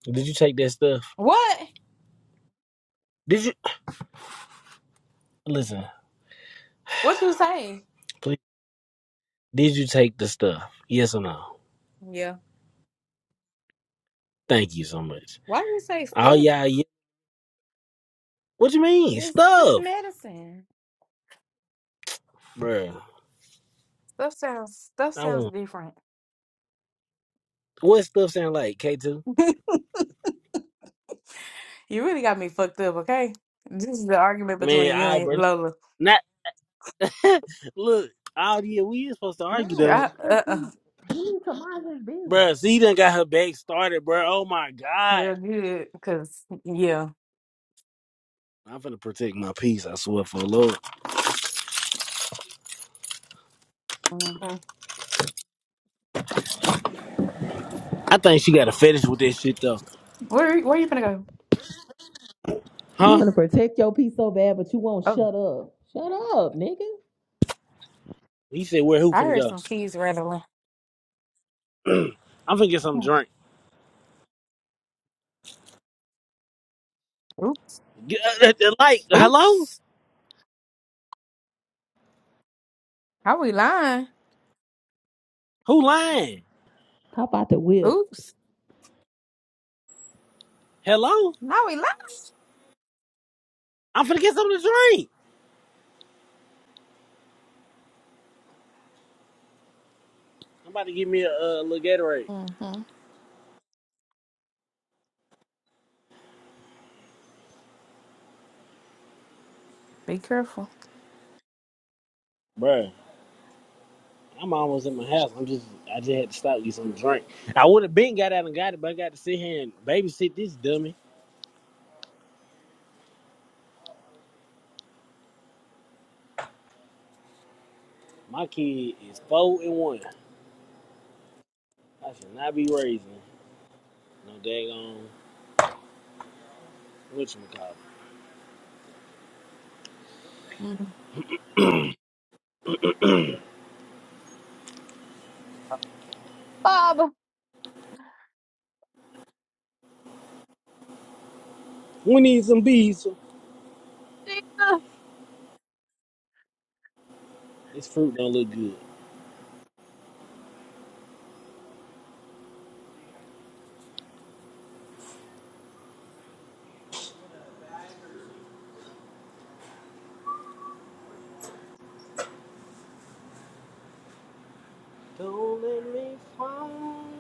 R: Did you take that stuff?
F: What?
R: Did you listen?
F: What you say?
R: Please, did you take the stuff? Yes or no?
F: Yeah.
R: Thank you so much.
F: Why do you say
R: Oh
F: stuff?
R: yeah, yeah. What you mean
F: It's just
R: stuff,
F: medicine.
R: bruh?
F: Stuff sounds stuff
R: I
F: sounds
R: want
F: different.
R: what stuff sound like K two?
F: you really got me fucked up, okay? This is the argument
R: Man,
F: between you
R: I
F: and
R: bro,
F: Lola.
R: not look. Oh yeah, we is supposed to argue though,
F: I, uh, uh,
R: bruh. See, you done got her back started, bruh. Oh my god.
F: well, good, cause yeah.
R: I'm finna protect my peace. I swear for the Lord.
F: Mhm.
R: I think she got a fetish with this shit though,
F: Where where you gonna go?
R: huh?
F: Oh,
R: He said, "Where who
F: I
R: finna
F: heard
R: go?"
F: some keys rattling.
R: I'm finna get some
F: Hmm.
R: drink.
F: Oops,
R: G- uh, uh, uh, Like, hello?
F: oops. How we lying?
R: Who lying?
F: Oops,
R: Hello?
F: how we lying?
R: I'm finna get something to drink. I'm about to give me a, uh little Gatorade.
F: hmm Be careful,
R: Bruh, I'm almost at my house. I'm just, I just had to stop and get some drink. I would have been got out and got it, but I got to sit here and babysit this dummy. My kid is four and one. I should not be raising no daggone whatchamacallit.
F: mm Baba.
R: We need some bees.
F: Tina.
R: This fruit don't look good. Don't let me fall.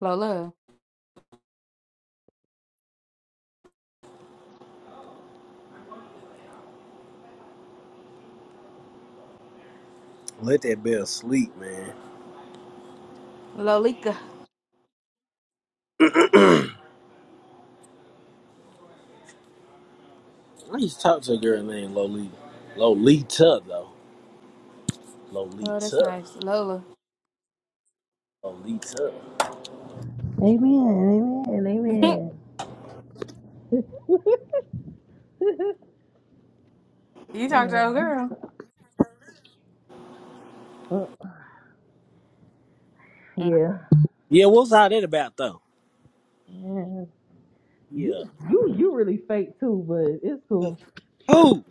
F: Lola,
R: Let that bell sleep, man.
F: Lolika.
R: I used to talk to a girl named Lolita. Lolita, though.
F: Oh, that's
R: Lolita.
F: nice, Lola.
R: Lolita.
F: you talked to our girl. Mm.
R: Yeah, what's all that about, though? Yeah. Who? Who?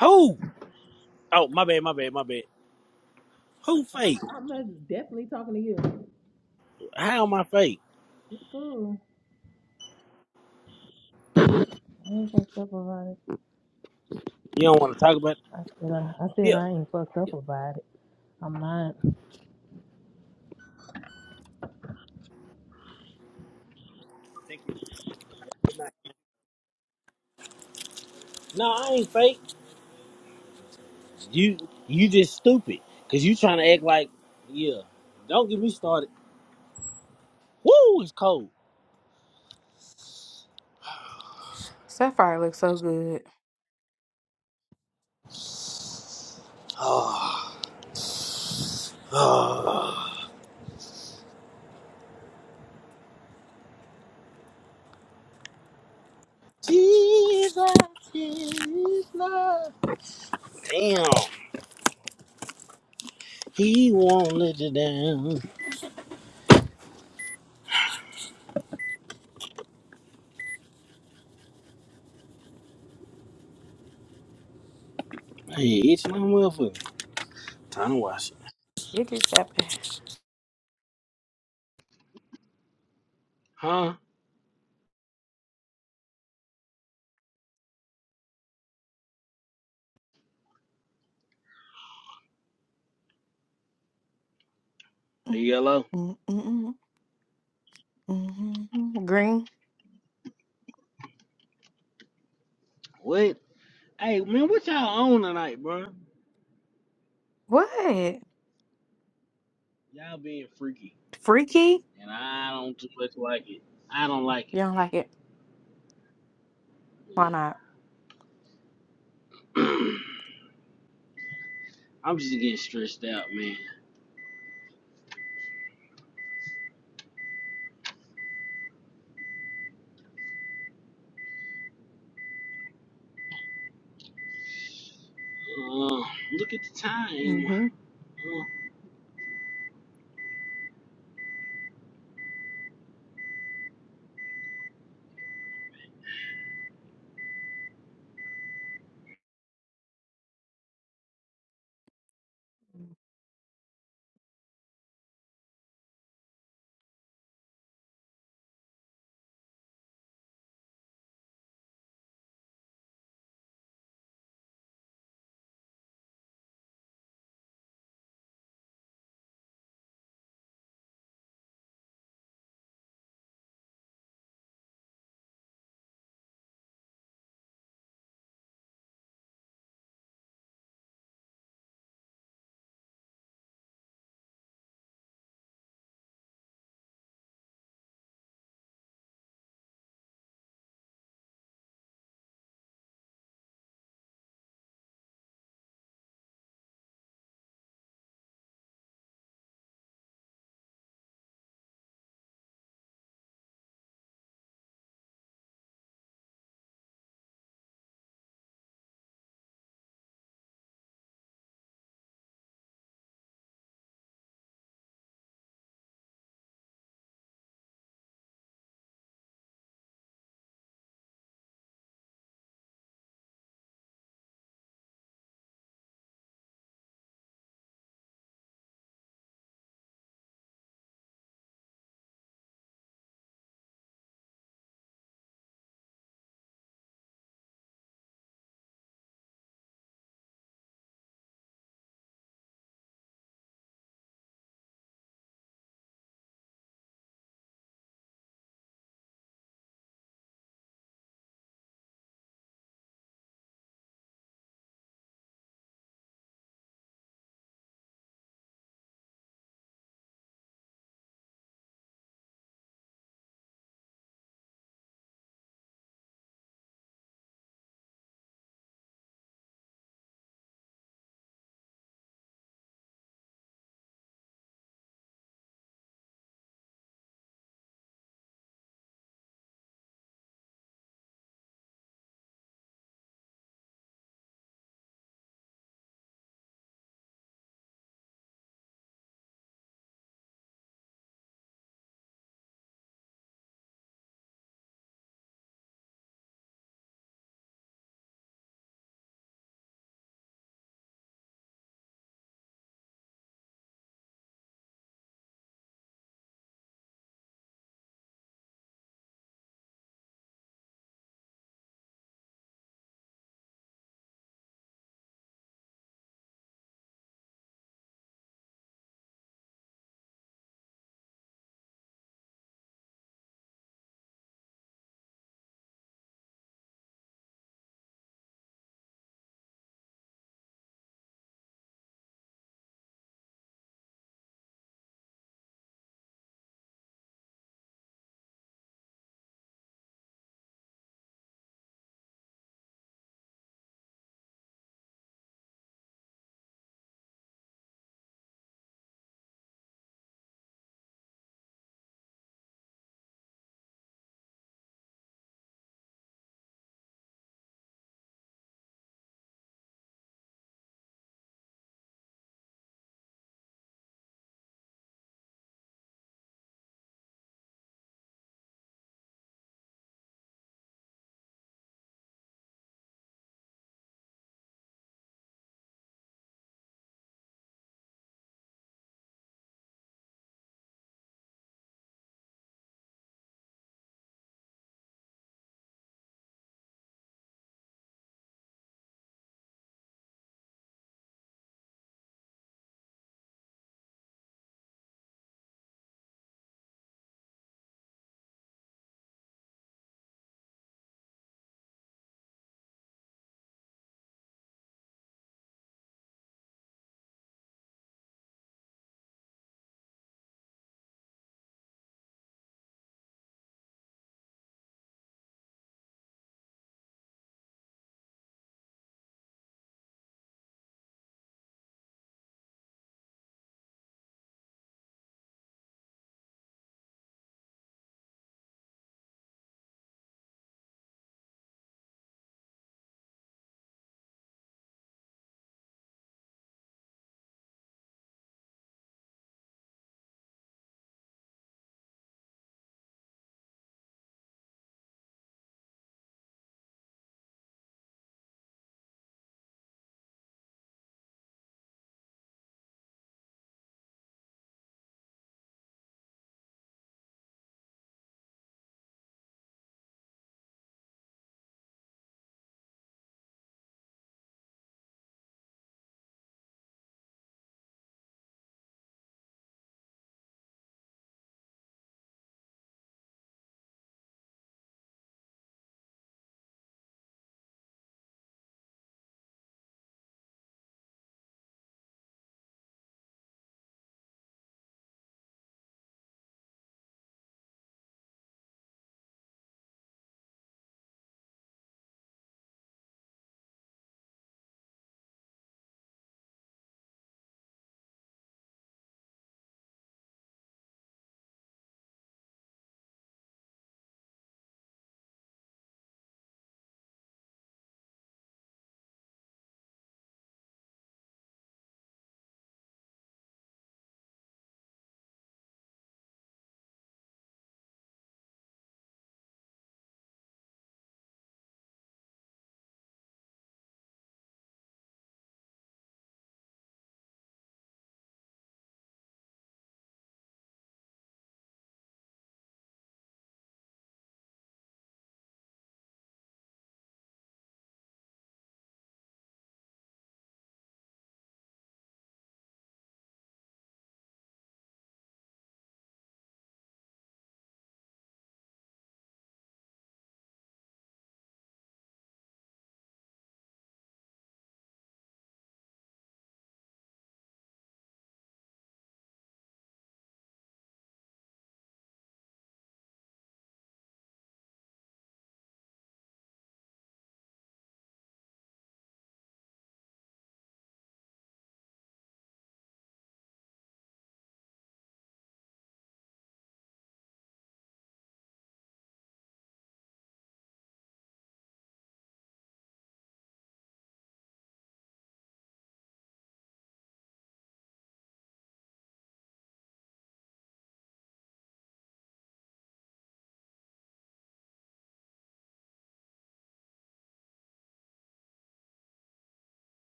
R: Oh, my bad, my bad, my bad. Who fake? How am I fake? You don't want to talk about it? Yeah. yeah. Thank you. No, I ain't fake. You you just stupid. Because you trying to act like, yeah. Don't get me started. Woo, it's cold.
F: Sapphire looks so good.
R: Jesus, Jesus. Damn, he won't let you down. Hey, itching my motherfucker. Time to wash it.
F: It just happened.
R: Huh? Hey,
F: Mm,
R: yellow.
F: mm, mm, mm, mm. mm. Green.
R: What? Hey, man, what y'all on tonight, bro?
F: What?
R: Y'all being freaky,
F: Freaky?
R: and I don't too much like it. I don't like
F: You don't like it? Why
R: it.
F: not?
R: Yeah. I'm just getting stressed out, man. Uh, look at the time.
F: Mm-hmm.
R: Uh,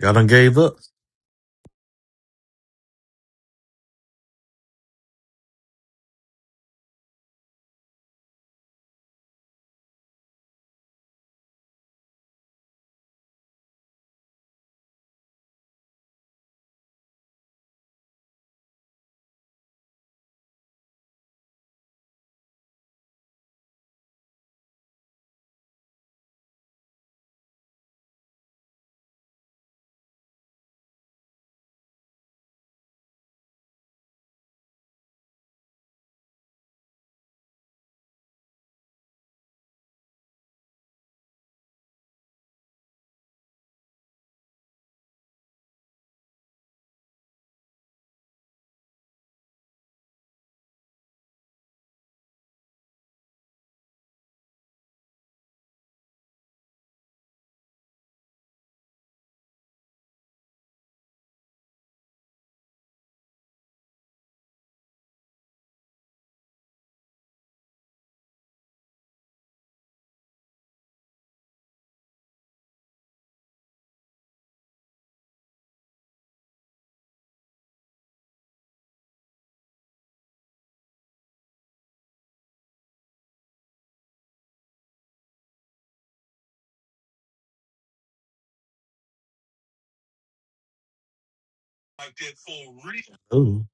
A: Y'all done gave up. Oh.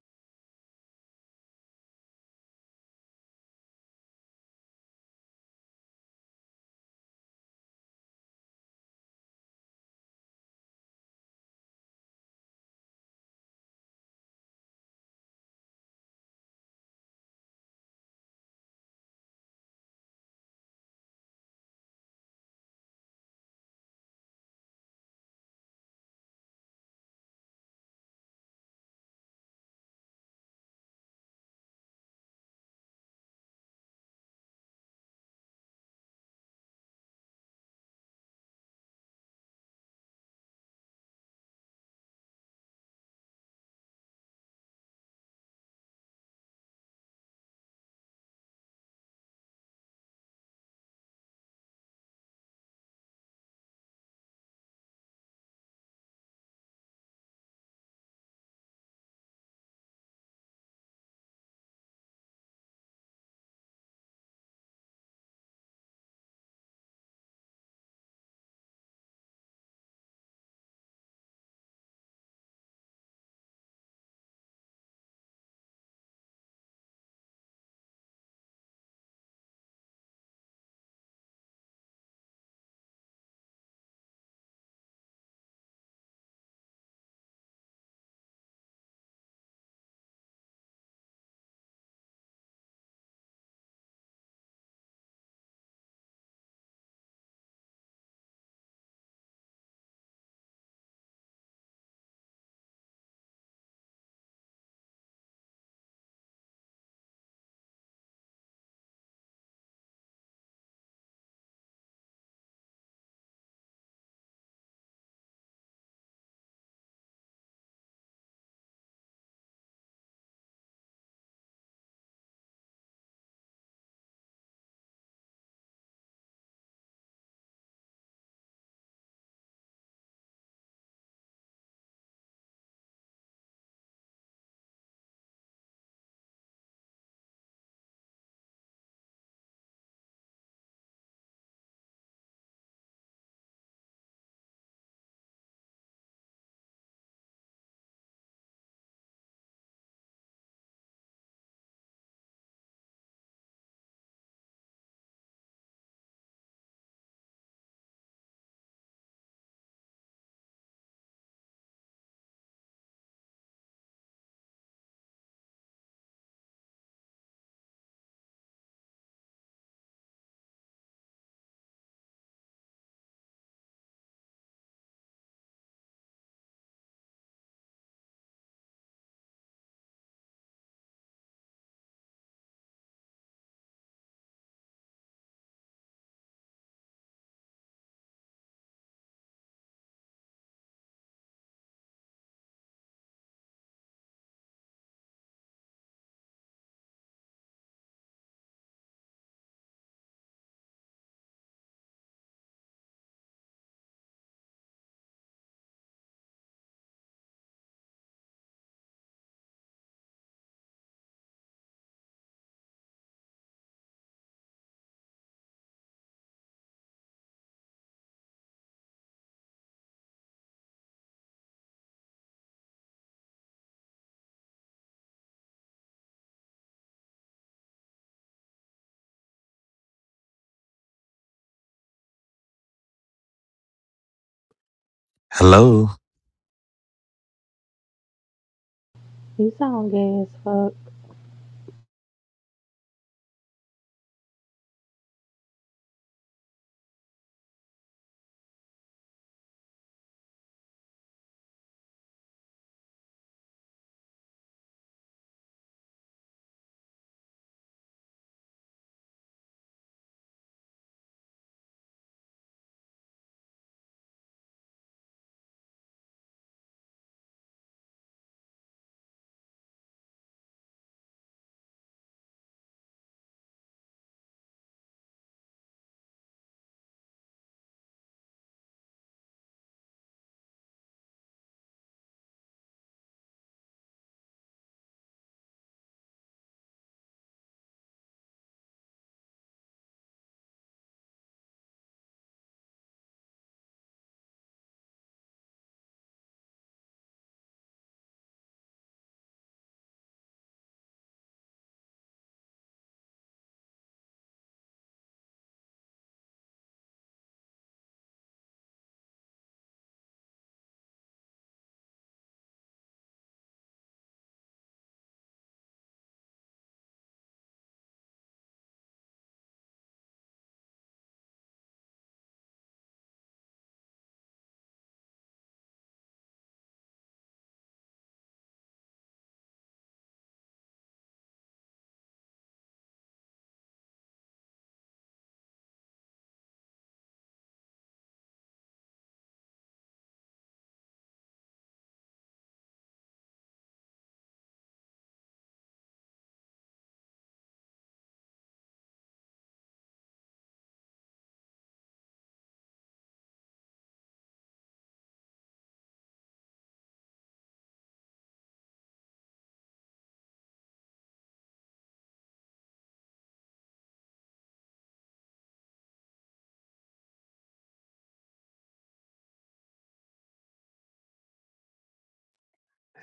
A: Hello.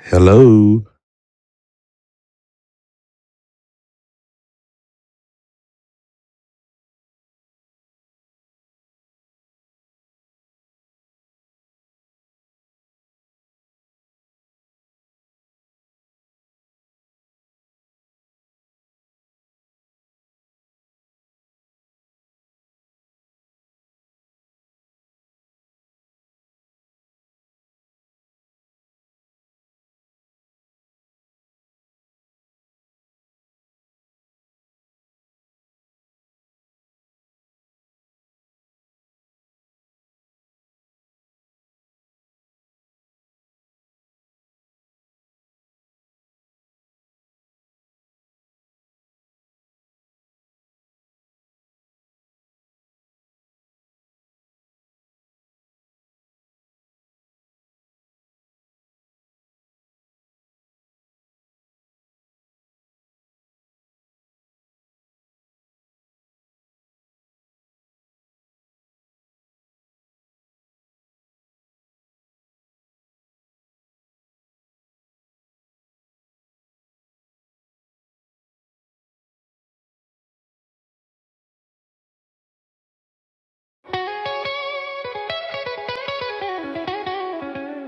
A: Hello.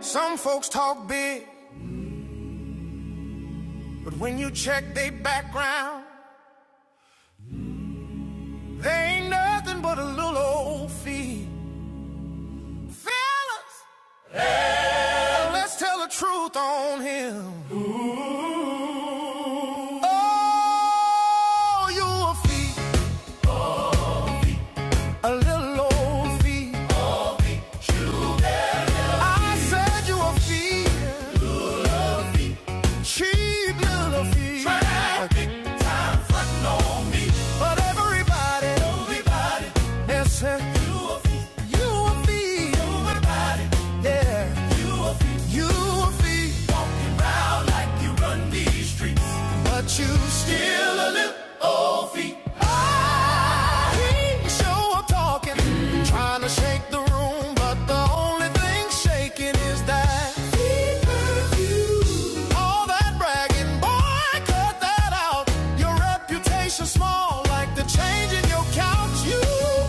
V: Some folks talk big, but when you check their background, they ain't nothing but a little old fee. Fellas, let's tell the truth on him. Oh, you a fee, a little old fee. I said you a fee, cheap little fee. But everybody else said you a fee, yeah. you feet. Walking round like you run these streets. But you still a little old feet. Ah, he show up talking, trying to shake the room. But the only thing shaking is that feet perfume. All that bragging, boy, cut that out. You're reputation small, like the change in your couch. You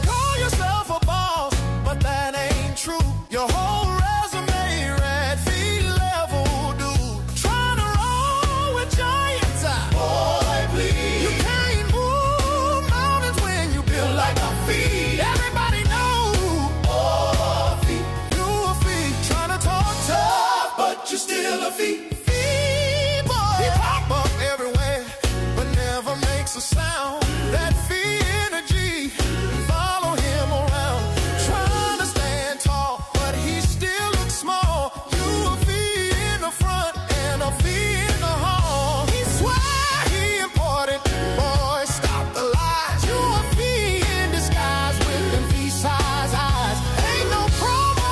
V: call yourself a boss, but that ain't true. Your whole resume, red feet level dude. Trying to roll with giants. I, boy, please. You can't move mountains when you build like a feet. Everybody knows feet. You a feet. Trying to talk tough, but you are still a feet. Feet boy. He pop up everywhere, but never makes a sound. That feet energy. Follow him around. Trying to stand tall, but he still looks small. You a feet in the front and a feet in the hall. He swear he important. Boy, stop the lies. You a feet in disguise with them peace eyes, eyes. Ain't no promo,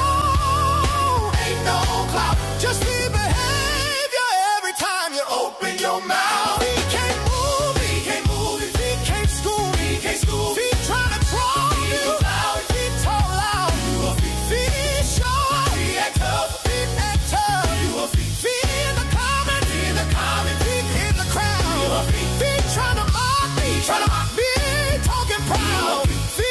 V: ain't no clout. Just see behavior every time you open your mouth. He can't move, it, he can't move, his feet can't scoop, he can't scoop. He trying to crawl, he you. loud, feet tall, out. You a feet, feet short, he act tough, he act tough. You a feet, feet in the comment, feet in the comment, feet in the crowd. You a feet, feet trying to mock me, trying to mock me, talking proud. Exposure.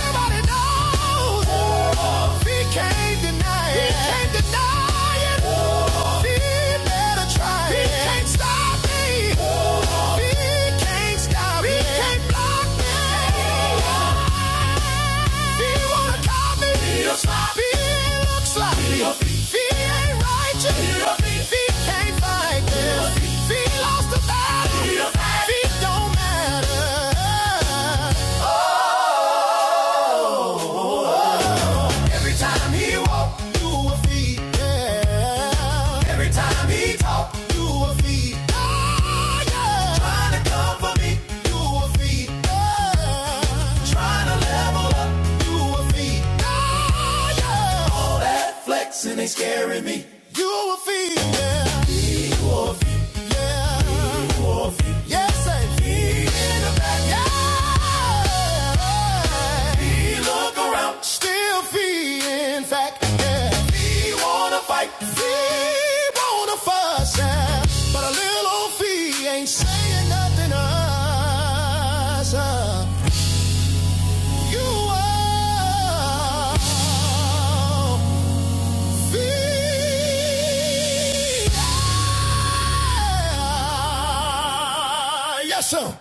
V: Everybody knows she can't deny it. He can't deny it. She better try He can't stop me. He can't stop me. He can't block me. She wanna call me. She looks sloppy. She ain't righteous. She can't fight this. She lost the battle. She don't matter. Every time he walk, you a feed. Yeah. Every time he talk, you a feed. Oh, yeah. Trying to come for me, you a feed. Yeah. Trying to level up, you a feed. Oh, yeah. All that flexing ain't scaring me. You a feed. Yeah. You are Yes, sir.